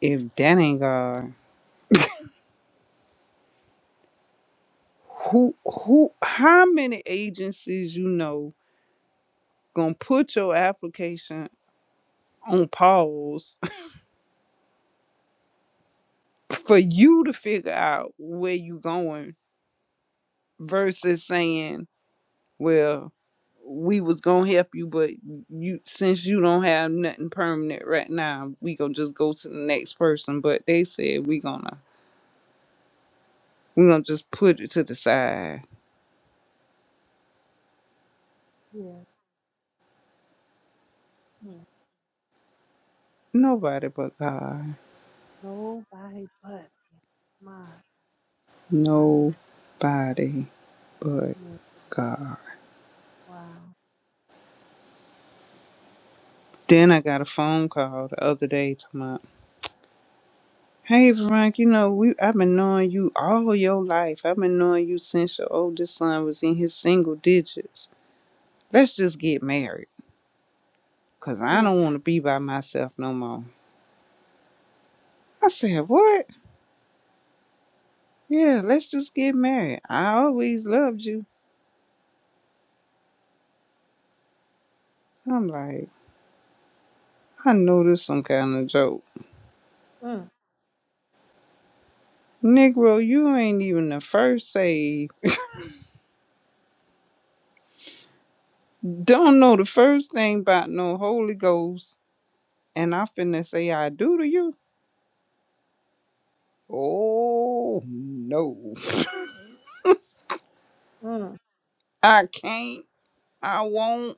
if that ain't God, who, who, how many agencies you know going to put your application on pause for you to figure out where you going versus saying, well, we was gonna help you, but you since you don't have nothing permanent right now, we gonna just go to the next person. But they said we gonna we gonna just put it to the side.
Yes. Mm.
Nobody but God.
Nobody but me. my my.
Nobody but
Yeah.
God.
Wow.
Then I got a phone call the other day to my Hey Veronica, you know, we I've been knowing you all your life. I've been knowing you since your oldest son was in his single digits. Let's just get married. Cause I
Mm.
don't wanna be by myself no more. I said, What? Yeah, let's just get married. I always loved you. I'm like, I know this some kind of joke.
Mm.
Negro, you ain't even the first say don't know the first thing about no Holy Ghost and I finna say I do to you. Oh no.
Mm.
I can't. I won't.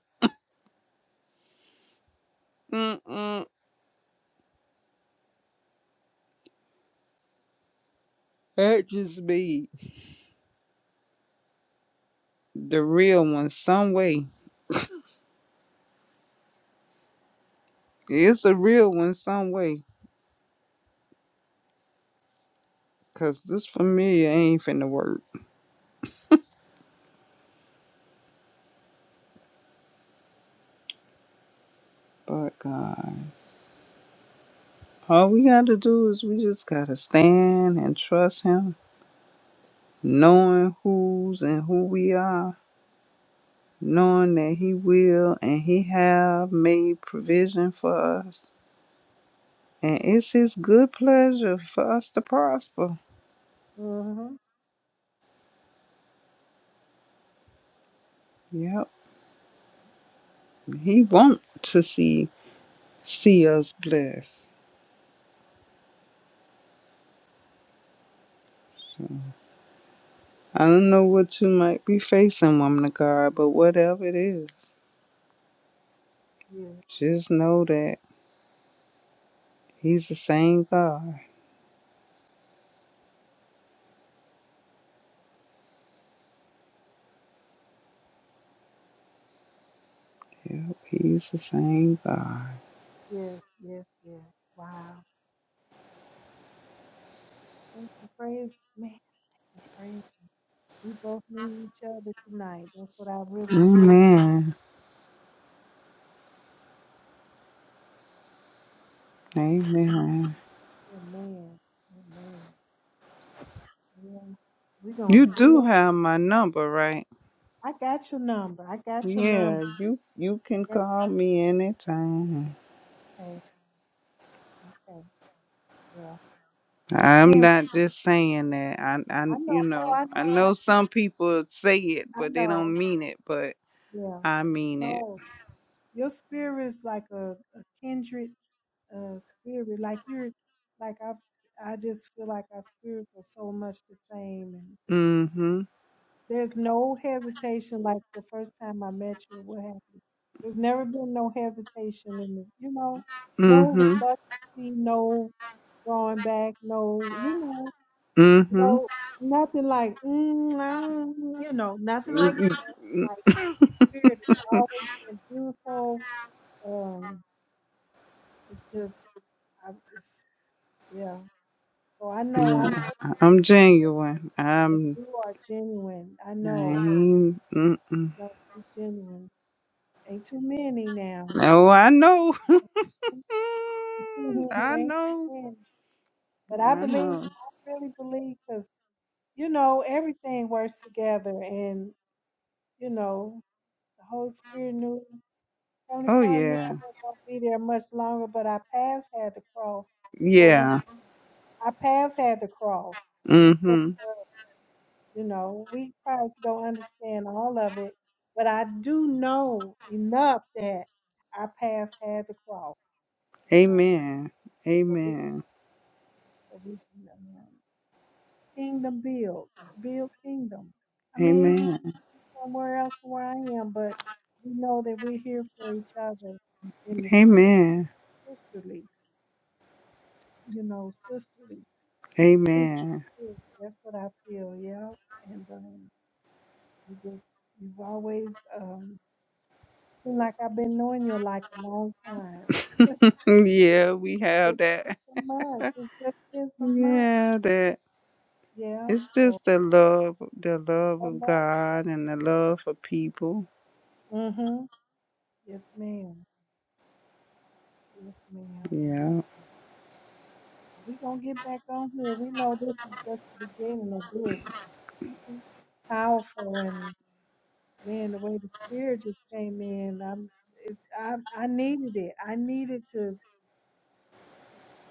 Mm-mm. That just be the real one some way. It's a real one some way. Cause this familiar ain't finna work. But God, all we got to do is we just got to stand and trust Him, knowing who's and who we are, knowing that He will and He have made provision for us. And it's His good pleasure for us to prosper.
Mm-hmm.
Yep, He want to see see us blessed. I don't know what you might be facing, woman of God, but whatever it is,
Yeah.
just know that He's the same God. Yep, He's the same God.
Yes. Yes. Yes. Wow. Thank you. Praise man. Praise. We both need each other tonight. That's what I really believe.
Amen. Amen.
Amen. Amen. Yeah. We're
You
gonna
do
build.
have my number, right?
I got your number. I got your number.
Yeah, you you can
Okay.
call me anytime.
Okay. okay. Well,
I'm
man,
not just saying that. I I
I
you
know. Oh,
know,
I
I
know. I
know
feel.
some
you.
people say it
I
but they don't
know.
mean it, but
Yeah.
I mean it.
No, your spirit is like a, a kindred uh, spirit. Like you're, like I, I just feel like our spirits are so much the same, and
Mhm.
there's no hesitation. Like the first time I met you, what happened? There's never been no hesitation, and you know, no
Mhm.
reluctancy, no drawing back, no, you know,
Mhm.
no, nothing like, mm, I don't- you know, nothing like
Mm,
it. Like spirit has always been beautiful. Um, it's just. I, it's, yeah. So I know, I know you
I'm
sincere
genuine.
and
I'm
you are genuine. I
I
know,
ain't- mm-mm.
I know you're genuine. Ain't too many now.
Oh, I know.
Ain't
Mm, I
too
know.
many. But I
I
believe,
know.
I really believe, because you know everything works together, and you know the Holy Spirit knew. Heavenly
Oh
Father knew I
yeah.
wasn't gonna be there much longer, but our paths had to cross. So we,
Yeah.
our paths had to cross. That's what.
Mm-hmm.
You know, we probably don't understand all of it, but I do know enough that our paths had to cross, you know,
Amen.
so we,
Amen.
so we can um, kingdom build, build kingdom. I mean, even
Amen.
somewhere else where I am, but we know that we're here for each other in the spirit,
Amen.
sisterly, you know, sisterly, uh, kindred
Amen.
spirit. That's what I feel, yeah. And um, you just, you've always, um, Seems like I've been knowing you like a long time.
yeah, we
It's
have
just
that.
been some months. It's just been some months.
Yeah, that.
Yeah,
It's
so
just the love, the love
I
of
love
God and the love for people.
Mm-hmm. Yes, ma'am. Yes, ma'am. So,
Yeah.
so we gonna get back on here. We know this is just the beginning of this 'cause it's just too powerful and man, the way the spirit just came in, I'm it's I I needed it. I needed to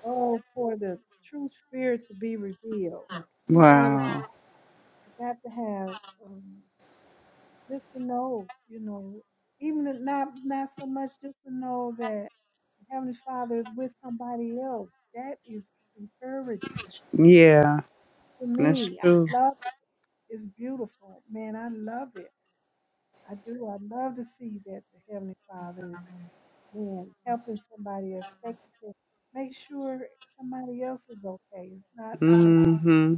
oh for the true spirit to be revealed. You know,
Wow.
I got to have um, just to know, you know, even if not not so much just to know that the Heavenly Father is with somebody else. That is encouraging
Yeah,
to
that's
me. I
true.
love it. It's beautiful, man. I love it. I do. I love to see that the Heavenly Father is man helping somebody else, taking care, make sure somebody else is okay. It's not all.
Mm-hmm.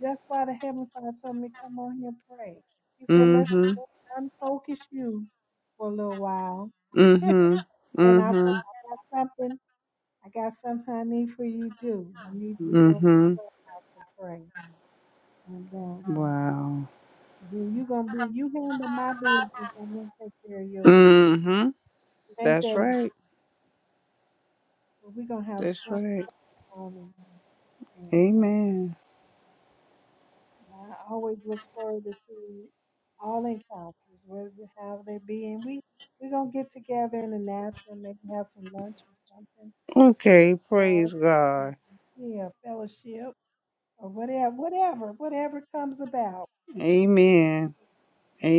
That's why the Heavenly Father told me, come on here and pray. He said, let's,
Mm-hmm.
let's unfocus you for a little while.
Mm-hmm.
And I, want-
Mm-hmm.
I got something, I got something I need for you to do. I need you to go to the
Mm-hmm.
clubhouse and pray. And um,
Wow.
then you are going to be, you handle my business, I'm going to take care of yours.
Mm-hmm.
It ain't
That's
that easy.
right.
So we're going to have a
That's
strong
right.
morning. And
Amen.
I always look forward to all encounters, whether how they be, and we we gonna get together in the natural, maybe have some lunch or something,
Okay,
run,
praise
um,
God.
yeah, fellowship or whatever, whatever, whatever comes about. We-
Amen.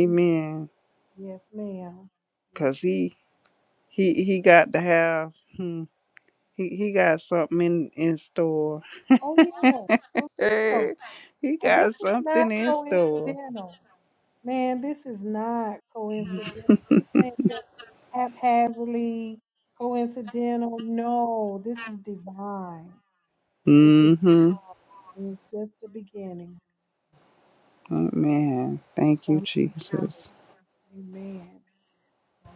we- Yes, ma'am. Yes.
Cause
ma'am.
he he he got to have hmm, he he got something in in store.
Oh yeah, for real.
he
Uh,
got
This is
something
not
in store.
coincidental, man. This is not coincidental. This ain't just. haphazardly, coincidental. No, this is divine. This is
Mm-hmm.
divine. And it's just the beginning.
Amen. Thank you,
Something great.
Jesus.
Amen. So,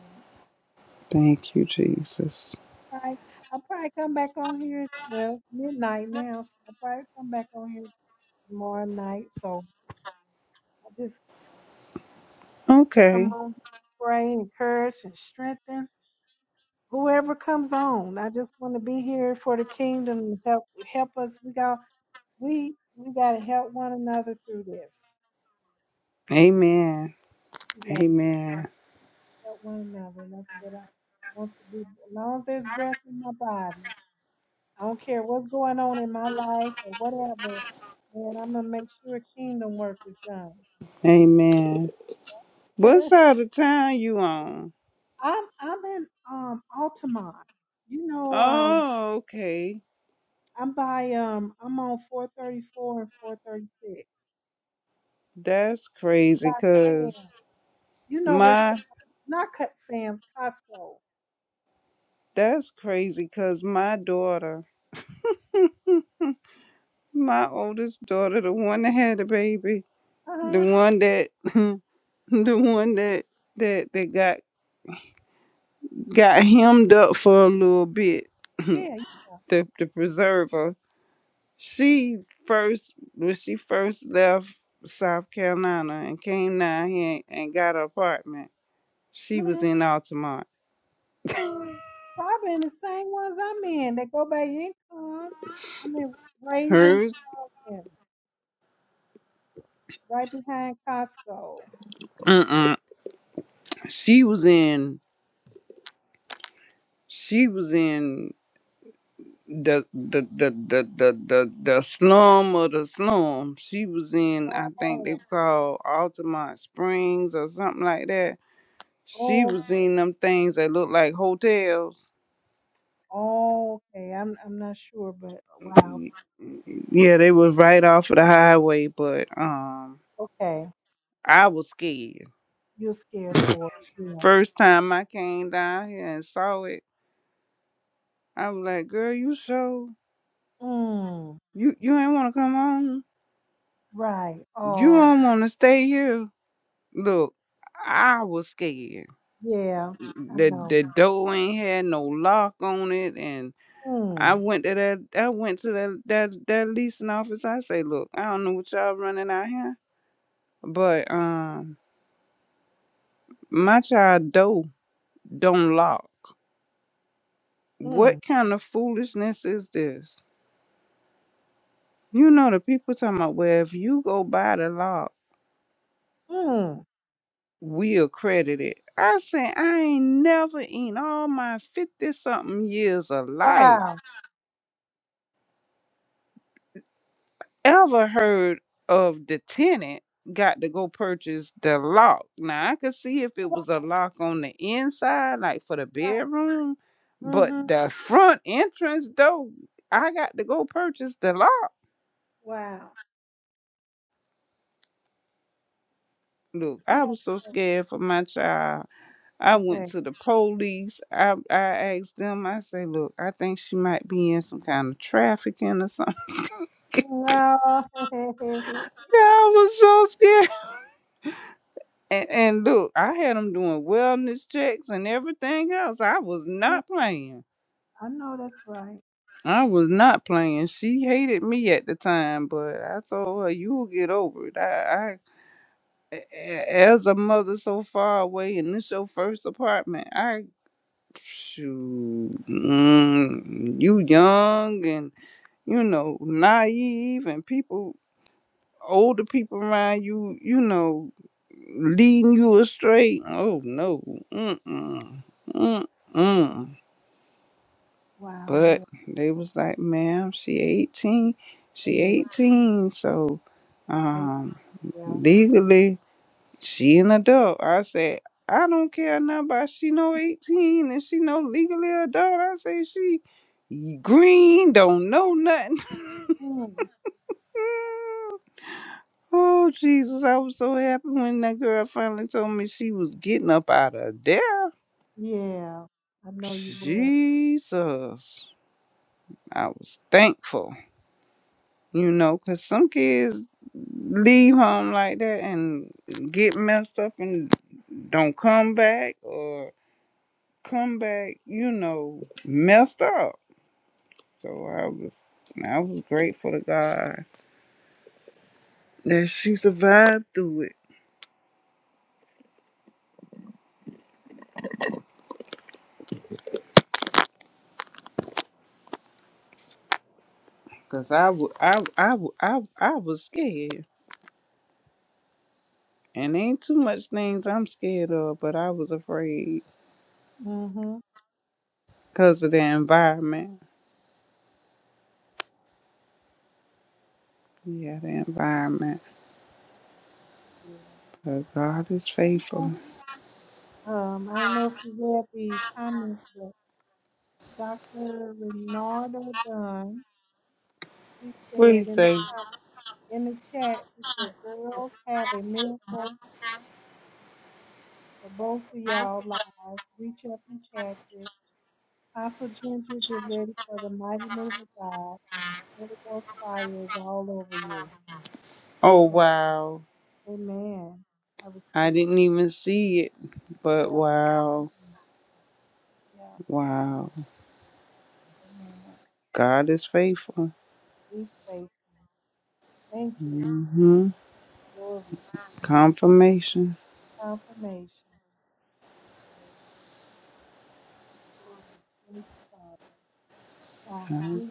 Thank you, Jesus.
right. I'll probably come back on here. Well, it's midnight now, so I'll probably come back on here tomorrow night. So I just come
Okay.
on, pray, encourage, and strengthen whoever comes on. I just want to be here for the kingdom. Help, help us. We got we we got to help one another through this.
Amen.
We got to
Amen.
help one another, and that's what I want to do. As long as there's breath in my body, I don't care what's going on in my life or whatever. Man, I'm gonna make sure kingdom work is done.
Amen. What side of town you on?
I'm I'm in um Altamont. You know, um,
Oh, okay.
I'm by um I'm on 434 and 436
That's
by
crazy,
Sam.
cuz
You know where S-
My
not cut Sam's Costco.
that's crazy because my daughter, my oldest daughter, the one that had a baby,
Uh
the
huh.
one that the one that that that got got hemmed up for a little bit, the
Yeah.
the preserver. She first when she first left South Carolina and came down here and got an apartment, she
hmm
was in Altamont.
Probably in the same ones I'm in. They go by income. I'm in Ravens
Hers,
Crossing, right behind Costco.
mm mm, she was in she was in. the the the the the the, the slum or the slum. She was in, I think they
Oh,
called Altamont Springs or something like that. She
oh,
was in them things that looked like hotels.
oh, okay. I'm I'm not sure, but wow.
Y- Yeah, they was right off of the highway, but um,
Okay,
I was scared.
you're scared for it. Yeah.
First time I came down here and saw it, I was like, "Girl, you sure
Mm.
you you ain't want to come home?
Right.
You
Oh,
don't want to stay here? Look, I was scared."
yeah. I
the
know.
the door ain't had no lock on it and I
Mm.
went to that I went to that that, that leasing office. I say, look, I don't know what y'all running out here, but um my child door don't lock.
Mm.
What kind of foolishness is this? You know the people talking about well if you go buy the lock,
Mm.
we'll credit it. I say I ain't never in all my fifty something years of life.
Wow.
ever heard of the tenant got to go purchase the lock. Now I could see if it was a lock on the inside, like for the
Right.
bedroom, but
Mhm.
the front entrance though, I got to go purchase the lock.
Wow.
Look, I was
That's
so
great.
scared for my child. I went
Okay.
to the police. I I asked them. I say, look, I think she might be in some kind of trafficking or something.
No.
I was so scared. And, and look, I had them doing wellness checks and everything else. I was not playing.
I know that's right.
I was not playing. She hated me at the time, but I told her, "You'll get over it." I, I, a- as a mother so far away, and this your first apartment, I, shoot, mm, you young and you know naive, and people. older people around you, you know, leading you astray. Oh no, mm-mm, mm-mm.
Wow.
But
Yeah.
they was like, ma'am, she 18, she
Yeah.
18, so
Thank
um,
you. Yeah.
legally she an adult. I said, I don't care nothing about she no 18 and she no legally adult. I say she green, don't know nothing.
mm.
Oh Jesus, I was so happy when that girl finally told me she was getting up out of there.
Yeah, I know you were.
Jesus. I was thankful, you know, 'cause some kids leave home like that and get messed up and don't come back or come back, you know, messed up. So I was I was grateful to God that she survived through it. Cause I, w- I, I, w- I, I was scared. And ain't too much things I'm scared of, but I was afraid
Mm-hmm.
because of the environment. Yeah, the environment.
Yeah.
But God is faithful.
Someone, Um, I know if you read the comments, but Dr. Renardo Dunn, he
What he
said in the
say?
com- in the chat, he said, "Girls have a miracle for both of y'all lives. Reach up and catch it." Apostle Ginger, get ready for the mighty move of God. Holy Ghost fire is all over you.
Oh
Hey,
wow.
amen. I
I
received
didn't
it.
even see it. But
Yep.
wow.
Amen. Yeah.
Wow.
Amen.
God is faithful.
He's faithful. Thank you.
hmm
Glory.
Confirmation.
Confirmation. Yeah, glory. Thank you, Father. Wow.
I
Beautiful.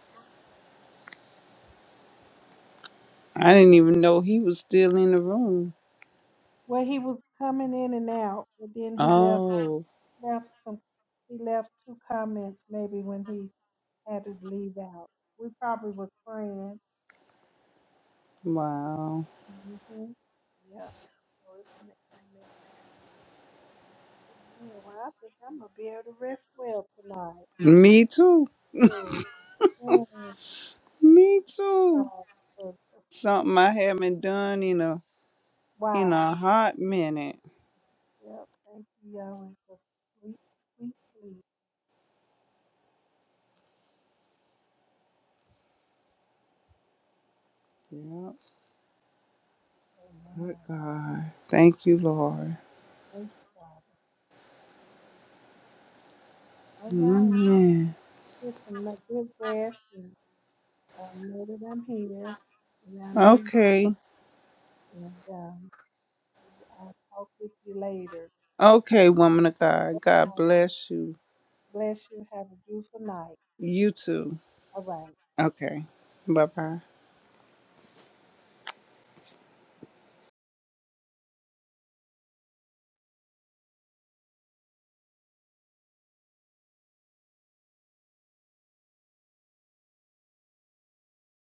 I didn't even know he was still in the room.
Well, he was coming in and out, but then he left
Oh
left some he left two comments maybe when he had his leave out. We probably was praying.
wow.
hmm Yeah. So it's in the comment. Amen. Well, I think I'm gonna be able to rest well tonight.
Me too.
Ooh. Mm.
Me too. Something I haven't done in a in
Wow.
a hot minute.
Yep. Thank you, Yahweh, for sweet, sweet sleep.
Yep. Good
Amen.
God. Thank you, Lord.
Thank you, Father. All right.
Amen.
Get some n- good rest and um, know that I'm here. And I know you too.
Okay.
And um, I'll talk with you later.
Okay, woman of God. God
Bye.
bless you.
Bless you. Have a beautiful night.
You too.
All right.
Okay. Bye bye.